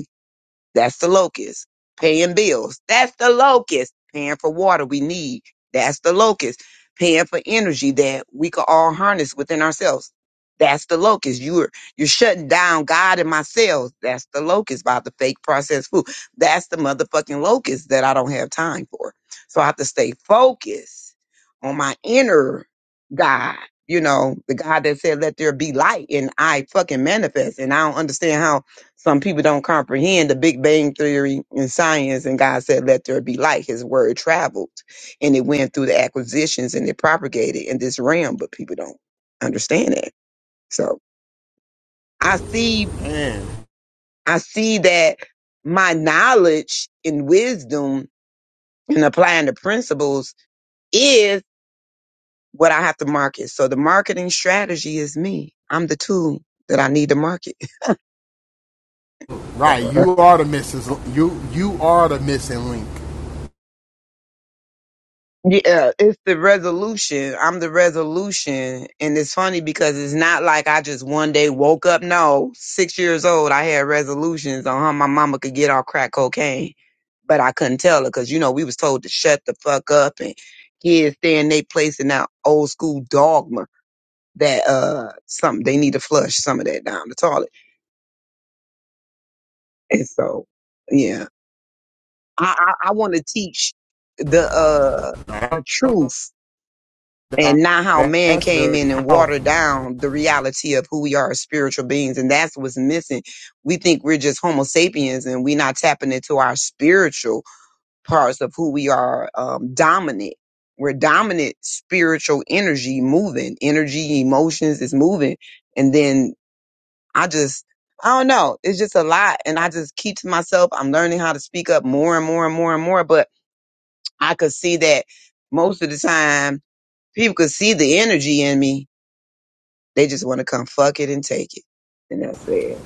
Speaker 5: that's the locust. Paying bills. That's the locust. Paying for water we need. That's the locust. Paying for energy that we could all harness within ourselves. That's the locust. You're you're shutting down God and myself. That's the locust by the fake processed food. That's the motherfucking locust that I don't have time for. So I have to stay focused on my inner God. You know, the God that said, let there be light and I fucking manifest. And I don't understand how some people don't comprehend the Big Bang Theory in science, and God said, Let there be light. His word traveled and it went through the acquisitions and it propagated in this realm, but people don't understand that. So I see,
Speaker 4: Man,
Speaker 5: I see that my knowledge and wisdom in applying the principles is what I have to market. So the marketing strategy is me. I'm the tool that I need to market.
Speaker 4: right?
Speaker 5: <laughs>
Speaker 4: You are the missing. You, you are the missing link.
Speaker 5: Yeah, it's the resolution. I'm the resolution. And it's funny because it's not like I just one day woke up. No, six years old, I had resolutions on how my mama could get off crack cocaine. But I couldn't tell her because, you know, we was told to shut the fuck up and kids stay in their place in that old school dogma that uh something they need to flush some of that down the toilet. And so, yeah, I, I, I want to teach the uh the truth and not how man
Speaker 4: That's
Speaker 5: came
Speaker 4: very
Speaker 5: in and watered
Speaker 4: powerful.
Speaker 5: down the reality of who we are as spiritual beings. And that's what's missing. We think we're just Homo sapiens and we're not tapping into our spiritual parts of who we are um, dominant. We're dominant spiritual energy moving, energy, emotions is moving. And then I just, I don't know. It's just a lot. And I just keep to myself. I'm learning how to speak up more and more and more and more. But I could see that most of the time people could see the energy in me they just want to come fuck it and take it. And that's it.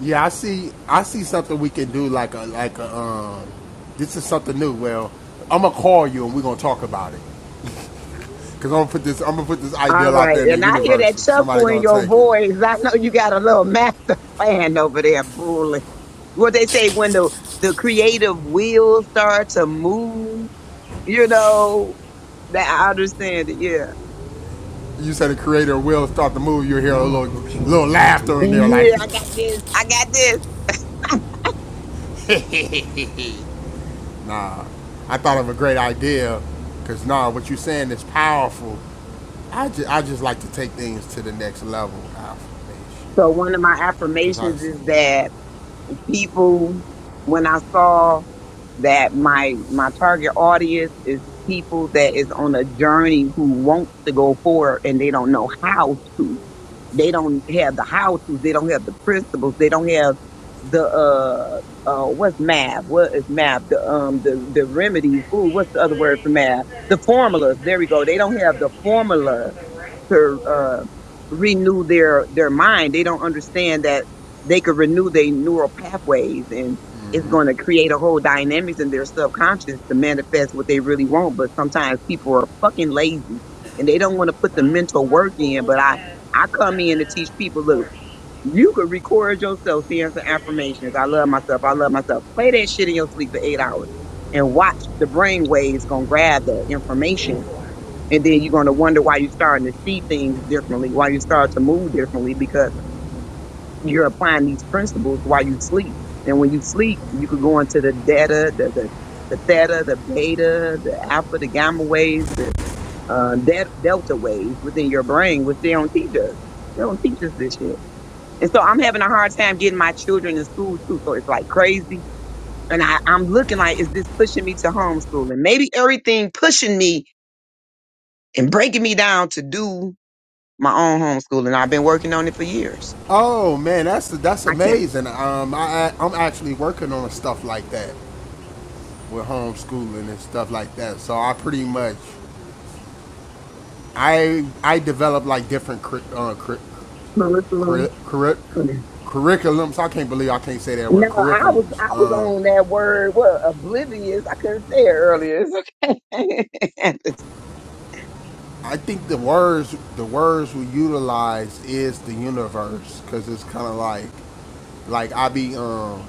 Speaker 4: Yeah, I see. I see something we can do. Like a, like a. Um, this is something new. Well, I'm gonna call you and we're gonna talk about it. Cause I'm gonna put this, I'm gonna put this
Speaker 5: All
Speaker 4: ideal out
Speaker 5: right.
Speaker 4: there in the
Speaker 5: And I hear
Speaker 4: universe.
Speaker 5: that
Speaker 4: Somebody
Speaker 5: chuckle in
Speaker 4: gonna
Speaker 5: your
Speaker 4: take it.
Speaker 5: voice. I know you got a little <laughs> master plan over there brewing. What they say when the, the creative wheels start to move, you know, that I understand it. Yeah.
Speaker 4: You said the creator will start the movie. You hear a little, little laughter in there, like,
Speaker 5: Yeah, I got this. I got this.
Speaker 4: <laughs> nah. I thought of a great idea, cause nah, what you saying is powerful. I just, I just like to take things to the next level.
Speaker 5: So one of my
Speaker 4: Cause I.
Speaker 5: affirmations is that people when I saw that my my target audience is people that is on a journey who wants to go forward and they don't know how to. They don't have the how to. They don't have the principles. They don't have the uh uh what's math? What is math? The um the the remedies. Ooh, what's the other word for math? The formulas. There we go. They don't have the formula to uh, renew their their mind. They don't understand that they could renew their neural pathways, and it's going to create a whole dynamics in their subconscious to manifest what they really want. But sometimes people are fucking lazy, and they don't want to put the mental work in. But I I come in to teach people. Look, you could record yourself saying some affirmations. I love myself. I love myself. Play that shit in your sleep for eight hours. And watch the brain waves gonna grab that information and then you're going to wonder why you're starting to see things differently, why you start to move differently, because you're applying these principles while you sleep. And when you sleep, you could go into the data, the, the, the theta, the beta, the alpha, the gamma waves, the uh, de- delta waves within your brain, which they don't teach us. They don't teach us this shit. And so I'm having a hard time getting my children in school too. So it's like crazy. And I, I'm looking like, is this pushing me to homeschooling? Maybe everything pushing me and breaking me down to do my own homeschooling. I've been working on it for years.
Speaker 4: Oh man, that's that's
Speaker 5: I can't
Speaker 4: amazing. Um, I I- am actually working on stuff like that with homeschooling and stuff like that. So I pretty much I I develop like different cur- uh, cur-
Speaker 5: curriculum.
Speaker 4: curri- curri- curriculums. I can't believe I can't say that
Speaker 5: No,
Speaker 4: word.
Speaker 5: I was
Speaker 4: Curriculums.
Speaker 5: I was
Speaker 4: Uh,
Speaker 5: on that word. What oblivious? I couldn't say it earlier. It's okay.
Speaker 4: I think the words the words we utilize is the universe because it's kind of like like I be um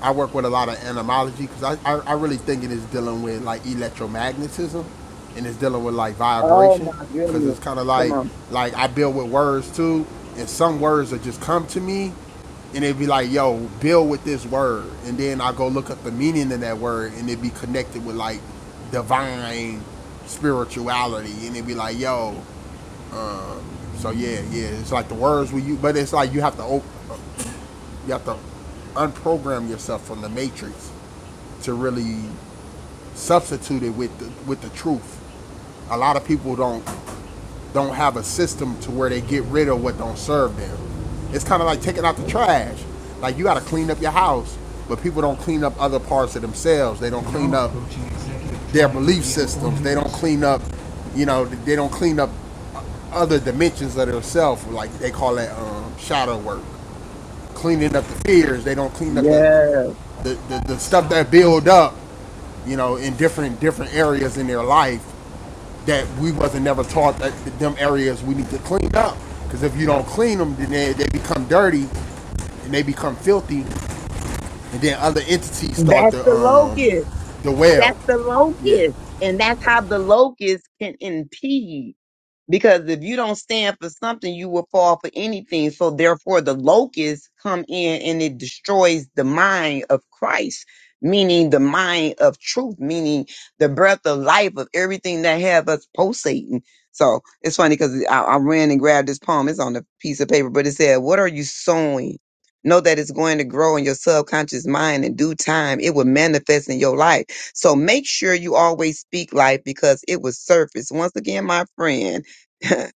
Speaker 4: I work with a lot of entomology because I, I, I really think it is dealing with like electromagnetism and it's dealing with like
Speaker 5: <laughs> oh
Speaker 4: vibration
Speaker 5: my
Speaker 4: because
Speaker 5: goodness!
Speaker 4: it's kind of
Speaker 5: Come
Speaker 4: like
Speaker 5: on.
Speaker 4: like I build with words too and some words that just come to me and it'd be like yo build with this word and then I go look up the meaning of that word and it'd be connected with like divine spirituality and it'd be like yo so yeah yeah it's like the words we use but it's like you have to op- you have to unprogram yourself from the matrix to really substitute it with the, with the truth. A lot of people don't don't have a system to where they get rid of what don't serve them. It's kind of like taking out the trash. Like you got to clean up your house, but people don't clean up other parts of themselves. They don't clean up their belief systems. They don't clean up, you know, they don't clean up other dimensions of themselves. Like they call that um, shadow work, cleaning up the fears. They don't clean up the
Speaker 5: Yes,
Speaker 4: the, the, the stuff that build up you know, in different different areas in their life that we wasn't never taught that them areas we need to clean up. Because if you don't clean them, then they, they become dirty and they become filthy, and then other entities start
Speaker 5: that's
Speaker 4: to
Speaker 5: the
Speaker 4: um
Speaker 5: locust.
Speaker 4: the well.
Speaker 5: That's the
Speaker 4: Yeah,
Speaker 5: locust, and that's how the locust can impede. Because if you don't stand for something, you will fall for anything. So therefore the locusts come in and it destroys the mind of Christ, meaning the mind of truth, meaning the breath of life of everything that have us pulsating. So it's funny because I, I ran and grabbed this poem. It's on a piece of paper, but it said, what are you sowing? Know that it's going to grow in your subconscious mind in due time. It will manifest in your life. So make sure you always speak life because it will surface. Once again, my friend, <laughs>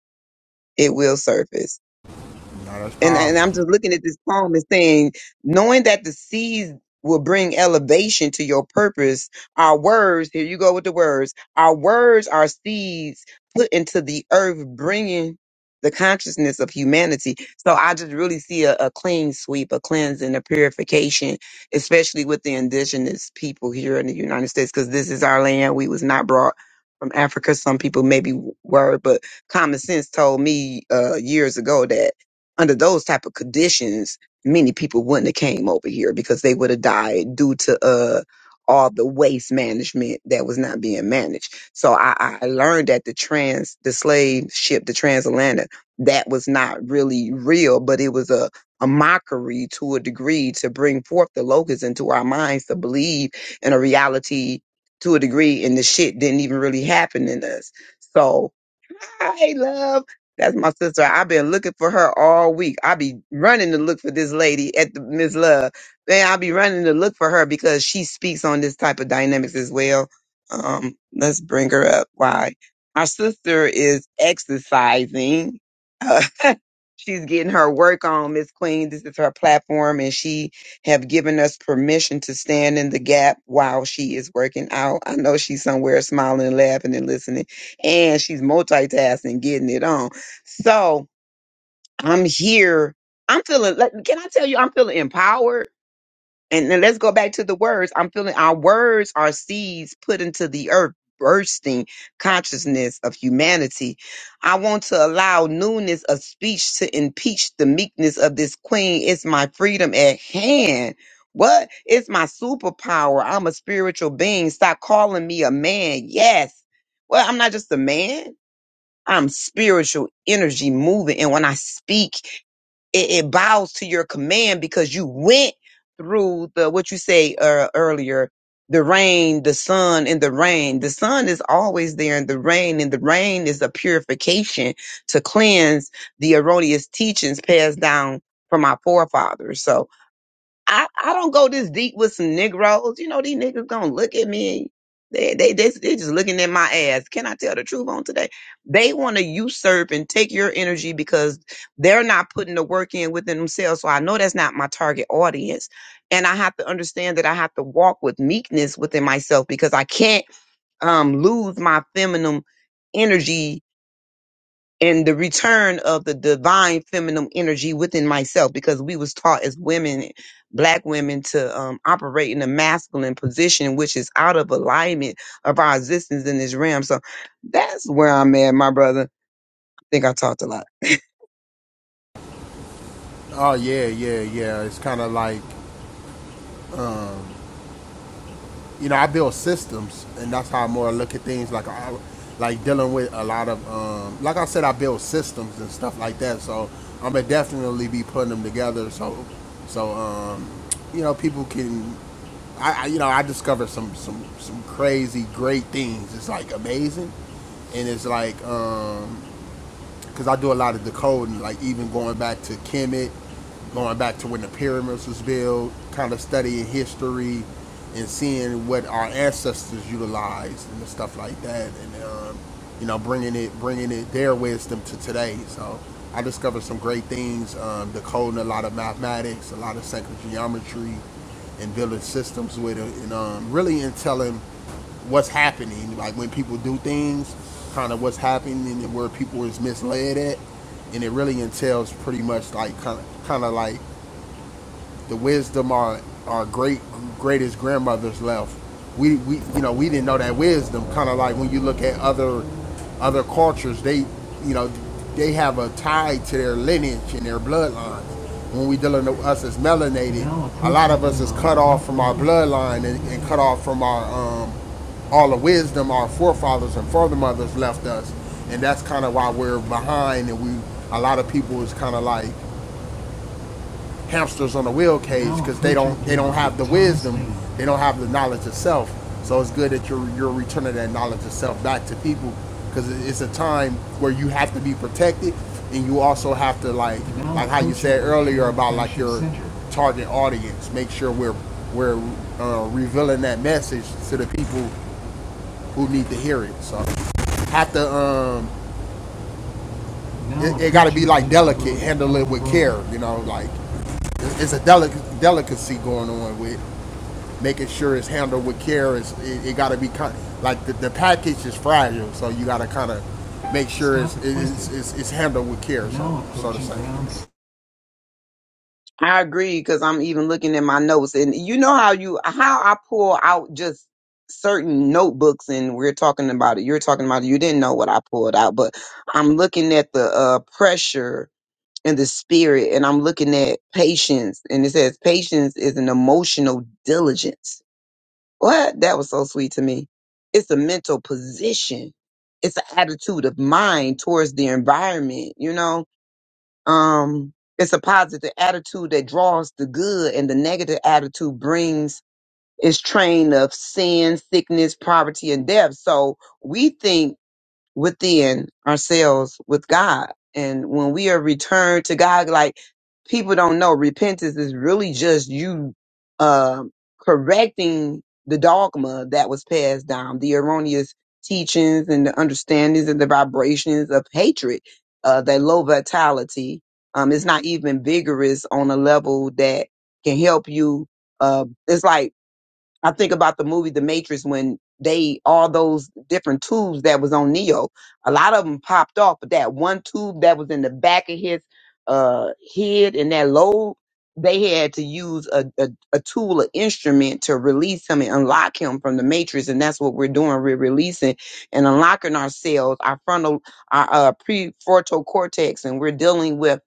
Speaker 5: it will surface
Speaker 4: no, that's
Speaker 5: and and
Speaker 4: powerful.
Speaker 5: I'm just looking at this poem and saying, knowing that the seeds will bring elevation to your purpose. Our words, here you go with the words. Our words are seeds put into the earth, bringing the consciousness of humanity. So I just really see a, a clean sweep, a cleansing, a purification, especially with the indigenous people here in the United States, because this is our land. We was not brought from Africa. Some people maybe were, but common sense told me uh, years ago that under those type of conditions, many people wouldn't have came over here because they would have died due to uh all the waste management that was not being managed. So I, I learned that the trans the slave ship, the transatlantic, that was not really real, but it was a a mockery to a degree to bring forth the locusts into our minds to believe in a reality to a degree and the shit didn't even really happen in us. So Hey, love. That's my sister. I've been looking for her all week. I be running to look for this lady at the Miss Love. Man, I'll be running to look for her because she speaks on this type of dynamics as well. Um, let's bring her up. Why? Our sister is exercising. Uh, <laughs> she's getting her work on, Miss Queen. This is her platform, and she have given us permission to stand in the gap while she is working out. I know she's somewhere smiling, laughing, and listening and she's multitasking, getting it on. So I'm here. I'm feeling. let- Can I tell you? I'm feeling empowered. And then let's go back to the words. I'm feeling our words are seeds put into the earth, bursting consciousness of humanity. I want to allow newness of speech to impeach the meekness of this queen. It's my freedom at hand. What? It's my superpower. I'm a spiritual being. Stop calling me a man. Yes. Well, I'm not just a man. I'm spiritual energy moving. And when I speak, it, it bows to your command because you went through the, what you say uh, earlier, the rain, the sun and the rain. The sun is always there and the rain and the rain is a purification to cleanse the erroneous teachings passed down from our forefathers. So, I, I don't go this deep with some Negroes. You know, these niggas gonna look at me. and They they they they just looking at my ass. Can I tell the truth on today? They want to usurp and take your energy because they're not putting the work in within themselves. So I know that's not my target audience, and I have to understand that I have to walk with meekness within myself because I can't um lose my feminine energy and the return of the divine feminine energy within myself because we was taught as women black women to um, operate in a masculine position which is out of alignment of our existence in this realm so that's where i'm at my brother i think i talked a lot
Speaker 4: Oh yeah, yeah, yeah. It's kind of like you know, I build systems, and that's how I more look at things. Like, I, like dealing with a lot of, um, like I said, I build systems and stuff like that. So I'm gonna definitely be putting them together. So, so um, you know, people can, I, I you know, I discovered some some some crazy great things. It's like amazing, and it's like um, because I do a lot of decoding, like even going back to Kemet, going back to when the pyramids was built, kind of studying history and seeing what our ancestors utilized and stuff like that, and um, you know bringing it bringing it their wisdom to today. So I discovered some great things um, decoding a lot of mathematics, a lot of sacred geometry, and building systems with it, and um, really in telling what's happening, like when people do things, kind of what's happening and where people is misled at, and it really entails pretty much like kind of kind of like the wisdom our our great greatest grandmothers left. We we you know we didn't know that wisdom. Kind of like when you look at other other cultures, they you know they have a tie to their lineage and their bloodlines. When we dealing with us as melanated, a lot of us is cut off from our bloodline and, and cut off from our um, all the wisdom our forefathers and foremothers left us, and that's kind of why we're behind. And we a lot of people is kind of like hamsters on a wheel cage because they don't they don't have the wisdom, they don't have the knowledge of self. So it's good that you're you're returning that knowledge of self back to people because it's a time where you have to be protected and you also have to like like how you said earlier about like your target audience. Make sure we're we're uh, revealing that message to the people who need to hear it. So have to um it, it got to be like delicate, handle it with care. You know, like it's, it's a delic- delicacy going on with making sure it's handled with care is it, it got to be kind of, like the, the package is fragile, so you got to kind of make sure it's it's, it's it's it's handled with care. So, so to say.
Speaker 5: i agree because i'm even looking at my notes and you know how you how i pull out just certain notebooks and we're talking about it you're talking about it you didn't know what i pulled out but i'm looking at the uh pressure in the spirit and I'm looking at patience and it says patience is an emotional diligence. What? That was so sweet to me. It's a mental position. It's an attitude of mind towards the environment, you know? Um it's a positive attitude that draws the good and the negative attitude brings its train of sin, sickness, poverty and death. So we think within ourselves with God. And when we are returned to God, like people don't know, repentance is really just you um correcting the dogma that was passed down, the erroneous teachings and the understandings and the vibrations of hatred, uh, that low vitality. Um, it's not even vigorous on a level that can help you. Uh, it's like I think about the movie The Matrix when they all those different tubes that was on Neo, a lot of them popped off, but that one tube that was in the back of his uh head and that lobe, they had to use a, a, a tool, an instrument to release him and unlock him from the matrix. And that's what we're doing. We're releasing and unlocking ourselves, our frontal, our uh, prefrontal cortex, and we're dealing with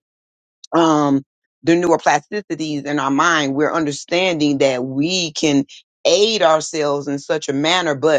Speaker 5: um, the neuroplasticities in our mind, we're understanding that we can aid ourselves in such a manner. But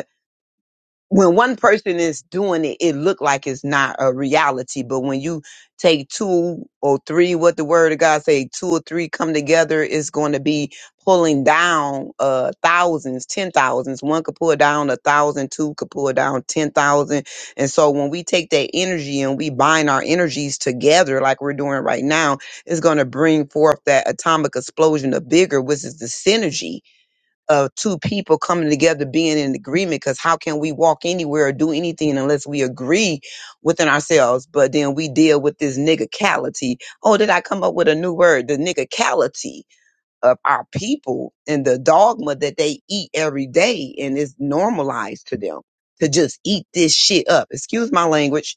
Speaker 5: when one person is doing it, it look like it's not a reality. But when you take two or three, what the word of God say, two or three come together, it's going to be pulling down uh thousands, ten thousands. One could pull down a thousand, two could pull down ten thousand. And so when we take that energy and we bind our energies together, like we're doing right now, it's going to bring forth that atomic explosion of bigger, which is the synergy of two people coming together being in agreement because how can we walk anywhere or do anything unless we agree within ourselves but then we deal with this niggicality oh did i come up with a new word the niggicality of our people and the dogma that they eat every day and it's normalized to them to just eat this shit up excuse my language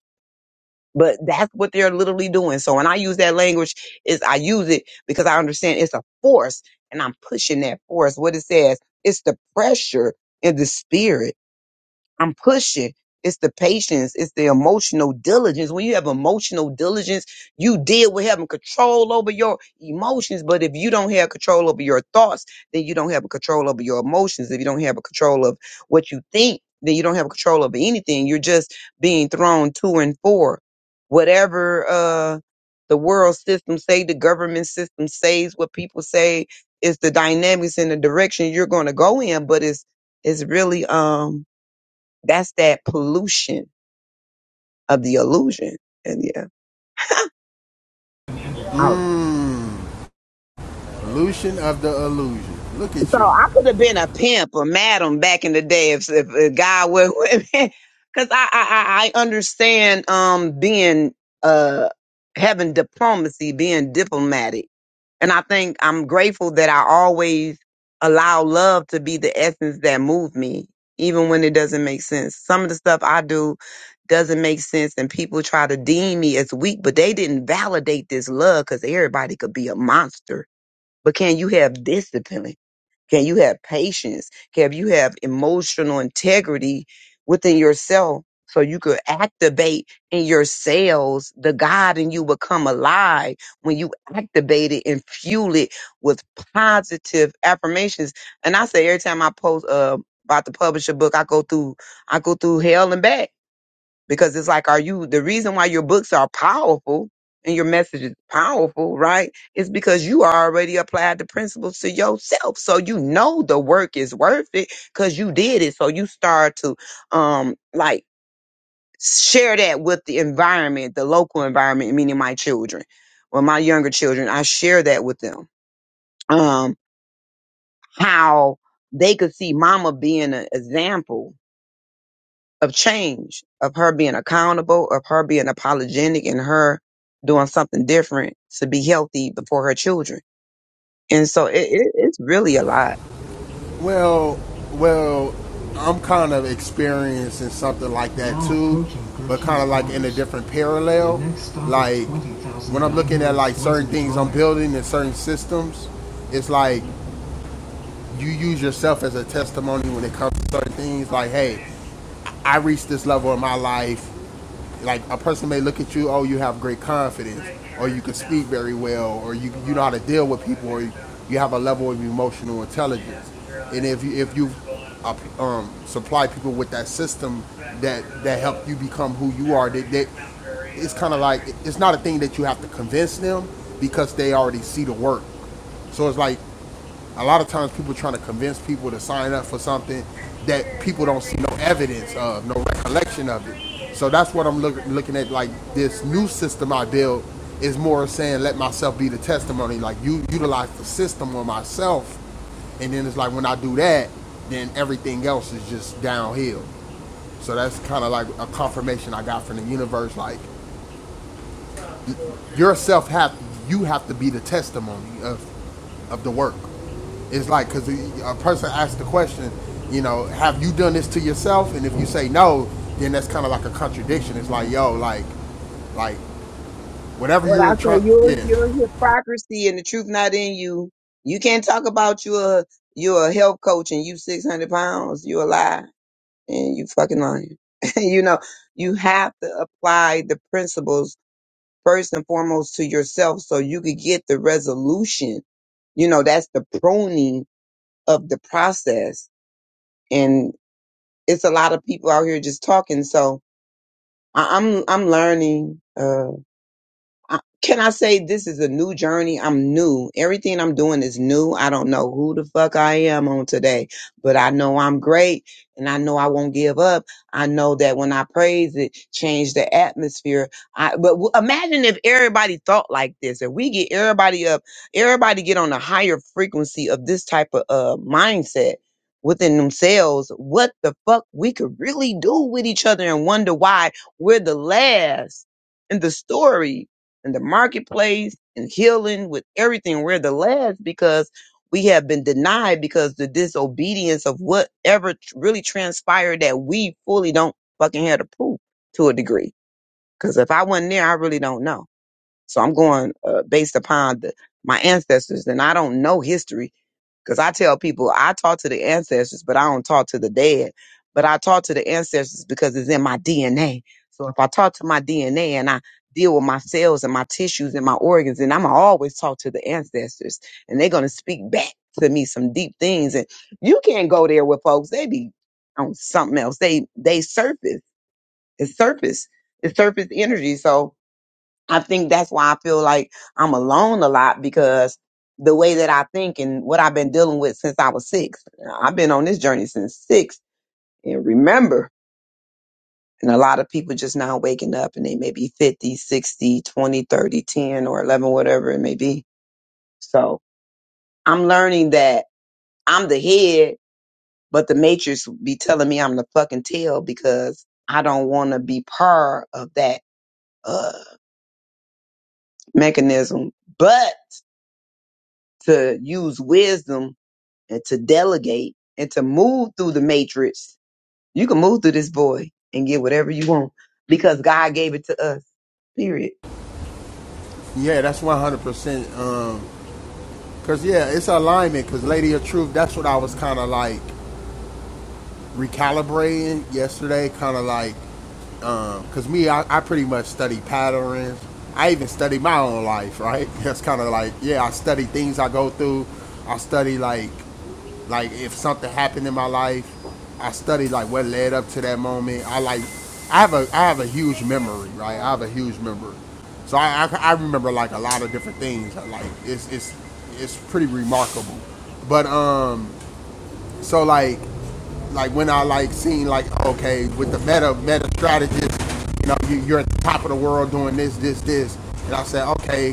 Speaker 5: but that's what they're literally doing. So when I use that language, is I use it because I understand it's a force and I'm pushing that force. What it says, it's the pressure in the spirit I'm pushing. It's the patience. It's the emotional diligence. When you have emotional diligence, you deal with having control over your emotions. But if you don't have control over your thoughts, then you don't have a control over your emotions. If you don't have a control of what you think, then you don't have control over anything. You're just being thrown to and for whatever uh, the world system say, the government system says, what people say is the dynamics and the direction you're going to go in. But it's it's really um that's that pollution of the illusion. And yeah. I-
Speaker 4: Mm, Illusion of the illusion. Look at
Speaker 5: so
Speaker 4: you.
Speaker 5: I could have been a pimp or madam back in the day if, if, if God would, <laughs> because I, I I I understand um being uh having diplomacy, being diplomatic And I think I'm grateful that I always allow love to be the essence that moved me, even when it doesn't make sense. Some of the stuff I do doesn't make sense, and people try to deem me as weak, but they didn't validate this love because everybody could be a monster. But can you have discipline? Can you have patience? Can you have emotional integrity within yourself so you could activate in your cells the God in you become alive when you activate it and fuel it with positive affirmations. And I say every time I post uh, about to publish a book, I go through I go through hell and back because it's like are you the reason why your books are powerful and your message is powerful right is because you already applied the principles to yourself so you know the work is worth it because you did it so you start to um like share that with the environment the local environment meaning my children or my younger children i share that with them um how they could see mama being an example of change, of her being accountable, of her being apologetic and her doing something different to be healthy before her children. And so it, it, it's really a lot.
Speaker 4: Well, well, I'm kind of experiencing something like that too, but kind of like in a different parallel. Like when I'm looking at like certain things I'm building and certain systems, it's like you use yourself as a testimony when it comes to certain things. Like, hey, I reached this level in my life. Like a person may look at you, oh, you have great confidence, or you can speak very well, or you you know how to deal with people, or you, you have a level of emotional intelligence. And if you if you uh, um, supply people with that system that that help you become who you are, that, that it's kind of like it's not a thing that you have to convince them because they already see the work. So it's like a lot of times people are trying to convince people to sign up for something that people don't see no evidence of, no recollection of it. So that's what I'm look, looking at. Like this new system I built is more saying let myself be the testimony. Like you utilize the system on myself, and then it's like when I do that, then everything else is just downhill. So that's kind of like a confirmation I got from the universe. Like yourself have you have to be the testimony of of the work. It's like because a person asks the question, you know, have you done this to yourself? And if you say no, then that's kind of like a contradiction. It's like yo, like, like whatever
Speaker 5: What I
Speaker 4: you're
Speaker 5: say,
Speaker 4: trying,
Speaker 5: your
Speaker 4: yeah,
Speaker 5: your hypocrisy and the truth not in you. You can't talk about you a you're a health coach and you six hundred pounds. You a lie and you fucking lying. <laughs> you know you have to apply the principles first and foremost to yourself so you could get the resolution you know that's the pruning of the process. And it's a lot of people out here just talking. So I, I'm I'm learning. Uh, I- can I say this is a new journey? I'm new. Everything I'm doing is new. I don't know who the fuck I am on today, but I know I'm great and I know I won't give up. I know that when I praise it, change the atmosphere. I but w- imagine if everybody thought like this if we get everybody up, everybody get on a higher frequency of this type of uh mindset within themselves, what the fuck we could really do with each other and wonder why we're the last in the story in the marketplace and healing with everything. We're the last because we have been denied because the disobedience of whatever tr- really transpired that we fully don't fucking have to prove to a degree. Because if I wasn't there, I really don't know. So I'm going uh, based upon the, my ancestors, and I don't know history because I tell people I talk to the ancestors, but I don't talk to the dead. But I talk to the ancestors because it's in my DNA. So if I talk to my DNA and I deal with my cells and my tissues and my organs, then I'm always talk to the ancestors and they're going to speak back to me some deep things. And you can't go there with folks. They be on something else. They, they surface. It's surface. It's surface energy. So, I think that's why I feel like I'm alone a lot because the way that I think and what I've been dealing with since I was six. I've been on this journey since six. And remember, and a lot of people just now waking up and they may be 50, 60, 20, 30, 10, or 11, whatever it may be. So I'm learning that I'm the head, but the matrix be telling me I'm the fucking tail because I don't want to be part of that uh, mechanism. But to use wisdom and to delegate and to move through the matrix. You can move through this boy and get whatever you want because God gave it to us. Period.
Speaker 4: yeah, that's one hundred percent. Um, cause yeah, it's alignment. Cause Lady of Truth, that's what I was kind of like. recalibrating yesterday, kind of like, um, cause me, I, I pretty much study patterns. I even study my own life, right? <laughs> That's kind of like, yeah, I study things I go through. I study like, like if something happened in my life, I study like what led up to that moment. I like, I have a, I have a huge memory, right? I have a huge memory, so I, I, I remember like a lot of different things. Like it's, it's, it's pretty remarkable. But um, so like like when I like seen like okay with the meta meta strategist, you know you, you're at the top of the world doing this this this, and I said okay,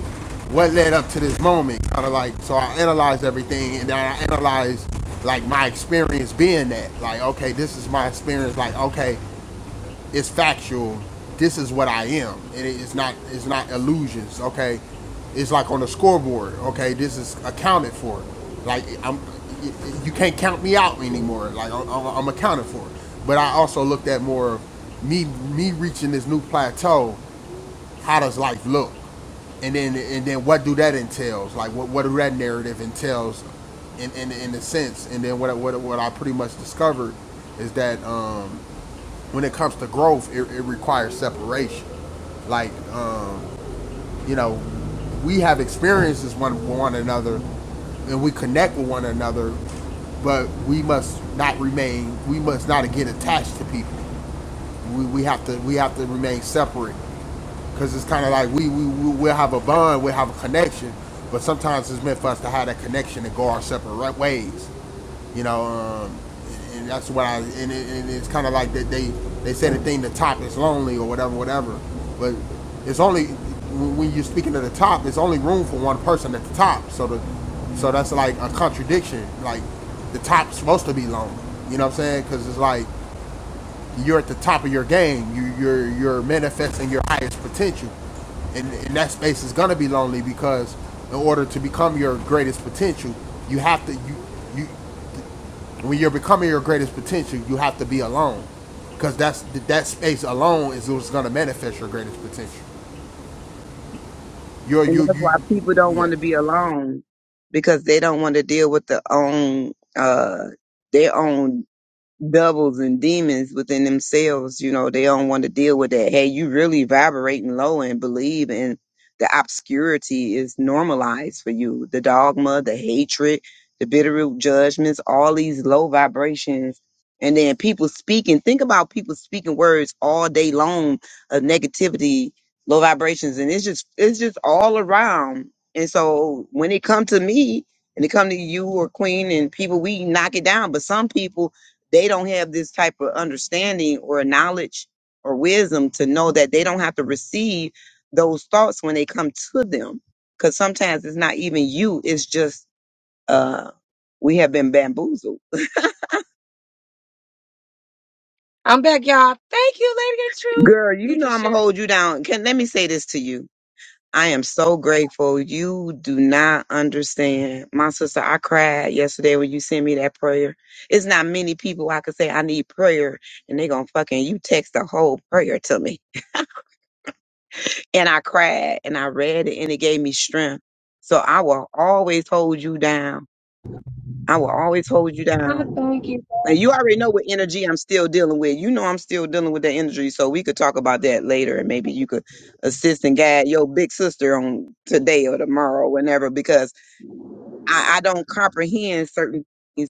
Speaker 4: what led up to this moment? Kind of like so I analyzed everything and then I analyzed like my experience being that like okay this is my experience like okay it's factual. This is what I am, and it's not it's not illusions. Okay, it's like on a scoreboard. Okay, this is accounted for. Like I'm, you can't count me out anymore. Like I'm, I'm accounted for. But I also looked at more of me me reaching this new plateau. How does life look? And then and then what do that entails? Like what what do that narrative entails? In, in, in a sense, and then what, what what I pretty much discovered is that um, when it comes to growth, it, it requires separation. Like, um, you know, we have experiences one with one another, and we connect with one another, but we must not remain. We must not get attached to people. We, we have to we have to remain separate because it's kind of like we we we- we'll have a bond, we'll have a connection, but sometimes it's meant for us to have that connection and go our separate ways. You know, um, and, that's what I and, it, and it's kind of like that they they say the thing the top is lonely or whatever, whatever. But it's only when when you're speaking to the top, it's only room for one person at the top. So the so that's like a contradiction. Like the top's supposed to be lonely. You know what I'm saying? Because it's like you're at the top of your game. You you're you're manifesting your highest potential and, and that space is gonna be lonely because in order to become your greatest potential, you have to you you when you're becoming your greatest potential, you have to be alone, because that's that space alone is what's going to manifest your greatest potential. You're
Speaker 5: And
Speaker 4: you
Speaker 5: that's
Speaker 4: you,
Speaker 5: why people don't
Speaker 4: yeah.
Speaker 5: want to be alone because they don't want to deal with their own uh their own devils and demons within themselves. You know, they don't want to deal with that. Hey, you really vibrating low and believe in the obscurity is normalized for you. The dogma, the hatred, the bitter root judgments, all these low vibrations. And then people speaking, think about people speaking words all day long of negativity, low vibrations, and it's just it's just all around. And so when it come to me and it come to you or Queen and people, we knock it down. But some people they don't have this type of understanding or knowledge or wisdom to know that they don't have to receive those thoughts when they come to them. Because sometimes it's not even you, it's just uh, we have been bamboozled.
Speaker 1: I'm back, y'all. Thank you, Lady of Truth.
Speaker 5: Girl, you
Speaker 1: You
Speaker 5: know
Speaker 1: just
Speaker 5: I'm gonna
Speaker 1: shared. To-
Speaker 5: hold you down. Can let me say this to you. I am so grateful. You do not understand. My sister, I cried yesterday when you sent me that prayer. It's not many people I could say I need prayer and they gonna fucking you text the whole prayer to me. and I cried and I read it and it gave me strength. So I will always hold you down. I will always hold you down. And you already know what energy I'm still dealing with. You know I'm still dealing with that energy. So we could talk about that later and maybe you could assist and guide your big sister on today or tomorrow, whenever, because I, I don't comprehend certain things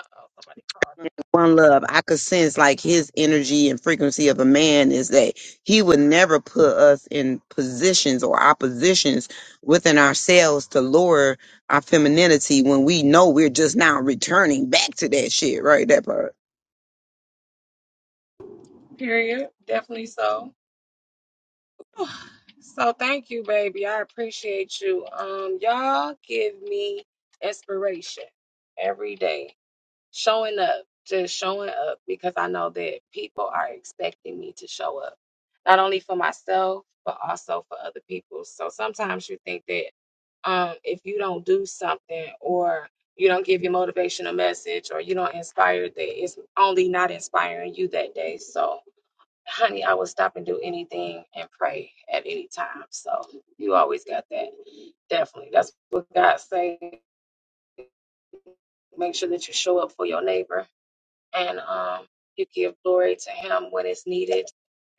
Speaker 1: oh, somebody called.
Speaker 5: One Love, I could sense like his energy and frequency of a man is that he would never put us in positions or oppositions within ourselves to lower our femininity when we know we're just now returning back to that shit, right? That part.
Speaker 1: Period. Definitely so. <sighs> So thank you, baby. I appreciate you. Um, y'all give me inspiration every day. Showing up, just showing up because I know that people are expecting me to show up. Not only for myself, but also for other people. So sometimes you think that um if you don't do something or you don't give your motivational message or you don't inspire that it's only not inspiring you that day. So honey, I would stop and do anything and pray at any time. So you always got that. Definitely. That's what God say. Make sure that you show up for your neighbor and um you give glory to him when it's needed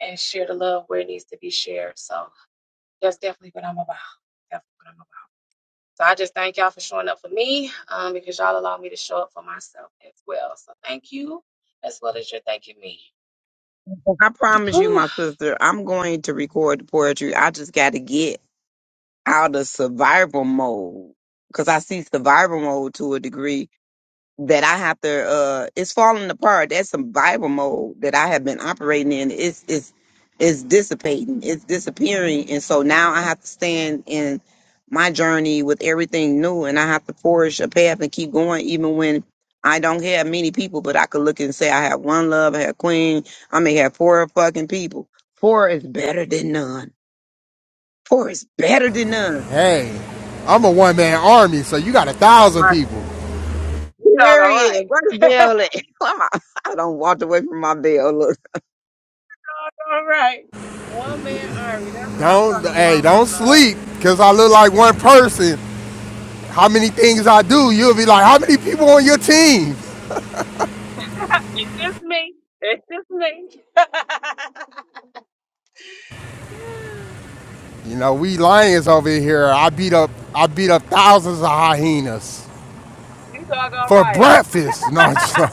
Speaker 1: and share the love where it needs to be shared. So that's definitely what I'm about. Definitely what I'm about. So I just thank y'all for showing up for me, um, because y'all allow me to show up for myself as well. So thank you as well as you're thanking me.
Speaker 5: I
Speaker 1: Whew.
Speaker 5: promise you,
Speaker 1: All
Speaker 5: my sister, I'm going to record the poetry. I just got to get out of survival mode because I see survival mode to a degree that I have to uh it's falling apart. That's some Bible mode that I have been operating in. It's it's it's dissipating, it's disappearing. And so now I have to stand in my journey with everything new and I have to forge a path and keep going even when I don't have many people, but I could look and say I have one love, I have queen, I may have four fucking people. Four is better than none. Four is better than none.
Speaker 4: Hey, I'm a one man army, so you got a thousand
Speaker 1: right,
Speaker 4: people.
Speaker 1: you dog, all
Speaker 5: Period.
Speaker 1: right.
Speaker 5: Where the bell at? <laughs> I don't walk away from my bell. Look.
Speaker 1: All right. One man army. That's what
Speaker 4: Don't hey, don't sleep, because I look like one person. How many things I do, you'll be like, how many people on your team?
Speaker 1: I'm talking about. Was uh, <laughs> it's just me. It's just me.
Speaker 4: You know, we lions over here. I beat up I beat up thousands of hyenas
Speaker 1: <laughs> you doggone
Speaker 4: for
Speaker 1: right.
Speaker 4: breakfast. No, I'm just <laughs> like,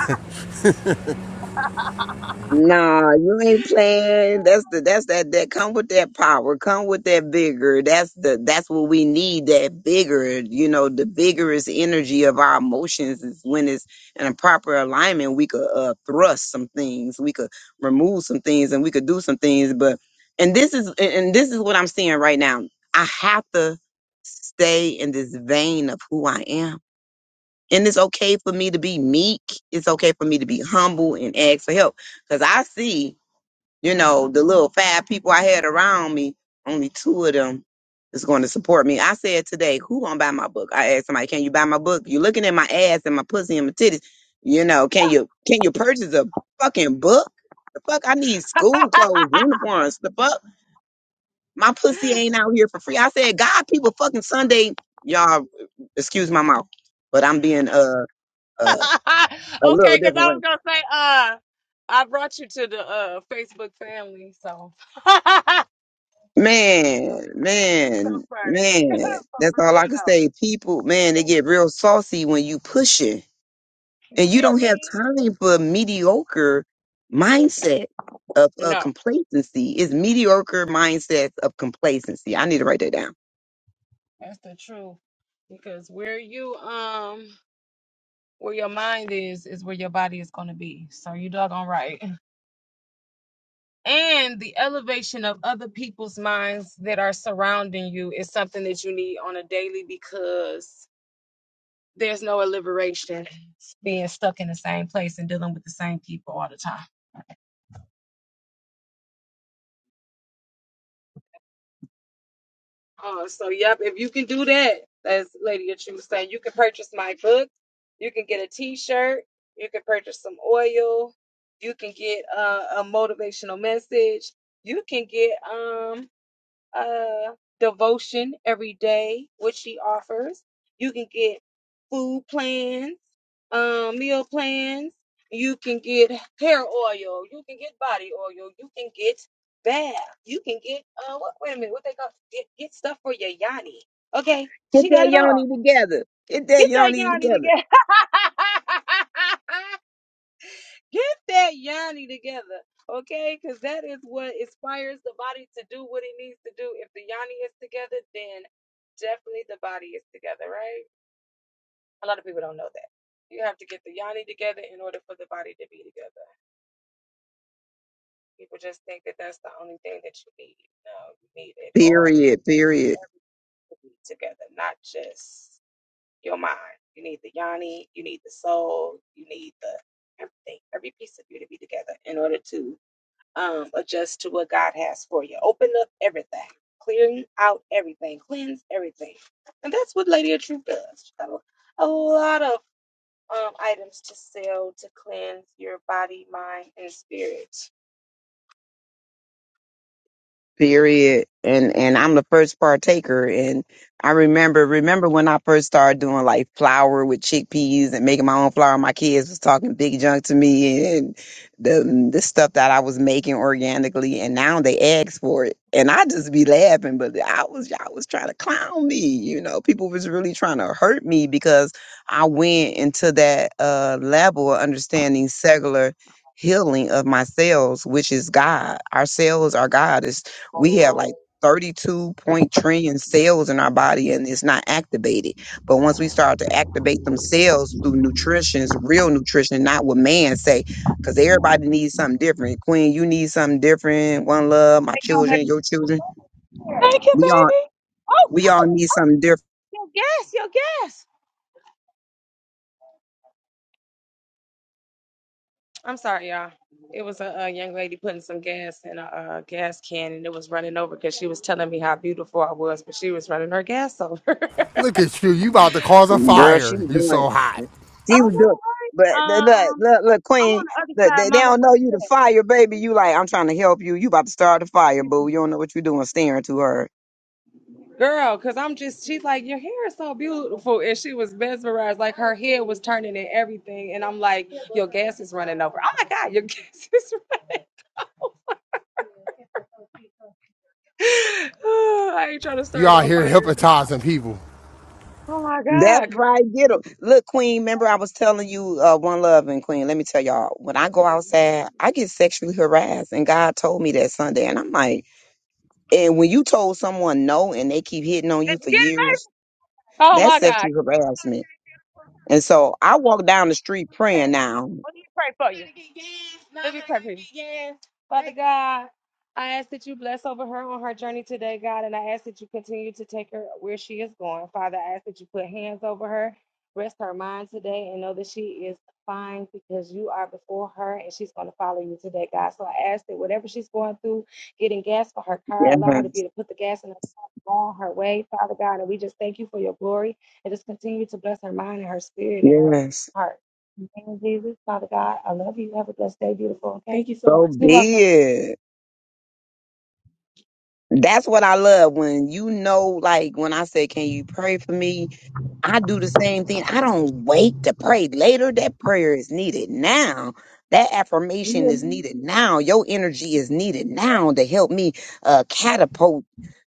Speaker 5: Nah, you ain't playing. That's the that's that that come with that power, come with that vigor. That's the that's what we need. That bigger, you know, the vigorous energy of our emotions is when it's in a proper alignment. We could uh, thrust some things, we could remove some things, and we could do some things. But and this is and and this is what I'm seeing right now. I have to stay in this vein of who I am and it's okay for me to be meek. It's okay for me to be humble and ask for help. Because I see, you know, the little five people I had around me, only two of them is going to support me. I said today, who gonna buy my book? I asked somebody, can you buy my book? You're looking at my ass and my pussy and my titties. You know, can you can you purchase a fucking book? The fuck I need school clothes, uniforms, the fuck. My pussy ain't out here for free. I said, God, people fucking Sunday, y'all excuse my mouth, but I'm being uh, uh a
Speaker 1: <laughs> okay,
Speaker 5: little
Speaker 1: because I
Speaker 5: different
Speaker 1: was
Speaker 5: way.
Speaker 1: gonna say, uh, I brought you to the uh Facebook family, so <laughs> you so
Speaker 5: Man,
Speaker 1: you so
Speaker 5: man,
Speaker 1: funny.
Speaker 5: man. That's
Speaker 1: For real
Speaker 5: all I can
Speaker 1: though,
Speaker 5: say. People, man, they get real saucy when you pushing, and
Speaker 1: you
Speaker 5: you
Speaker 1: hear
Speaker 5: don't have
Speaker 1: me?
Speaker 5: time for mediocre mindset of, of
Speaker 1: No,
Speaker 5: complacency. It's mediocre mindset of complacency. I need to write that down.
Speaker 1: that's the truth. Because where you um where your mind is is where your body is gonna be. So you doggone right. and the elevation of other people's minds that are surrounding you is something that you need on a daily because there's no liberation being stuck in the same place and dealing with the same people all the time. Oh, so yep, if you can do that, as Lady of Truth saying, you can purchase my book, you can get a t-shirt, you can purchase some oil, you can get uh, a motivational message, you can get um uh, devotion every day, which she offers. You can get food plans, um, meal plans. You can get hair oil. You can get body oil. You can get bath. You can get uh, what? Wait a minute, what they call get, get stuff for your yanni? Okay,
Speaker 5: Get
Speaker 1: she got
Speaker 5: that
Speaker 1: it all.
Speaker 5: yoni together. Get that
Speaker 1: Get that
Speaker 5: yoni
Speaker 1: yanni
Speaker 5: together.
Speaker 1: together. <laughs> Get that yoni together, okay? Because that is what inspires the body to do what it needs to do. If the yoni is together, then definitely the body is together, right? A lot of people don't know that. You have to get the yoni together in order for the body to be together. People just think that that's the only thing that you need. No, you need it all. You need
Speaker 5: Period. Period.
Speaker 1: everything to be together, not just your mind. You need the yoni, you need the soul, you need the everything, every piece of you to be together in order to um, adjust to what God has for you. Open up everything, clearing out everything, cleanse everything. And that's what Lady of Truth does. She's got a, a lot of um, items to sell to cleanse your body, mind, and spirit.
Speaker 5: period and and i'm the first partaker and i remember remember when i first started doing like flour with chickpeas and making my own flour my kids was talking big junk to me and the the stuff that i was making organically and now they ask for it and i just be laughing but i was y'all was trying to clown me you know people was really trying to hurt me because i went into that uh level of understanding cellular healing of my cells, which is God. Our cells are God we have like 32 point trillion cells in our body and it's not activated. But once we start to activate them cells through nutrition, it's real nutrition, not what man say, because everybody needs something different. Queen, you need something different. One love, my children, your children. We all we all need something different.
Speaker 1: That's your gas. I'm sorry, y'all. It was a, a young lady putting some gas in a, uh gas can and it was running over because she was telling me how beautiful I was, but she was running her gas over. <laughs>
Speaker 4: Look at you. You about to cause a
Speaker 5: Girl, she
Speaker 4: fire.
Speaker 5: was
Speaker 4: You
Speaker 5: doing
Speaker 4: so hot.
Speaker 5: it.
Speaker 1: Oh
Speaker 5: She was doing but
Speaker 1: no, right?
Speaker 5: th- look,
Speaker 1: Um,
Speaker 5: look, look,
Speaker 1: I'm on
Speaker 5: Queen,
Speaker 1: the other
Speaker 5: look,
Speaker 1: side,
Speaker 5: they, they
Speaker 1: Mama.
Speaker 5: don't
Speaker 1: What
Speaker 5: know
Speaker 1: is
Speaker 5: you the fire, baby.
Speaker 1: that?
Speaker 5: You like, I'm trying to help you. You about to start a fire, boo. You don't know what you're doing, staring to her.
Speaker 1: Girl, cause I'm just she's like, Your hair is so beautiful. And she was mesmerized, like her head was turning and everything. And I'm like, Your gas is running over. Oh my god, your <laughs> gas is running. <sighs> I ain't trying to
Speaker 4: You
Speaker 1: start
Speaker 4: out
Speaker 1: no
Speaker 4: here
Speaker 1: fires.
Speaker 4: hypnotizing people.
Speaker 1: Oh my
Speaker 5: That's
Speaker 1: god. 'Cause-
Speaker 5: right. Get 'em. Look, Queen, remember I was telling you uh, one love and Queen, let me tell y'all, when I go outside, I get sexually harassed. And God told me that Sunday. And I'm like, and when you told someone no and they keep hitting on you
Speaker 1: <laughs> Did you
Speaker 5: for
Speaker 1: get it,
Speaker 5: years,
Speaker 1: baby? Oh
Speaker 5: that's
Speaker 1: my god.
Speaker 5: sexual harassment. And so I walk down the street praying
Speaker 1: Okay.
Speaker 5: now.
Speaker 1: Let me pray for you. Let me pray for you. Father God, I ask that you bless over her on her journey today, God, and I ask that you continue to take her where she is going. Father, I ask that you put hands over her, rest her mind today, and know that she is fine because you are before her and she's going to follow you today, God. So I ask that whatever she's going through, getting gas for her car,
Speaker 5: Yes.
Speaker 1: allow her to be able to put the gas in her car. On her way, Father God, and we just thank you for your glory and just continue to bless her mind and her spirit and her
Speaker 5: Yes.
Speaker 1: heart. In the name of Jesus, Father God, I love you. Have a blessed day, beautiful. Okay. Thank you so
Speaker 5: So
Speaker 1: much. You're welcome.
Speaker 5: be it. That's what I love when you know, like when I say, Can you pray for me? I do the same thing. I don't wait to pray later. That prayer is needed now. That affirmation is needed now. Your energy is needed now to help me uh, catapult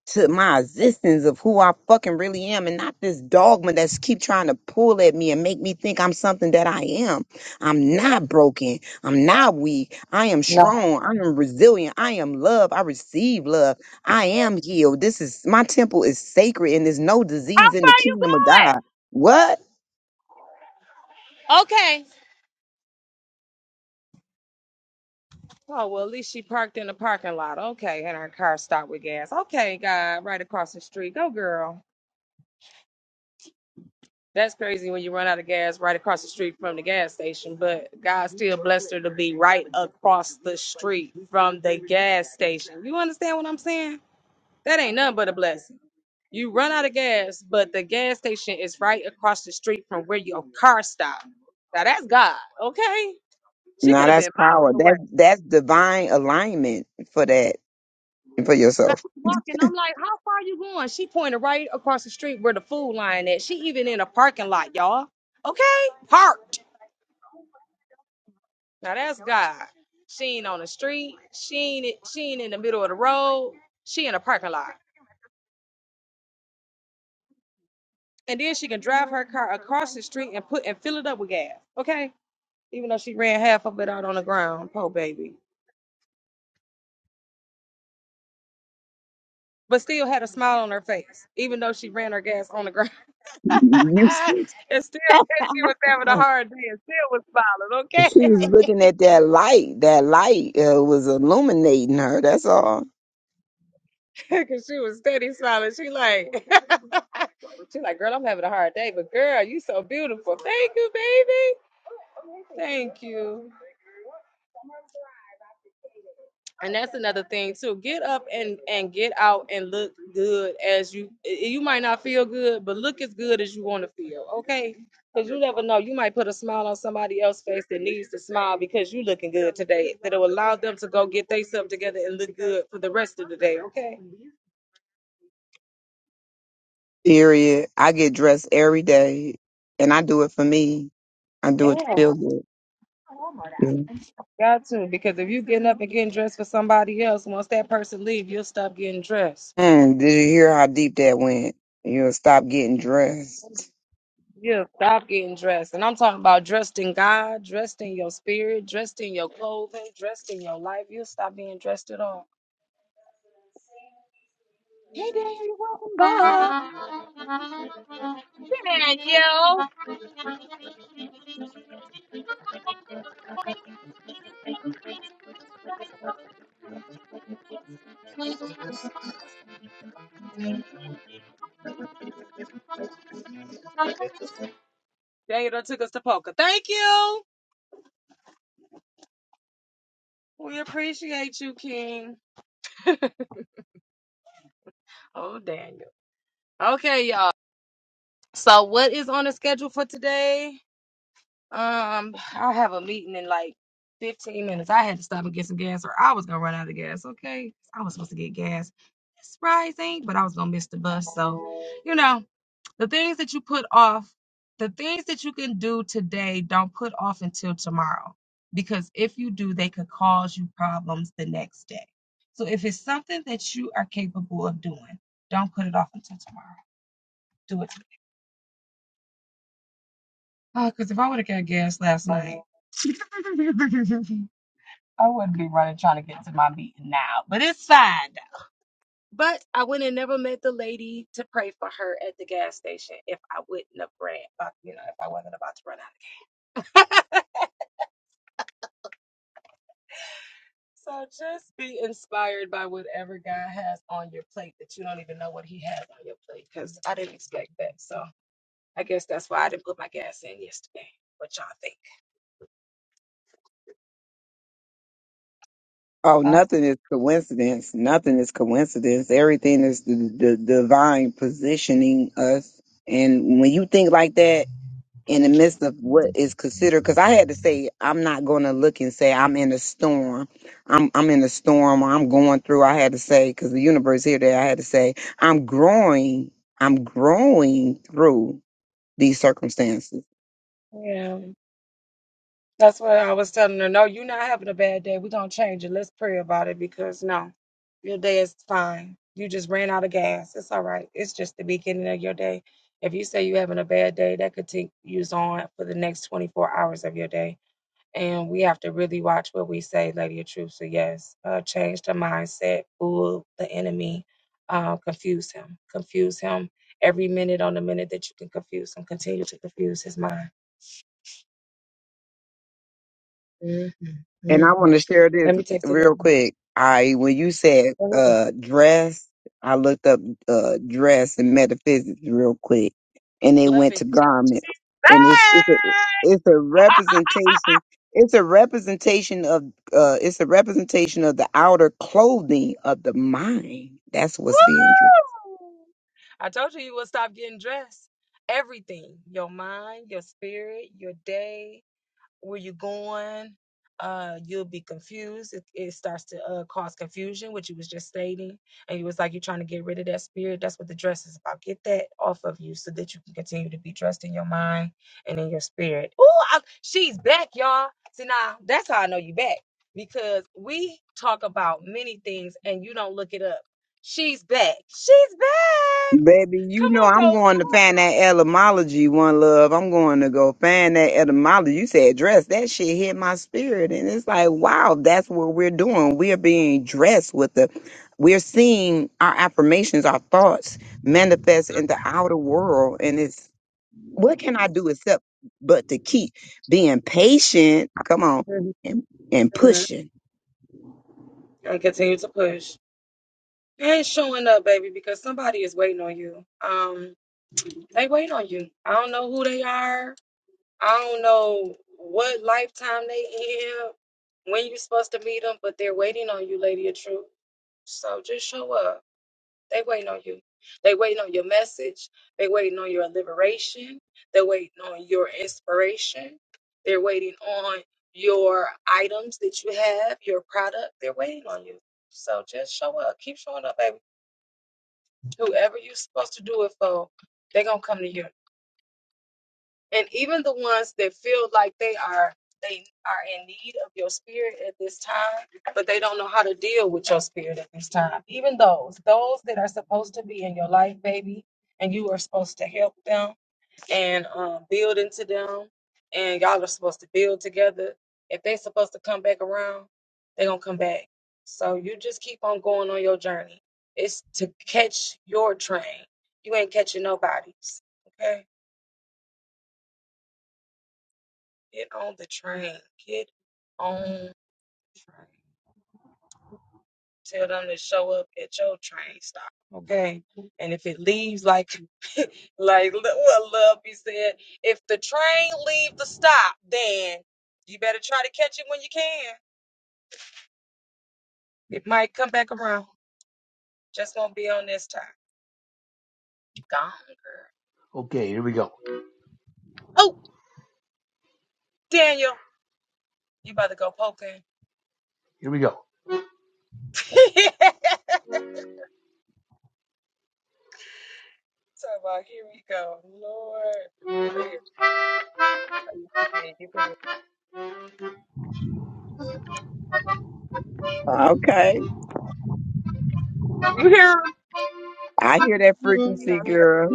Speaker 5: to my existence of who I fucking really am and not this dogma that's keep trying to pull at me and make me think I'm something that I am. I'm not broken. I'm not weak. I am strong. I am resilient. I am love. I receive love. I am healed. This is my temple is sacred and there's no
Speaker 1: How
Speaker 5: disease in
Speaker 1: far
Speaker 5: the
Speaker 1: you
Speaker 5: kingdom of God.
Speaker 1: going?
Speaker 5: What?
Speaker 1: Oh, well, at least she parked in the parking lot. Okay. And her car stopped with gas. Okay, God, right across the street. Go, girl. That's crazy when you run out of gas right across the street from the gas station, but God still blessed her to be right across the street from the gas station. You understand what I'm saying? That ain't nothing but a blessing. You run out of gas, but the gas station is right across the street from where your car stopped. Now that's God, okay? She
Speaker 5: Now
Speaker 1: could have
Speaker 5: that's
Speaker 1: been miles
Speaker 5: power.
Speaker 1: away.
Speaker 5: That's that's divine alignment for that and for
Speaker 1: Cause
Speaker 5: yourself.
Speaker 1: I'm walking, I'm like, how far you going? She pointed right across the street where the food line at. She even in a parking lot, y'all. Okay, parked. Now that's God. She ain't on the street. She ain't she ain't in the middle of the road. She in a parking lot. And then she can drive her car across the street and put and fill it up with gas. Okay, even though she ran half of it out on the ground, poor baby. But still had a smile on her face, even though she ran her gas on the ground. <laughs>
Speaker 5: You,
Speaker 1: and still said she was having a hard day and still was smiling. Okay.
Speaker 5: she was looking at that light. That light uh, was illuminating her. That's all.
Speaker 1: <laughs> Cause she was steady smiling. She like, <laughs> she like, girl, I'm having a hard day, but girl, you so beautiful. Thank you, baby. Thank you. And that's another thing too. Get up and and get out and look good as you. i- You might not feel good, but look as good as you want to feel. Okay. Cause you never know. You might put a smile on somebody else's face that needs to smile because you looking good today. That'll allow them to go get themselves together and look good for the rest of the day. Okay.
Speaker 5: Period. I get dressed every day, and I do it for me. I do it to feel good. Yeah.
Speaker 1: Got to, because if you getting up and getting dressed for somebody else, once that person leave, you'll stop getting dressed.
Speaker 5: Mm, did you hear how deep that went? You'll stop getting dressed.
Speaker 1: You'll stop getting dressed. And I'm talking about dressed in God, dressed in your spirit, dressed in your clothing, dressed in your life. You'll stop being dressed at all. Daniel done took us to poker. Thank you. We appreciate you, King. Oh, Daniel. Okay, y'all. So what is on the schedule for today? Um, I have a meeting in like 15 minutes. I had to stop and get some gas or I was gonna run out of gas. Okay. I was supposed to get gas it's rising, but I was gonna miss the bus. So, you know, the things that you put off, the things that you can do today, don't put off until tomorrow. Because if you do, they could cause you problems the next day. So if it's something that you are capable of doing, don't put it off until tomorrow. Do it today. Uh, because if I would have got gas last night, <laughs> I wouldn't be running trying to get to my meeting now. But it's fine. But I would have never met the lady to pray for her at the gas station if I wouldn't have ran, uh, you know, if I wasn't about to run out. of gas. So just be inspired by whatever God has on your plate that you don't even know what He has on your plate because I didn't expect that. So I guess that's why I didn't put my gas in yesterday. What y'all
Speaker 5: Oh, nothing is coincidence. Nothing is coincidence. Everything is the, the divine positioning us. And when you think like that in the midst of what is considered, because I had to say, I'm not going to look and say I'm in a storm. I'm I'm in a storm. Or I'm going through. I had to say because the universe here there. I had to say I'm growing. I'm growing through these circumstances
Speaker 1: think? That's what I was telling her. No, you're not having a bad day. We're gonna change it. Let's pray about it because no, your day is fine. You just ran out of gas. It's all right. It's just the beginning of your day. If you say you're having a bad day, that could take you on for the next 24 hours of your day. And we have to really watch what we say, Lady of Truth. So yes, uh, change the mindset, fool the enemy, uh, confuse him, confuse him every minute on the minute that you can confuse him. Continue to confuse his mind.
Speaker 5: And I
Speaker 1: Mhm.
Speaker 5: want to share this
Speaker 1: Let me text
Speaker 5: real
Speaker 1: it.
Speaker 5: quick. I when you said uh dress, I looked up uh dress and metaphysics real quick, and they
Speaker 1: Love
Speaker 5: went
Speaker 1: it.
Speaker 5: to garments, and it's
Speaker 1: Bye.
Speaker 5: it's a it's a representation. It's a representation of uh it's a representation of the outer clothing of the mind. That's what's being dressed.
Speaker 1: I told you you will stop getting dressed. Everything, your mind, your spirit, your day, where you're going. Uh, you'll be confused. It, it starts to uh, cause confusion, which you was just stating. And it was like, you're trying to get rid of that spirit. That's what the dress is about. Get that off of you so that you can continue to be dressed in your mind and in your spirit. Oh, she's back, y'all. See, now that's how I know you back because we talk about many things and you don't look it up. She's back. She's back.
Speaker 5: Baby, you
Speaker 1: Come
Speaker 5: know
Speaker 1: on,
Speaker 5: I'm
Speaker 1: though.
Speaker 5: going to
Speaker 1: Come
Speaker 5: find that etymology, one love. I'm going to go find that etymology. You said dress. That shit hit my spirit. And it's like, wow, that's what we're doing. We are being dressed with the we're seeing our affirmations, our thoughts manifest in the outer world. And it's what can I do except but to keep being patient? Come on,
Speaker 1: on.
Speaker 5: and and
Speaker 1: Mhm.
Speaker 5: pushing.
Speaker 1: And continue to push. ain't showing up, baby, because somebody is waiting on you. Um, they wait on you. I don't know who they are. I don't know what lifetime they in, when you're supposed to meet them, but they're waiting on you, lady of truth. So just show up. They waiting on you. They waiting on your message. They waiting on your liberation. They're waiting on your inspiration. They're waiting on your items that you have, your product. They're waiting on you. Whoever you're supposed to do it for, they're gonna come to you. and even the ones that feel like they are they are in need of your spirit at this time but they don't know how to deal with your spirit at this time even those those that are supposed to be in your life baby and you are supposed to help them and um, build into them and y'all are supposed to build together if they're supposed to come back around they're gonna come back so you just keep on going on your journey it's to catch your train you ain't catching nobody's okay get on the train Get On train. Tell them to show up at your trains, okay? And if like <laughs> like lo- what Love he said, if the train leave the stop, then you better try to catch it when you can. It might come back around. Just won't be on this time. Gone, girl.
Speaker 2: Okay, here we go.
Speaker 1: Oh, Daniel, you about to go poking?
Speaker 2: Here we go.
Speaker 1: <laughs> So about here we go, Lord. Look at you, man. You could be-
Speaker 5: Okay.
Speaker 1: you hear? him?
Speaker 5: I hear that
Speaker 1: He
Speaker 5: frequency,
Speaker 1: gonna say,
Speaker 5: girl.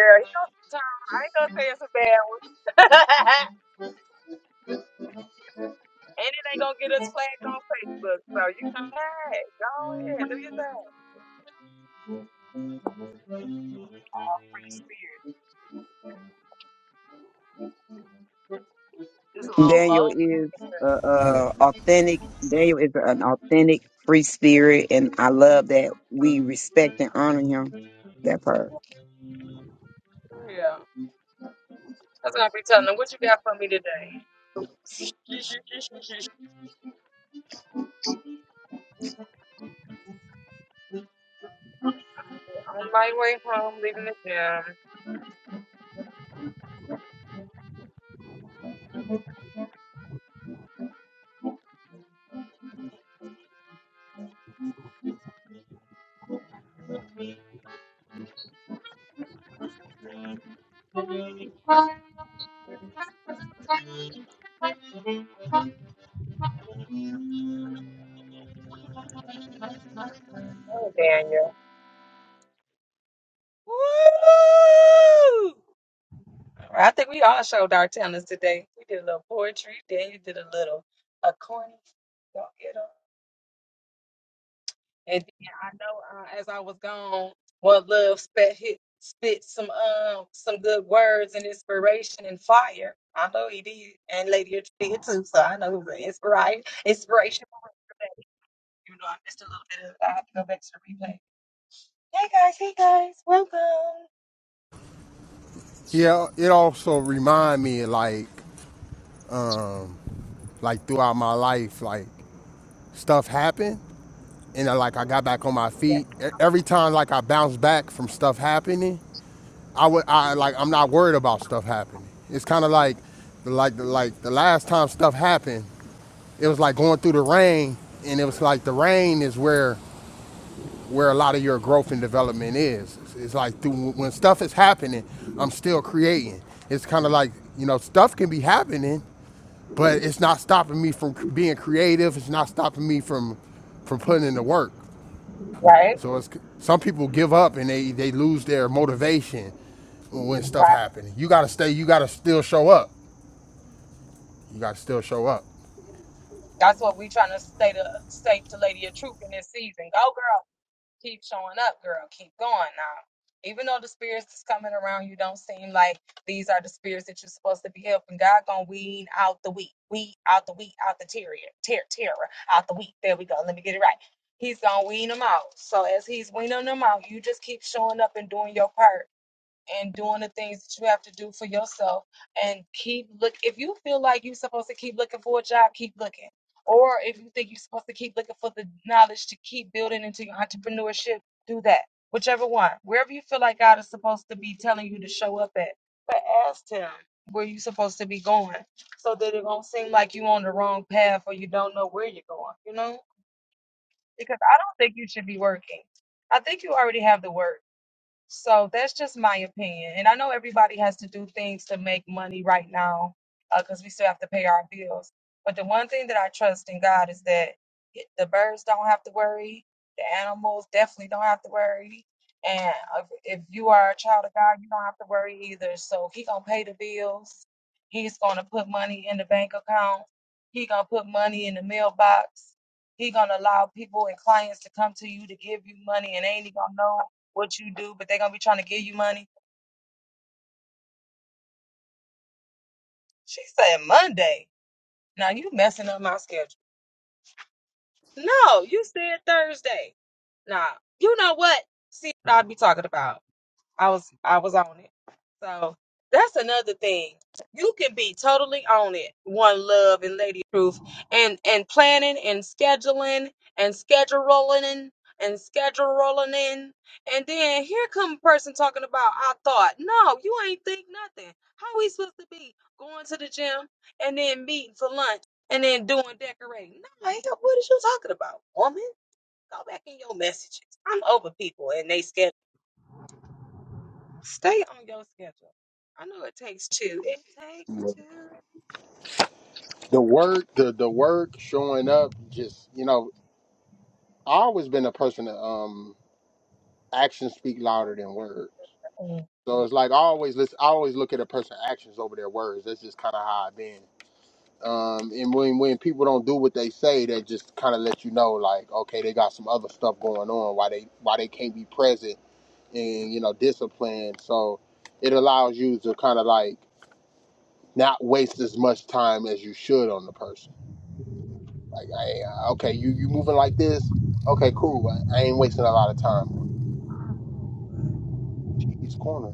Speaker 1: yeah, he gonna, I ain't gonna say it's a bad one. <laughs> And it ain't gonna get us flagged on Facebook. So you can hey, go ahead, do your thing. Free spirit. Just a little
Speaker 5: Daniel
Speaker 1: low.
Speaker 5: is uh, uh, authentic. Daniel is an authentic free spirit, and I love that we respect and honor him. That part.
Speaker 1: but Yeah. That's what I be telling them. What you got for me today? Yes, yes, yes, yes, yes. I'm on my way home, leaving the gym. Oh, Daniel. I think we all showed our talents today. We did a little poetry. Daniel did a little a corny. Don't get 'em. And then I know uh, as I was gone, well, love spit hit, spit some um some good words and inspiration and fire. I know he did, and Lady H did too. So I know it was an inspiration, inspiration. for us today. You know, I missed a little bit of. it. I have to go back to the replay. Hey guys, hey guys, welcome.
Speaker 4: Yeah, it also remind me like like throughout my life, like stuff happened and I, like I got back on my
Speaker 1: Yeah,
Speaker 4: feet. E- Every time like I bounce back from stuff happening, I would I like I'm not worried about stuff happening. It's kind of like like like the last time stuff happened, it was like going through the rain and it was like the rain is where where a lot of your growth and development is. It's, it's like through, when stuff is happening, I'm still creating. It's kind of like you know stuff can be happening, but it's not stopping me from being creative. It's not stopping me from from putting in the work. So it's some people give up and they they lose their motivation when stuff
Speaker 1: right.
Speaker 4: happens. You gotta stay. You gotta still show up. You gotta still show up
Speaker 1: That's what we trying to stay to stay to Lady of Truth in this season. Go girl. Keep showing up, girl. Keep going now. Even though the spirits that's coming around you don't seem like these are the spirits that you're supposed to be helping, God gonna weed out the wheat, weed out the wheat, out the terrier, ter- terror, out the wheat. There we go. Let me get it right. He's gonna weed them out. and doing the things that you have to do for yourself and keep look if you feel like you're supposed to keep looking for a job keep looking or if you think you're supposed to keep looking for the knowledge to keep building into your entrepreneurship do that whichever one wherever you feel like god is supposed to be telling you to show up at but ask him where you're supposed to be going so that it won't seem like you're on the wrong path or you don't know where you're going you know because i don't think you should be working i think you already have the work so that's just my opinion. And I know everybody has to do things to make money right now because we still have to pay our bills. But the one thing that I trust in God is that it- the birds don't have to worry, the animals definitely don't have to worry. And if if you are a child of God, you don't have to worry either. So He gonna pay the bills. He's gonna put money in the bank account. He gonna put money in the mailbox. He gonna allow people and clients to come to you to give you money, and ain't he gonna know? what you do, but they gonna be trying to give you money. She said Monday. Now you messing up my schedule. No, you said Thursday. Nah, you know what I'd be talking about. I was I was on it. So that's another thing. You can be totally on it, one love and lady truth, and and planning and scheduling and scheduling and and scheduling in, and then here come a person talking about I thought. No, you ain't think nothing. How we supposed to be going to the gym and then meeting for lunch and then doing decorating? No, hell, what is you talking about, woman? Go back in your messages. I'm over people and they scheduling. Stay on your schedule. I know it takes two. It takes two.
Speaker 4: the work the the work showing up just you know i always been a person that um actions speak louder than words. So it's like I always listen, I always look at a person's actions over their words. That's just kind of how I've been. Um, and when when people don't do what they say, that just kind of let you know, like, okay, they got some other stuff going on. Why they why they can't be present and you know disciplined. So it allows you to kind of like not waste as much time as you should on the person. Like, hey, uh, okay, you you moving like this? Okay, cool. I, I ain't wasting a lot of time on. Jeez, corner.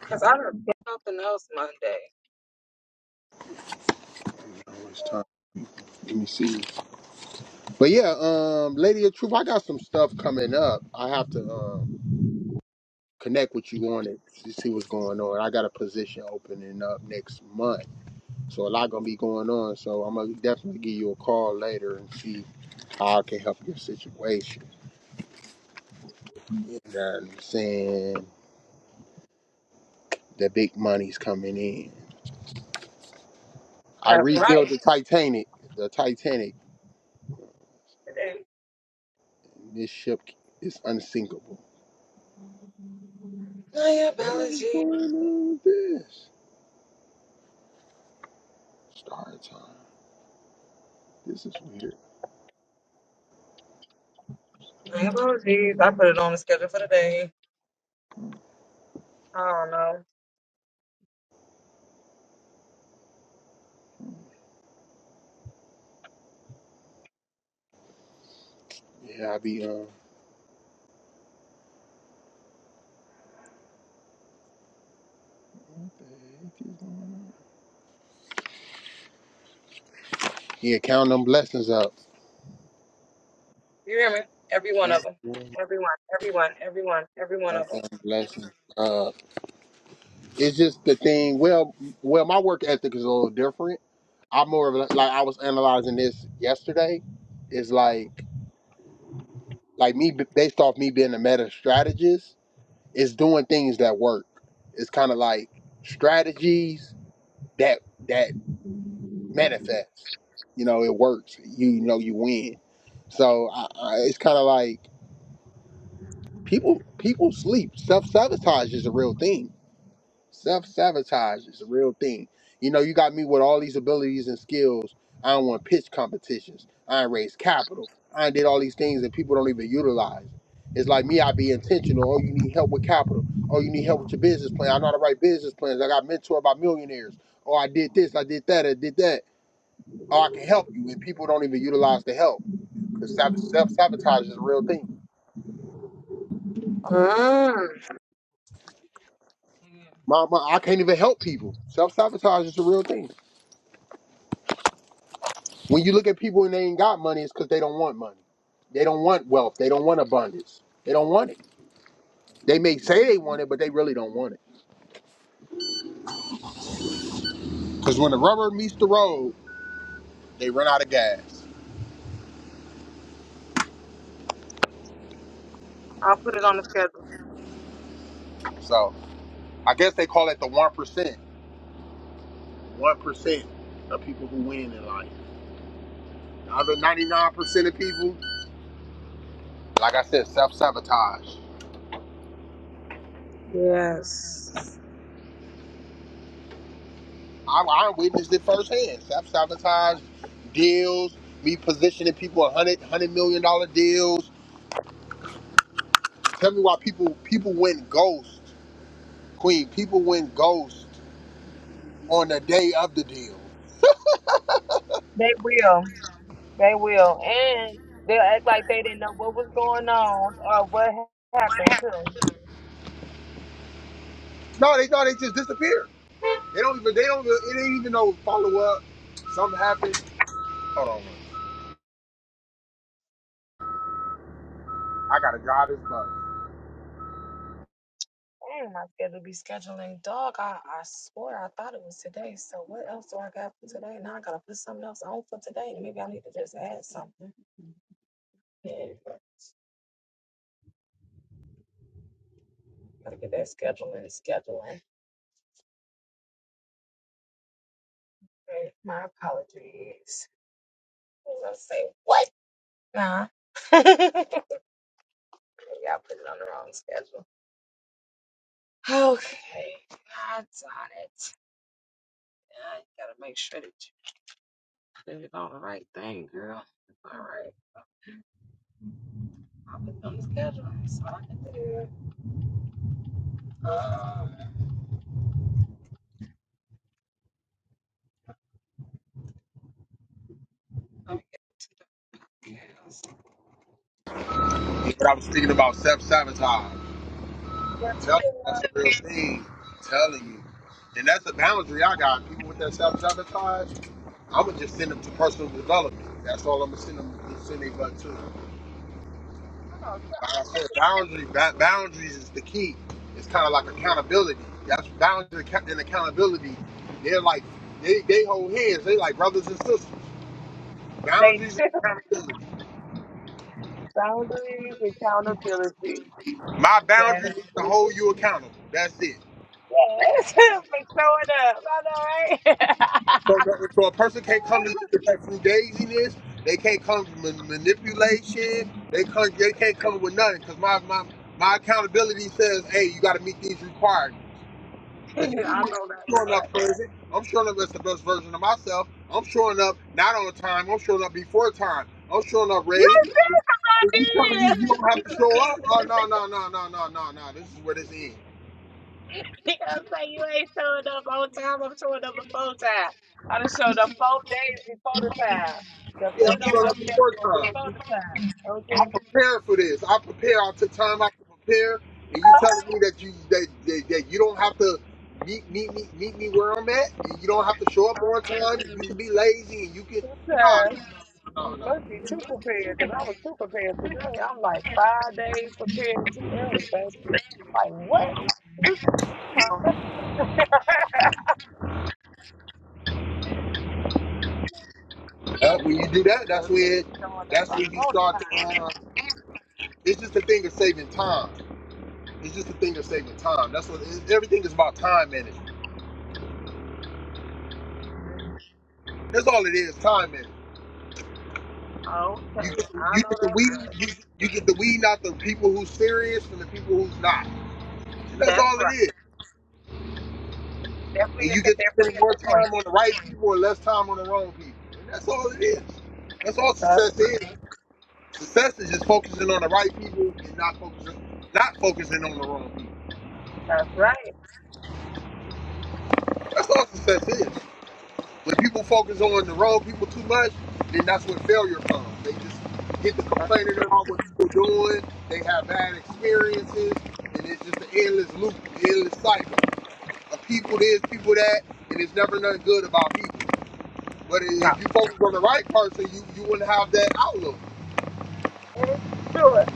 Speaker 1: Because I don't something else Monday.
Speaker 4: How much time? Let me see. But yeah, um, Lady of Truth, I got some stuff coming up. I have to um, connect with you on it to see what's going on. I got a position opening up next month, so a lot gonna be going on. So I'm gonna definitely give you a call later and see how I can help your situation. You know what I'm saying? The big money's coming in. I
Speaker 1: That's right.
Speaker 4: rebuilt the Titanic. The Titanic.
Speaker 1: Today.
Speaker 4: This ship is unsinkable.
Speaker 1: Oh, yeah,
Speaker 4: What is
Speaker 1: biology.
Speaker 4: going on with this? Star time. This is weird. Yeah, I be uh. What the heck is going on? Yeah, count them blessings up.
Speaker 1: You hear me? Every one of
Speaker 4: Count
Speaker 1: them. Everyone, everyone, everyone, every one of them.
Speaker 4: them blessings up. It's just the thing. Well, well, my work ethic is a little different. I'm more of a, like I was analyzing this yesterday. Is like like me b- based off me being a meta strategist. It's doing things that work. It's kind of like strategies that that manifest. You know, it works. You know, you win. So I, I, it's kind of like. people people sleep. Self sabotage is a real thing. Self sabotage is a real thing. You know, you got me with all these abilities and skills. I don't want pitch competitions. I ain't raised capital. I ain't did all these things that people don't even utilize. It's like me, I be intentional. Oh, you need help with capital. Oh, you need help with your business plan. I know how to write business plans. I got mentored by millionaires. Oh, I did this, I did that, I did that. Oh, I can help you. And people don't even utilize the help. Because self sabotage is a real thing.
Speaker 1: Mm.
Speaker 4: My, my, I can't even help people. Self sabotage is a real thing. When you look at people and they ain't got money, it's because they don't want money. They don't want wealth. They don't want abundance. They don't want it. They may say they want it, but they really don't want it. Because when the rubber meets the road, they run out of gas.
Speaker 1: I'll put it on the schedule.
Speaker 4: So I guess they call it the one percent. One percent of people who win in life. The other ninety nine percent of people, like I said, self sabotage.
Speaker 1: Yes.
Speaker 4: I, I witnessed it firsthand. Self sabotage deals, me positioning people a hundred hundred million dollar deals. Tell me why people people went ghost, Queen. People went ghost on the day of the deal.
Speaker 1: They will.
Speaker 4: No, they thought they just disappeared. They don't even they don't even- it ain't even no follow up. Something happened. Hold on, man. I gotta drive this bus.
Speaker 1: Dang, my schedule be scheduling. Dog, I, I swear I thought it was today. So what else do I got for today? Now I gotta put something else on for today. Maybe I need to just add something. Yeah, gotta get that scheduling, scheduling. Okay, My apologies. I was gonna say what? Nah. <laughs> Y'all put it on the wrong schedule. Okay, God darn it. I gotta make sure that you put it on the right thing, girl. All right, I'll put it on the schedule. I'm sorry.
Speaker 4: But I was thinking about self sabotage. Tell you that's a real thing. telling you, and that's a boundary I got. People with that self sabotage. I'm gonna just send them to personal development. That's all I'm gonna send them send they butt to. Like I said, boundary ba- boundaries is the key. It's kind of like accountability. That's boundary and accountability. They're like they they hold hands. They like brothers and sisters.
Speaker 1: They just
Speaker 4: Boundaries and accountability.
Speaker 1: boundaries, accountability.
Speaker 4: My
Speaker 1: Yes,
Speaker 4: boundaries is to hold you accountable. That's it.
Speaker 1: yes. <laughs> for showing up. I know, right? <laughs>
Speaker 4: So, no- so a person can't come to you with that frugaisiness. They can't come with ma- manipulation. They can't They can't come with nothing because my my my accountability says, hey, you got to meet these requirements.
Speaker 1: I
Speaker 4: Cause guess what?
Speaker 1: know
Speaker 4: I'm
Speaker 1: that's
Speaker 4: showing
Speaker 1: right.
Speaker 4: up crazy. I'm showing up as the best version of myself. I'm showing up not on time. I'm showing up before time. I'm showing up
Speaker 1: You
Speaker 4: ready. If you
Speaker 1: did.
Speaker 4: telling
Speaker 1: <laughs>
Speaker 4: me you you don't have to show up, oh no, no, no, no, no, no, no. This is where this ends.
Speaker 1: <laughs> I am like, you ain't showing up on time. I'm showing up before time. I done showed up four days before the time. They
Speaker 4: Yeah,
Speaker 1: put it
Speaker 4: I'm
Speaker 1: on
Speaker 4: showing
Speaker 1: my
Speaker 4: up before
Speaker 1: schedule
Speaker 4: time.
Speaker 1: before the time. Okay,
Speaker 4: I prepare for this. I prepare. I took time out to prepare. And you telling me that you that, that, that you don't have to meet meet me meet me where I'm at. You don't have to show up
Speaker 1: I
Speaker 4: on
Speaker 1: said
Speaker 4: time.
Speaker 1: you,
Speaker 4: You can be lazy and you can
Speaker 1: two
Speaker 4: no no
Speaker 1: times.
Speaker 4: no no
Speaker 1: You
Speaker 4: no.
Speaker 1: must be too prepared because I was too prepared today. I'm like five days prepared too early, baby. I'm like, what? What's wrong? <laughs>
Speaker 4: Uh, when you do that, that's
Speaker 1: Gonna
Speaker 4: when
Speaker 1: showing
Speaker 4: that's
Speaker 1: up
Speaker 4: when you
Speaker 1: all the
Speaker 4: start to.
Speaker 1: time.
Speaker 4: Uh, it's just a thing of saving time. It's just a thing of saving time. That's what it- everything is about. Time management.
Speaker 1: Mhm.
Speaker 4: That's all it is. Time management. You
Speaker 1: Okay,
Speaker 4: get the,
Speaker 1: I
Speaker 4: you
Speaker 1: know
Speaker 4: get the
Speaker 1: that's
Speaker 4: weed.
Speaker 1: right.
Speaker 4: You, you get the weed out the people who's serious from the people who's not. that's
Speaker 1: That's
Speaker 4: all it
Speaker 1: right.
Speaker 4: is.
Speaker 1: Definitely
Speaker 4: And you
Speaker 1: is a
Speaker 4: get to
Speaker 1: difference
Speaker 4: spend
Speaker 1: in
Speaker 4: more
Speaker 1: between.
Speaker 4: time on the right people and less time on the wrong people. that's all it is. That's all success is. Success is just focusing on the right people and not focusing not focusing on the wrong people.
Speaker 1: That's right.
Speaker 4: That's all success is. When people focus on the wrong people too much, then that's when failure comes. They just get to
Speaker 1: That's
Speaker 4: complaining
Speaker 1: true.
Speaker 4: about what people doing. They have bad experiences, and it's just an endless loop, endless cycle of people this, people that, and it's never nothing good about people. But
Speaker 1: No.
Speaker 4: if you focus on the right person, you you wouldn't have that outlook.
Speaker 1: It's true. And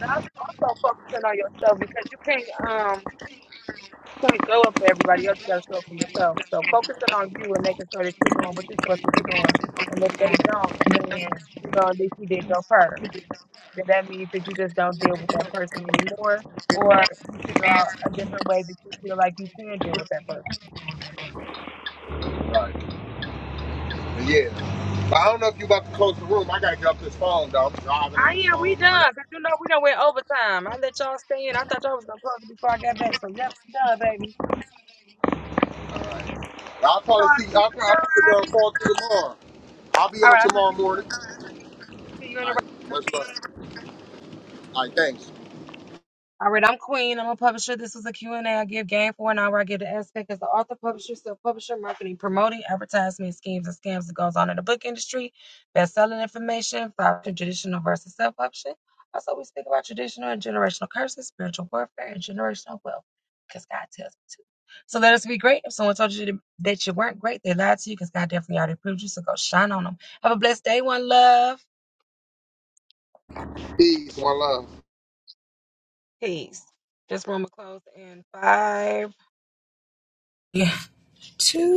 Speaker 1: That's also focusing on yourself because you can't um you can't show up for everybody else. You gotta show up for yourself. So focusing on you and making sure that you're doing what you're supposed to be doing. And if they don't, then you know at least you did your part. Then that means that you just don't deal with that person anymore, or you figure out a different way that you feel like you can deal with that person.
Speaker 4: Right. But yeah. But I don't know if you about to close the room. I gotta get off this phone, dog. I'm driving on
Speaker 1: Ah,
Speaker 4: this
Speaker 1: yeah,
Speaker 4: phone.
Speaker 1: we
Speaker 4: I got,
Speaker 1: done. Cause you know we done went overtime. I let y'all stay in. I thought y'all was gonna close it before I got back. So yes, we done, baby.
Speaker 4: all right. I'll
Speaker 1: So
Speaker 4: probably
Speaker 1: I
Speaker 4: see. I'll,
Speaker 1: think
Speaker 4: I'll
Speaker 1: so.
Speaker 4: probably gonna call through tomorrow. I'll be
Speaker 1: All
Speaker 4: on
Speaker 1: right, I'll talk
Speaker 4: tomorrow
Speaker 1: you
Speaker 4: morning.
Speaker 1: See you in the
Speaker 4: All right, much love. All right, thanks.
Speaker 1: All right, I'm Queen. I'm a publisher. This was a Q&A. I give game for an hour. I give the aspect as the author, publisher, self-publisher, marketing, promoting, advertisement, schemes, and scams that goes on in the book industry, best-selling information, factor, traditional versus self-publishing. Also, we speak about traditional and generational curses, spiritual warfare, and generational wealth, because God tells me to. So let us be great. If someone told you to- that you weren't great, they lied to you because God definitely already proved you. So go shine on them. Have a blessed day, one love.
Speaker 4: Peace, one love.
Speaker 1: Peace. This room will close in five, Yeah, two.